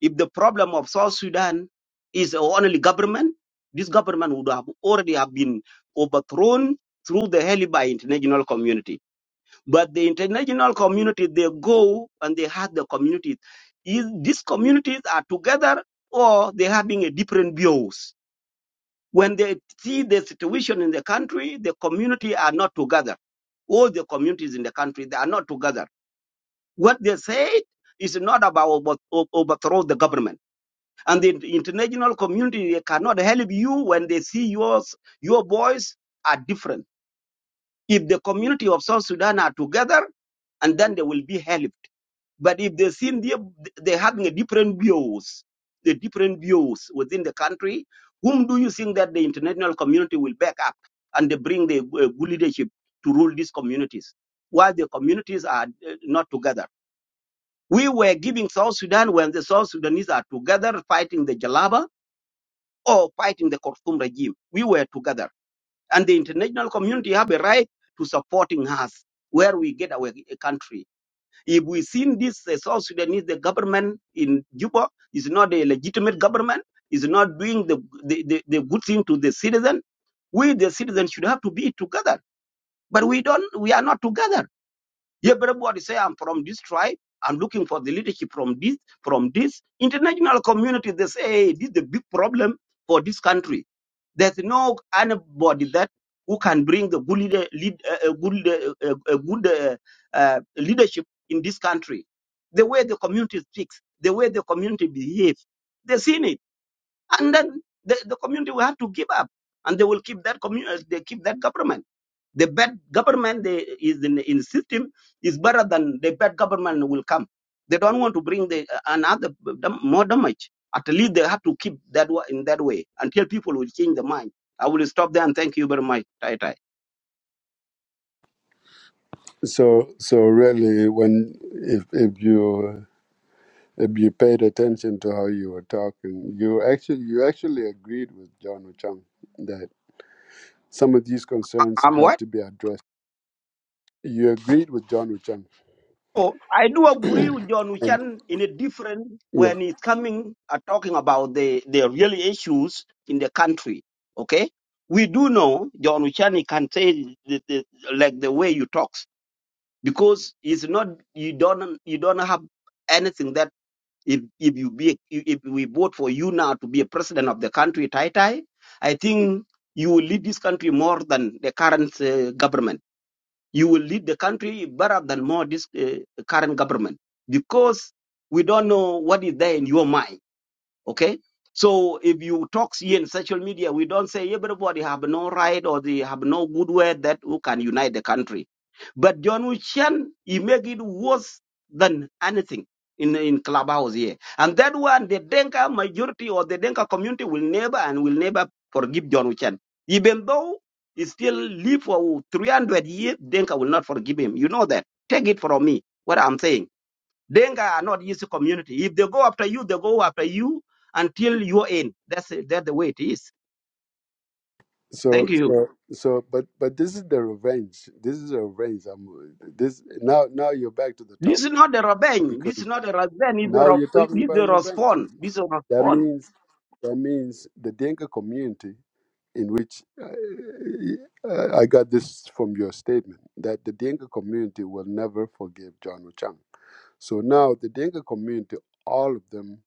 if the problem of South Sudan is only government, this government would have already have been overthrown through the hell by international community. But the international community, they go and they have the communities. Is these communities are together or they're having a different views. When they see the situation in the country, the community are not together. All the communities in the country, they are not together what they said is not about over- over- overthrow the government. And the international community cannot help you when they see yours, your voice are different. If the community of South Sudan are together, and then they will be helped. But if they see they, they having a different views, the different views within the country, whom do you think that the international community will back up and they bring the uh, good leadership to rule these communities? While the communities are uh, not together we were giving South Sudan when the South Sudanese are together fighting the Jalaba or fighting the Khartoum regime. We were together. And the international community have a right to supporting us where we get our country. If we seen this uh, South Sudanese, the government in Juba is not a legitimate government, is not doing the, the, the, the good thing to the citizen, we the citizens should have to be together. But we don't, we are not together yeah, everybody say I'm from this tribe. I'm looking for the leadership from this from this international community. They say hey, this is the big problem for this country. There's no anybody that who can bring the good leader, lead, uh, uh, good uh, uh, uh, good uh, uh, leadership in this country. The way the community speaks, the way the community behaves, they've seen it, and then the, the community will have to give up, and they will keep that community, they keep that government. The bad government they, is in, in system is better than the bad government will come. They don't want to bring the another dam- more damage. At least they have to keep that wa- in that way until people will change their mind. I will stop there and thank you very much. Tai Tai. So so really, when if if you if you paid attention to how you were talking, you actually you actually agreed with John Wuchang that some of these concerns I'm have what? to be addressed. You agreed with John Wuchang, Oh, I do agree with John and Uchan in a different yeah. when it's coming uh, talking about the, the real issues in the country. Okay, we do know John Uchan he can say the, the, like the way you talk. because it's not you don't you don't have anything that if if you be if we vote for you now to be a president of the country tai tai i think you will lead this country more than the current uh, government you will lead the country better than more this uh, current government because we don't know what is there in your mind okay so if you talk here in social media we don't say everybody have no right or they have no good word that who can unite the country but John Wu Chen, he make it worse than anything in in clubhouse here. And that one, the Denka majority or the Denka community will never and will never forgive John Wu Chen, even though he still live for 300 years. Denka will not forgive him. You know that. Take it from me. What I'm saying. Denka are not used to community. If they go after you, they go after you until you're in. That's it. That's the way it is. So Thank you. so so, but but this is the revenge. This is a revenge. I'm, this now now you're back to the This is topic not a revenge. because This is not a revenge. It's is a, now you're re- talking this is about a revenge. response. This is a That response. means that means the Dinka community in which uh, I got this from your statement that the Dinka community will never forgive John Wuchang. So now the Dinka community, all of them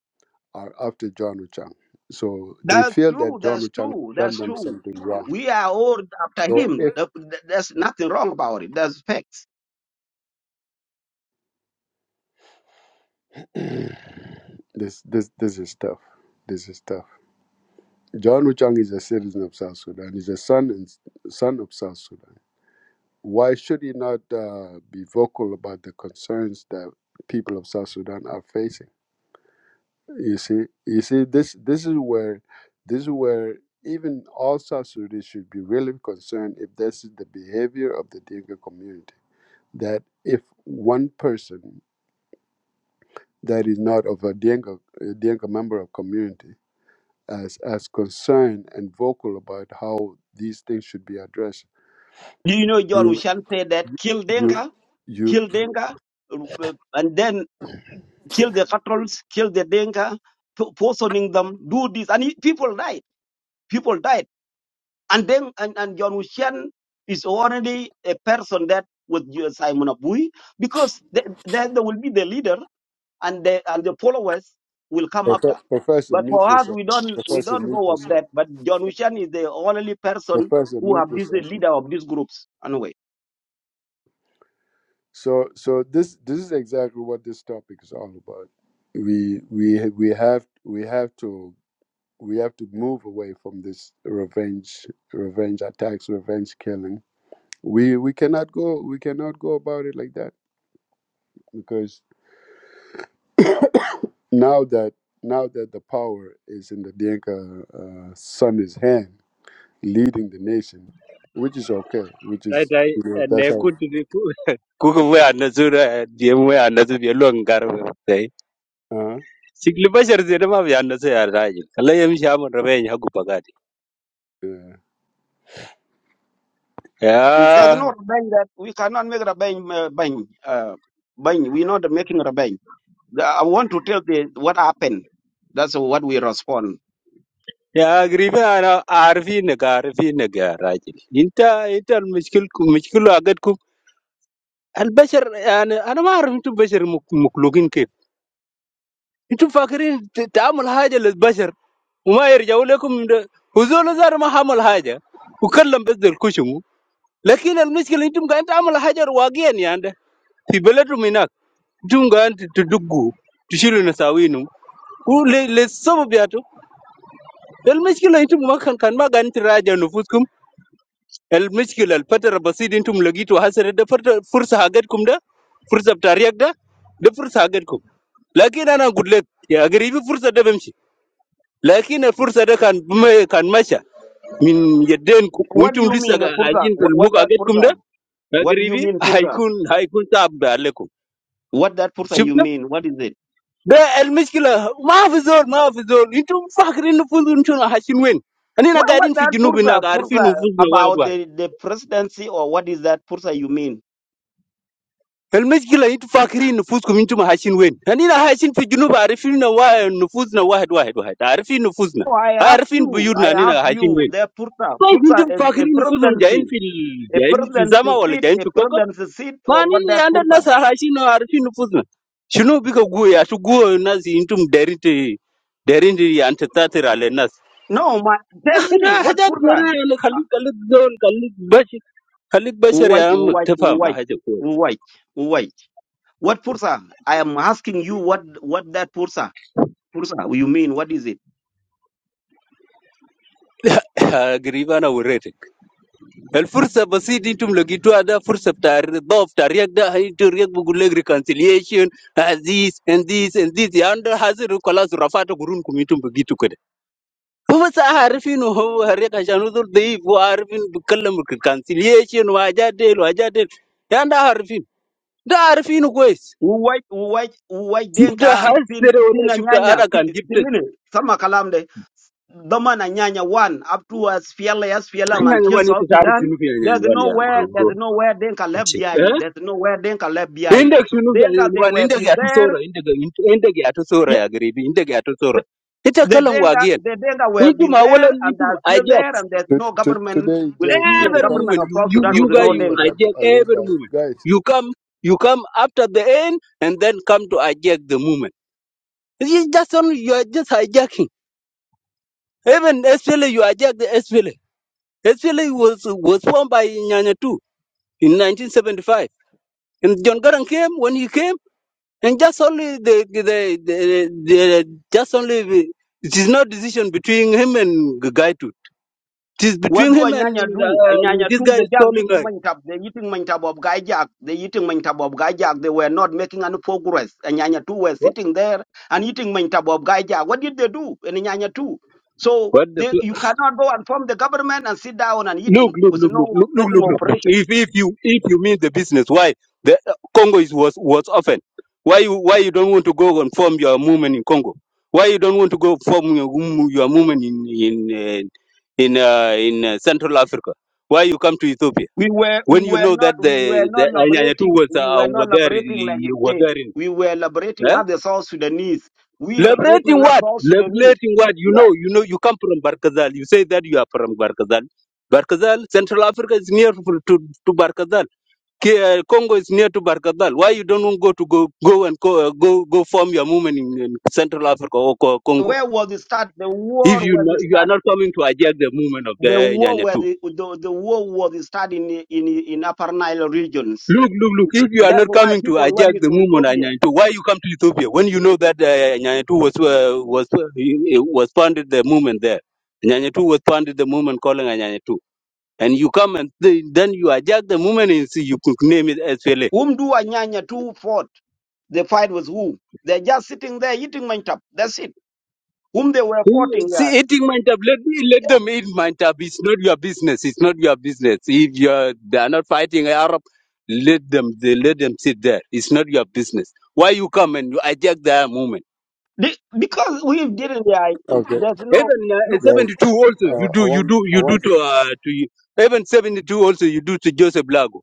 are after John Wuchang. So they That's feel that true. John That's Wuchang true. done That's them true. something wrong. We are all after So him. if Th- th- There's nothing wrong about it. That's facts. this this this is tough. This is tough. John Wuchang is a citizen of South Sudan. He's a son and son of South Sudan. Why should he not uh, be vocal about the concerns that people of South Sudan are facing? You see, you see, this this is where this is where even all South Sudanese should be really concerned if this is the behavior of the Dinka community. That if one person that is not of a Dinka, a Dinka member of community as as concerned and vocal about how these things should be addressed, Do you know John you Ushan said that kill you Denga, you kill Denga, uh, and then kill the cattle, kill the Denga, po- poisoning them, do this. And he, people died. People died. And then, and, and John Ushan is already a person that was Simon Abui because th- then there will be the leader and the and the followers will come after. Prof- professor, But for mute us, yourself. we don't we Professor, don't mute go of yourself. that. But John Wishan is the only person Professor, who mute have this the yourself. leader of these groups anyway. So so this this is exactly what this topic is all about. We we we have we have to we have to move away from this revenge revenge attacks, revenge killing. We we cannot go we cannot go about it like that because now that now that the power is in the Dinka uh, son his hand, leading the nation, which is okay, which is Taitai you know that's ene how. kutit [LAUGHS] kuku we anasu diemu we anasu bielu angar we tai Uh-huh, sikli bashar zene ma bi anasu ya rajil kala yem shamu rabe nya hagu pagati yeah. There's ya no rebellion that we cannot make rebellion. Uh, bang, uh, bang. We're not making rebellion. The- I want to tell the what happened. That's what we respond. ya gribe ana arfi ne ka arfi ne ga rajil inta inta al mishkil ku mishkilu agad kum al bashar yani ana ma arfi tu bashar muklukin kif intum fakirin تعمل حاجه للبشر وما يرجعوا لكم هزول زار ما حمل حاجه وكلم بس الكشم Laki dalam meski loh itu kan entah amalah hajar wajian ya anda, fibel itu minak, itu kan terdugu, tu silu nasaui nung, u le sob biatu. Dalam meski loh itu makan kan makan macan itu rajanya nuftum, dalam meski loh alpert rabasi di itu logitu hasil. Dapat perta fursa aget kumda, fursa tarikda, dapat fursa aget kum. Laki nana goodlek, ageri fursa dapat meski. Laki nafursa dapat kan bukan kan macia, min yeden kum, u What itu do you mean, berisaga Purta? ajin tu What, what muka that aget kumda, Purta? What do you ageri mean, fursa Purta? aikun aikun tabbe alekum. What that Purta شفت you mean? What is it? ده المشكله ما في زول ما في زول انتم فاكرين نفوذ انتم حاشين وين خلينا What what قاعدين في that جنوب pursa هناك عارفين pursa نفوذنا وايد about وايد the, the presidency or what is that pursa you mean? المشكله انتم فاكرين نفوذكم انتم حاشين وين خلينا حاشين في جنوب عارفين وا- نفوذنا واحد واحد واحد عارفين نفوذنا Oh, I ask عارفين you, I بيوتنا ask هنا حاشين you, وين the pursa طيب pursa انتم a, a فاكرين نفوذهم جايين presidency, في ال... a جايين في presidency السماء ولا seat, جايين a في كوكب presidency seat ما or what نين- that عندنا pursa? الناس حاشين عارفين نفوذنا شنو بيك قوي عشان قوي الناس انتم دايرين ت- دايرين يعني تتاثر على الناس No, ma, tell me ده what حاجات pursa? جرى يعني Uh, خليك خليك زول خليك بشر خليك بشر يا Wait, عم wait, تفهم wait, حاجه كويس wait, wait. What pursa? I am asking you what what that pursa pursa you mean? What is it? [LAUGHS] قريب انا وريتك الفرصه بسيط انتم لقيتوها ده فرصه بتاع الرضا بتاع الرياض ده انت الرياض بقول لك ريكونسيليشن ذيس اند ذيس اند ذيس يا عم ده حاصل خلاص رفعت قرونكم انتم بقيتوا كده هو بس عارف انه هو الرياض عشان هو زول ضعيف وعارف انه بيتكلم ريكونسيليشن وحاجات ديل وحاجات ديل يا عم ده عارفين ده عارفينه كويس uwai uwai uwai شفت denka pin حسر ولا pina شفت nyanya انا كان pi- جبت pingine sama kalamde dama na nyanya one up to as fiela as fiela man tia anyanyuka South nitikaari Sudan pfinuki there's yanyanyuka nowhere yaruvaruro there's nowhere denka left behind there's nowhere denka left behind indege pfinuki denka they yanyanyuka were indege been there yatisora indege indege yatisora yeah yagiribi indege yatisora the, the itakalan denka wagien the denka were been intuma there awalan and intuma they're still ajak there and there's To, no to, government today, will Jan, you be a every become government moment of you South you you Sudan you with guys no you becoming like denka a, ajak a every labor moment guys. you come you come after the end and then come to hijack the moment It's just only you are just hijacking even SPLA you hijack the SPLA SPLA was was formed by Nyanya too in 1975 And John Garang came when he came, and just only the the, the, the the just only the, it is no decision between him and guy too. It is What between do a him and nyanya do? A uh, nyanya this too, guy they is just calling eating like mantab, they eating mantab of gajak, they eating mantab of gajak, they were not making any progress. A nyanya too were what? sitting there and eating mantab of gajak. What did they do in a nyanya too? So What the they, f- you cannot go and form the government and sit down and look eating look with look no look look look making look look look. operation. If if you if you mean the business, why the uh, Congo is was was often. Why you why you don't want to go and form your movement in Congo? Why you don't want to go form your, mm, your movement in in uh, in uh, in uh, Central Africa? Why you come to Ethiopia? We were we when you were know not that the we were the not Anyanya two liberating was we uh, were were not there liberating like a in- were state. there in We were liberating huh? other South Sudanese. We liberating liberating other what South Sudanese. liberating what you Yeah. know you know you come from Barkazal you say that you are from Barkazal Barkazal Central Africa is near to to to Barkazal K- uh, Congo is near to Barkazal why you don't want go to go go and co- uh, go go form your movement in, in Central Africa or Co- Congo where was it start? The if war you was know, it you are start? not coming to hijack the movement of the The war Anyanya where the, the, the war was start in, in in Upper Nile regions. Look, look, look. If you are That's not why coming to people went hijack the to movement on Ethiopia. Nyantu, why you come to Ethiopia when you know that uh, Nyantu was uh, was uh, was founded the movement there? Nyantu was founded the movement calling Nyantu, and you come and th- then you hijack the movement and see you could name it SPLA. Whom do Anyanya two fought? The fight was who? They're just sitting there eating mantap. That's it. Whom they were fighting there. See, eating my tab. Let let Yeah. them eat my tab. It's not your business. It's not your business. If you are they are not fighting Arab, let them they let them sit there. It's not your business. Why you come and you hijack the movement? Be- because we didn't yeah, it- Okay, there's no Even uh, look guys. 72 also, Uh, you I do, you want do, I you do want to, uh, to you. Even 72 also, you do to Joseph Lago.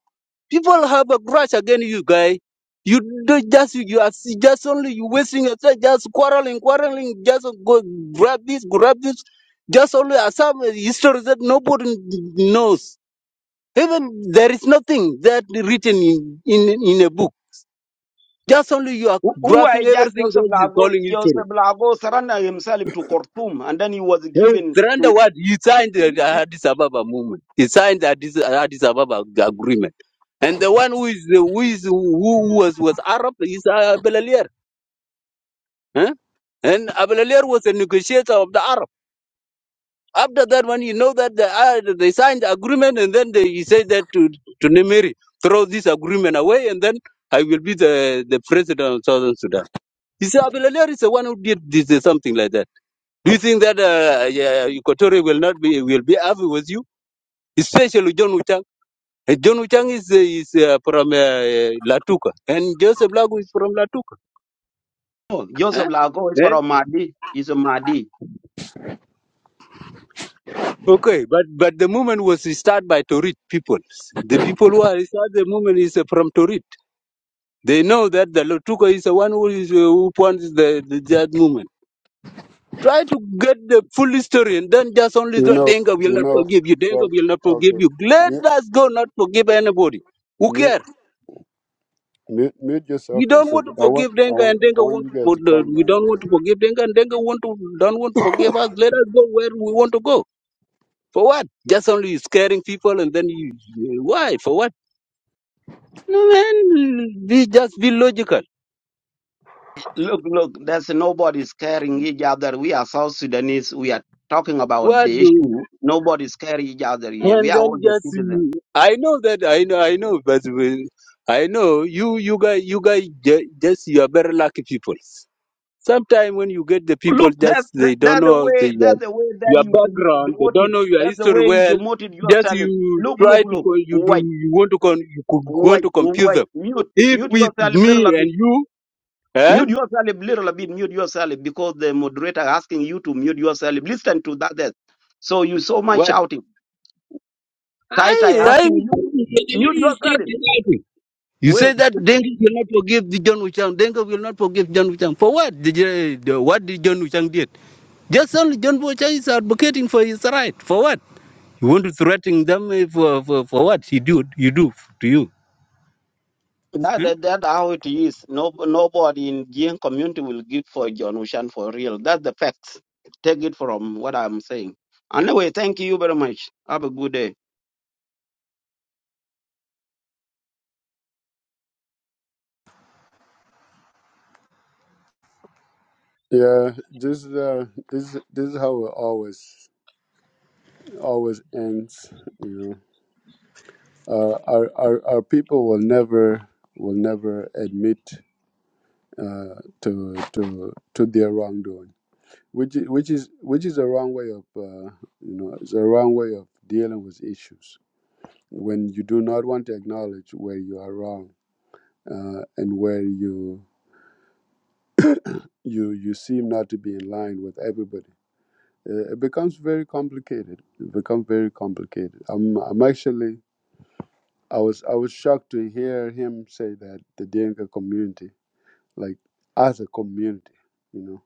People have a grudge against you, guy. You do just, you are see- just only you wasting your time just quarreling, quarreling, just go grab this, grab this. Just only are some history that nobody knows. Even there is nothing that written in, in, in a book. Just only you are who who graphing hijacked everything Joseph that is Lago calling history. Joseph Lago surrendered himself to Khartoum and then he was given Surrender to what? You signed the Addis Ababa movement. You signed the Addis, Addis Ababa agreement. And the one who is who is who was was Arab is uh, Abelalier. Huh? And Abelalier was a negotiator of the Arab. After that, when you know that the, uh, they signed the agreement, and then they, he said that to to Nemiri, throw this agreement away, and then I will be the, the president of Southern Sudan. He said Abelalier is the one who did this, something like that. Do you think that uh, yeah, Equatorial will not be will be happy with you? especially John Uchang. Uh, John Uchang is, uh, is uh, from uh, Latuka, and Joseph Lago is from Latuka. Oh, Eh? Joseph Lago is Then, from Madi. He's a Madi. okay, but but the movement was started by Torit people. The people who are started the movement is uh, from Torit. They know that the Latuka is the one who is uh, who points the, the that movement. Try to get the full history and then just only you the know Denga will you not know forgive you. Denga guys. will not forgive Okay, you. Let mute us go not forgive anybody. Who cares? mute mute mute yourself You for a don't want second. to I want forgive I Denga, want and I Denga want want you to. guys for- to calm down We a don't little want to bit. forgive Denga, and Denga want to don't want to forgive us. Let us go where we want to go. For what? Just only scaring people, and then you why? For what? No man, be just be logical. Look, look, there's nobody's scaring each other. We are South Sudanese. We are talking about What the do? issue. Nobody's scaring each other here. We And are all then the just you- citizens. I know that I know I know, but we- I know you you guys you guys ju- just you are very lucky people. Sometimes when you get the people Look, that's just that, they don't that's the know the, way. your That's the way that your you dem- background, they don't demoted. know your That's the history way you well. demoted Just yourself. you Look, try look, to look. co- you do White, you want to con, you co- want white, to confuse white. them. Mute, If mute with yourself me little and bit. you, eh? Mute yourself little bit. Mute yourself because the moderator asking you to mute yourself. Listen to that. that. So you so much What? shouting. Tai Tai I I asking you, the mute start yourself. fighting. You say Wait, that Dengue will not forgive the John Wichang. Dengue will not forgive John Wichang. For what? Did you, the, what did John Wichang did? Just only John Wichang is advocating for his right. For what? You want to threaten them eh, for, for, for what he do, you do to you. that, huh? that, that how it is. No, nobody in Jian community will give for John Ushan for real. That's the facts. Take it from what I'm saying. Anyway, thank you very much. Have a good day. Yeah, this is, uh this is- this is how it always always ends. You know, uh, our our our people will never will never admit uh, to to to their wrongdoing which is, which is which is a wrong way of uh, you know it's a wrong way of dealing with issues when you do not want to acknowledge where you are wrong uh, and where you you you seem not to be in line with everybody uh, it becomes very complicated it becomes very complicated i'm i'm actually i was i was shocked to hear him say that the dinka community like as a community you know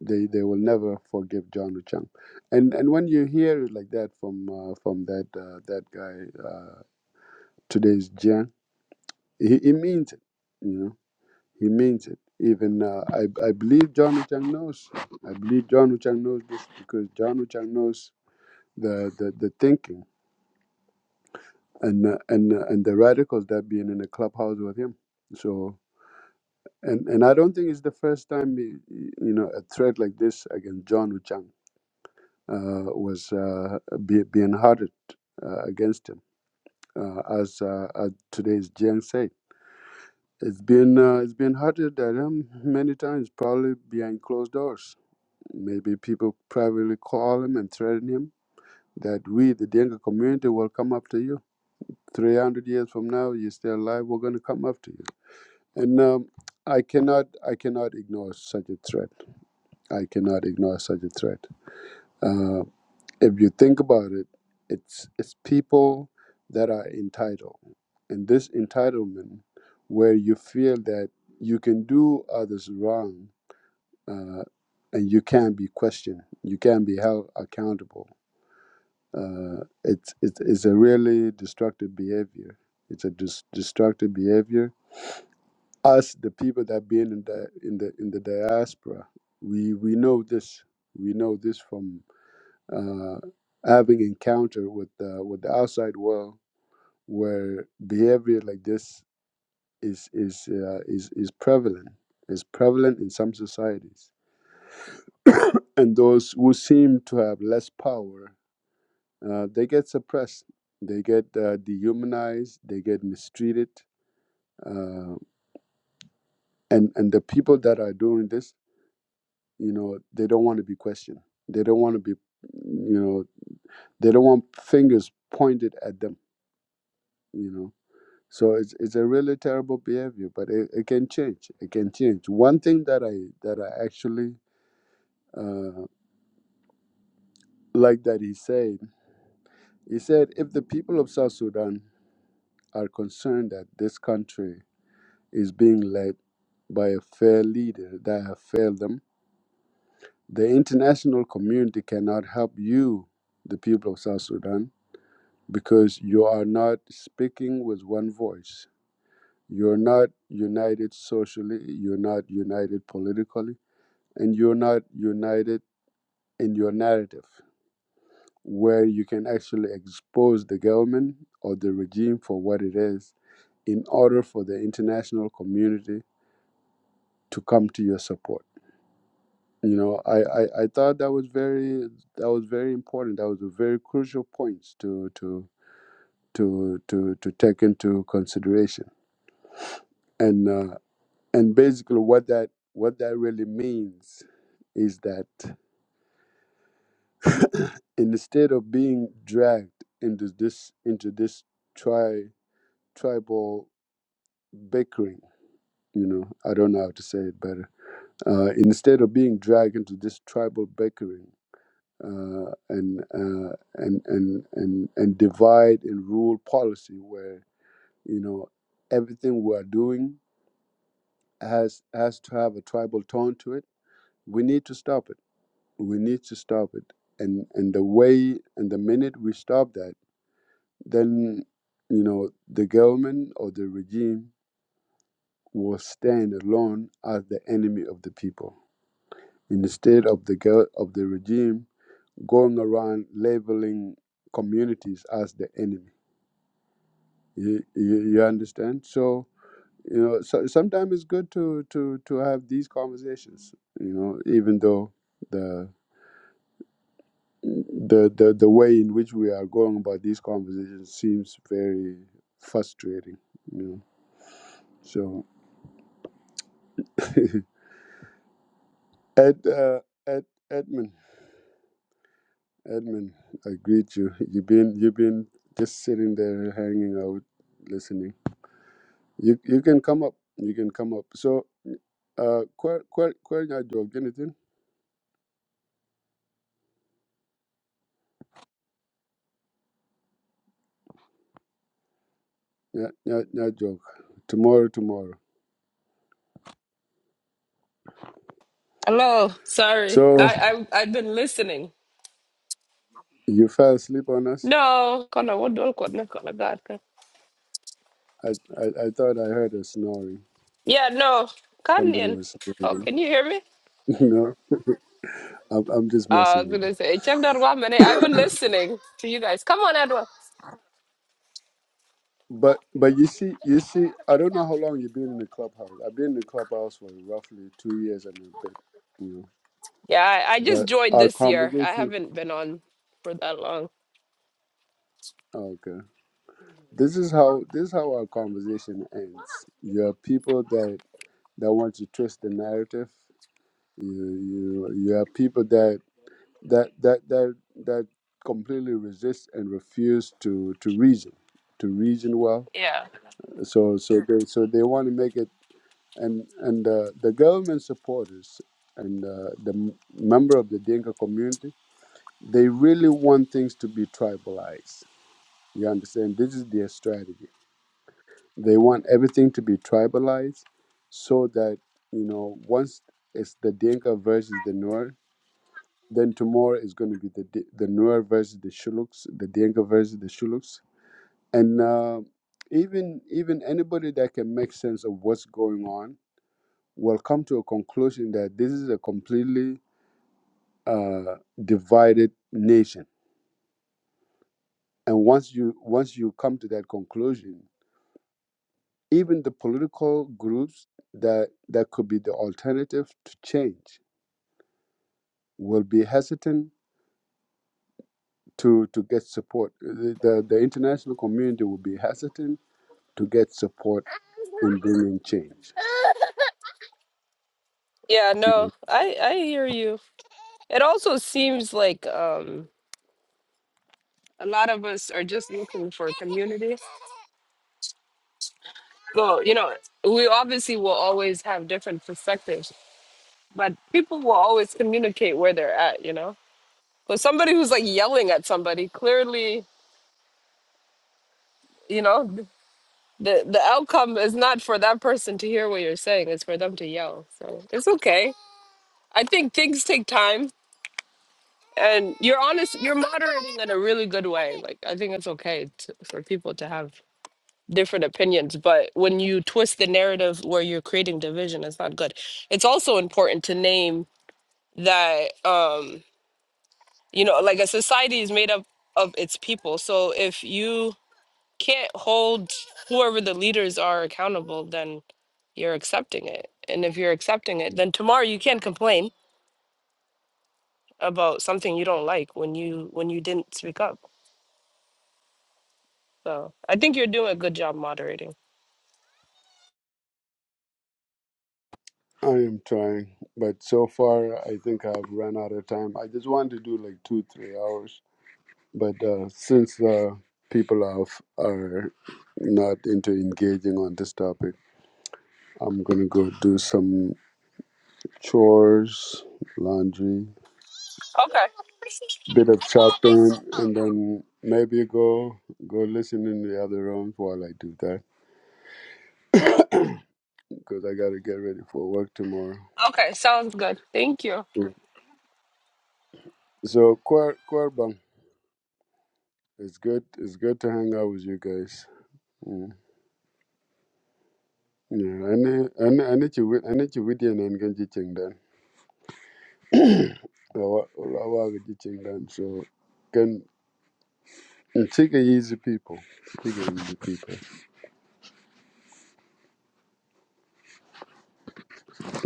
They they will never forgive John Chang. And and when you hear it like that from uh, from that uh, that guy uh, today's Jiang, he, he means it. You know, he means it. Even uh, I I believe John Chang knows. I believe John Chang knows this because John Chang knows the the, the thinking and uh, and uh, and the radicals that being in the clubhouse with him. So. And, and I don't think it's the first time, he- he- you know, a threat like this against John Chang uh, was uh, be, being hardened uh, against him. Uh, as, uh, as today's Jiang said, it's been uh, it's been hardened at him many times, probably behind closed doors. Maybe people privately call him and threaten him that we, the Denga community, will come after you. 300 years from now, you're still alive, we're going to come after you. And um, I cannot I cannot ignore such a threat. I cannot ignore such a threat. Uh, if you think about it, it's it's people that are entitled, and this entitlement, where you feel that you can do others wrong, uh, and you can't be questioned, you can't be held accountable. Uh, it's it's it's a really destructive behavior. It's a dis- destructive behavior. Us, the people that being in the in the in the diaspora, we we know this. We know this from uh, having encounter with uh, with the outside world where behavior like this is is uh, is is prevalent is prevalent in some societies and those who seem to have less power uh, they get suppressed they get uh, dehumanized they get mistreated uh, and and the people that are doing this you know they don't want to be questioned they don't want to be you know they don't want fingers pointed at them you know So it's it's a really terrible behavior, but it, it can change. It can change. One thing that I that I actually uh, like that he said, he said if the people of South Sudan are concerned that this country is being led by a fair leader that have failed them, the international community cannot help you, the people of South Sudan, because you are not speaking with one voice. You're not united socially. You're not united politically and you're not united in your narrative, where you can actually expose the government or the regime for what it is in order for the international community to come to your support. You know, I, I, I thought that was very that was very important. That was a very crucial point to to to to to take into consideration. And uh, and basically what that what that really means is that Instead of being dragged into this into this tri tribal bickering, you know, I don't know how to say it better. Uh, instead of being dragged into this tribal bickering uh, and, uh, and and and and divide and rule policy, where you know everything we are doing has has to have a tribal tone to it, we need to stop it. We need to stop it. And and the way and the minute we stop that then you know the government or the regime will stand alone as the enemy of the people instead of the go of the regime going around labeling communities as the enemy you, you, you understand so you know so, sometimes it's good to to to have these conversations you know even though the the, the the way in which we are going about these conversations seems very frustrating you know so [LAUGHS] Ed, uh, Ed, Edmund, Edmund, I greet you. You've been, you've been just sitting there, hanging out, listening. You, you can come up. You can come up. So, uh, quite, quite, quite not joke. Anything? Yeah, yeah, yeah, joke. Tomorrow, tomorrow. Hello. Sorry, So I I I've been listening. you fell asleep on us. No, kana wodol ko na kana gatka. I, I, I thought I heard a snoring. Yeah, no, Somebody Kanyan. was Oh, snoring. can you hear me? [LAUGHS] no, I'm, I'm just Uh, messing I was with you. gonna say, check that one minute. I've been listening to you guys. Come on, Edward. But but you see you see I don't know how long you've been in the clubhouse. I've been in the clubhouse for roughly two years and a bit, you know. Yeah, I, I just But joined our this year. I conversation haven't been on for that long. oh, okay. This is how this is how our conversation ends. You have people that that want to twist the narrative. You you you have people that that that that that completely resist and refuse to to reason to reason well. Yeah. So so they so they want to make it and and uh, the government supporters and uh, the m- member of the Dinka community, they really want things to be tribalized. You understand? This is their strategy. They want everything to be tribalized, so that you know once it's the Dinka versus the Nuer, then tomorrow is going to be the Di- the Nuer versus the Shuluks, the Dinka versus the Shuluks, and uh, even even anybody that can make sense of what's going on will come to a conclusion that this is a completely uh, divided nation. And once you once you come to that conclusion, even the political groups that that could be the alternative to change will be hesitant to to get support. The the, the international community will be hesitant to get support in bringing change. Yeah, Mhm. no, I I hear you. It also seems like um a lot of us are just looking for community. Well, you know, we obviously will always have different perspectives, but people will always communicate where they're at, you know. But somebody who's like yelling at somebody, clearly, you know, th- the the outcome is not for that person to hear what you're saying, it's for them to yell. So, it's okay. I think things take time and you're honest you're moderating in a really good way like i think it's okay to, for people to have different opinions but when you twist the narrative where you're creating division it's not good it's also important to name that um you know like a society is made up of its people so if you can't hold whoever the leaders are accountable then you're accepting it and if you're accepting it then tomorrow you can't complain about something you don't like when you when you didn't speak up So I think you're doing a good job moderating. I am trying, but so far I think I've run out of time. I just want to do like two three hours But uh, since uh, people are, f- are not into engaging on this topic, I'm going to go do some chores, laundry, Okay. bit of shopping, and then maybe go go listen in the other rooms while I do that because I got to get ready for work tomorrow. Okay. Sounds good. Thank you. Mm. So, Kwar- Kwarbang, it's good. It's good to hang out with you guys. Mm. Yeah, I need, I need, I need you with, I need you with you and I'm going to ching Ulawa- ulawaga jichingani. So can take easy people. Take easy people.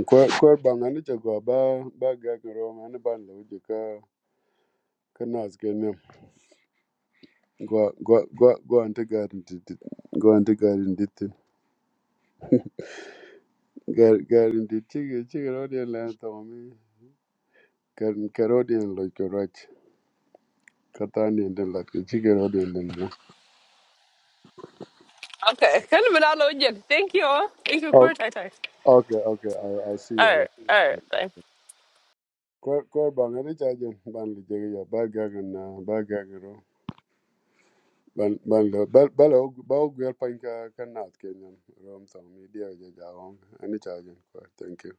Kwa kwa banga ni chagua ba ba gaga roma ni ban lo jika kanas kenyam. Gwa gwa gwa gwa ante garin dit gwa ante garin dit gar garin dit chige chige rodian la tamami karin karodian lo korach katani ende lat chige rodian la. Okay. [LAUGHS] Kan du med Thank you. Thank you. Kort. Okay Tack, tack. okay okay I'll, I'll see you All right. around. All right. Bye. kor kor bang ani chajen ban li jege ya ba gagan na ba gagan ro ban ban lo ba ba lo ba o gwel pan ka kan nat ken rom tong mi dia ja on ani chajen ko thank you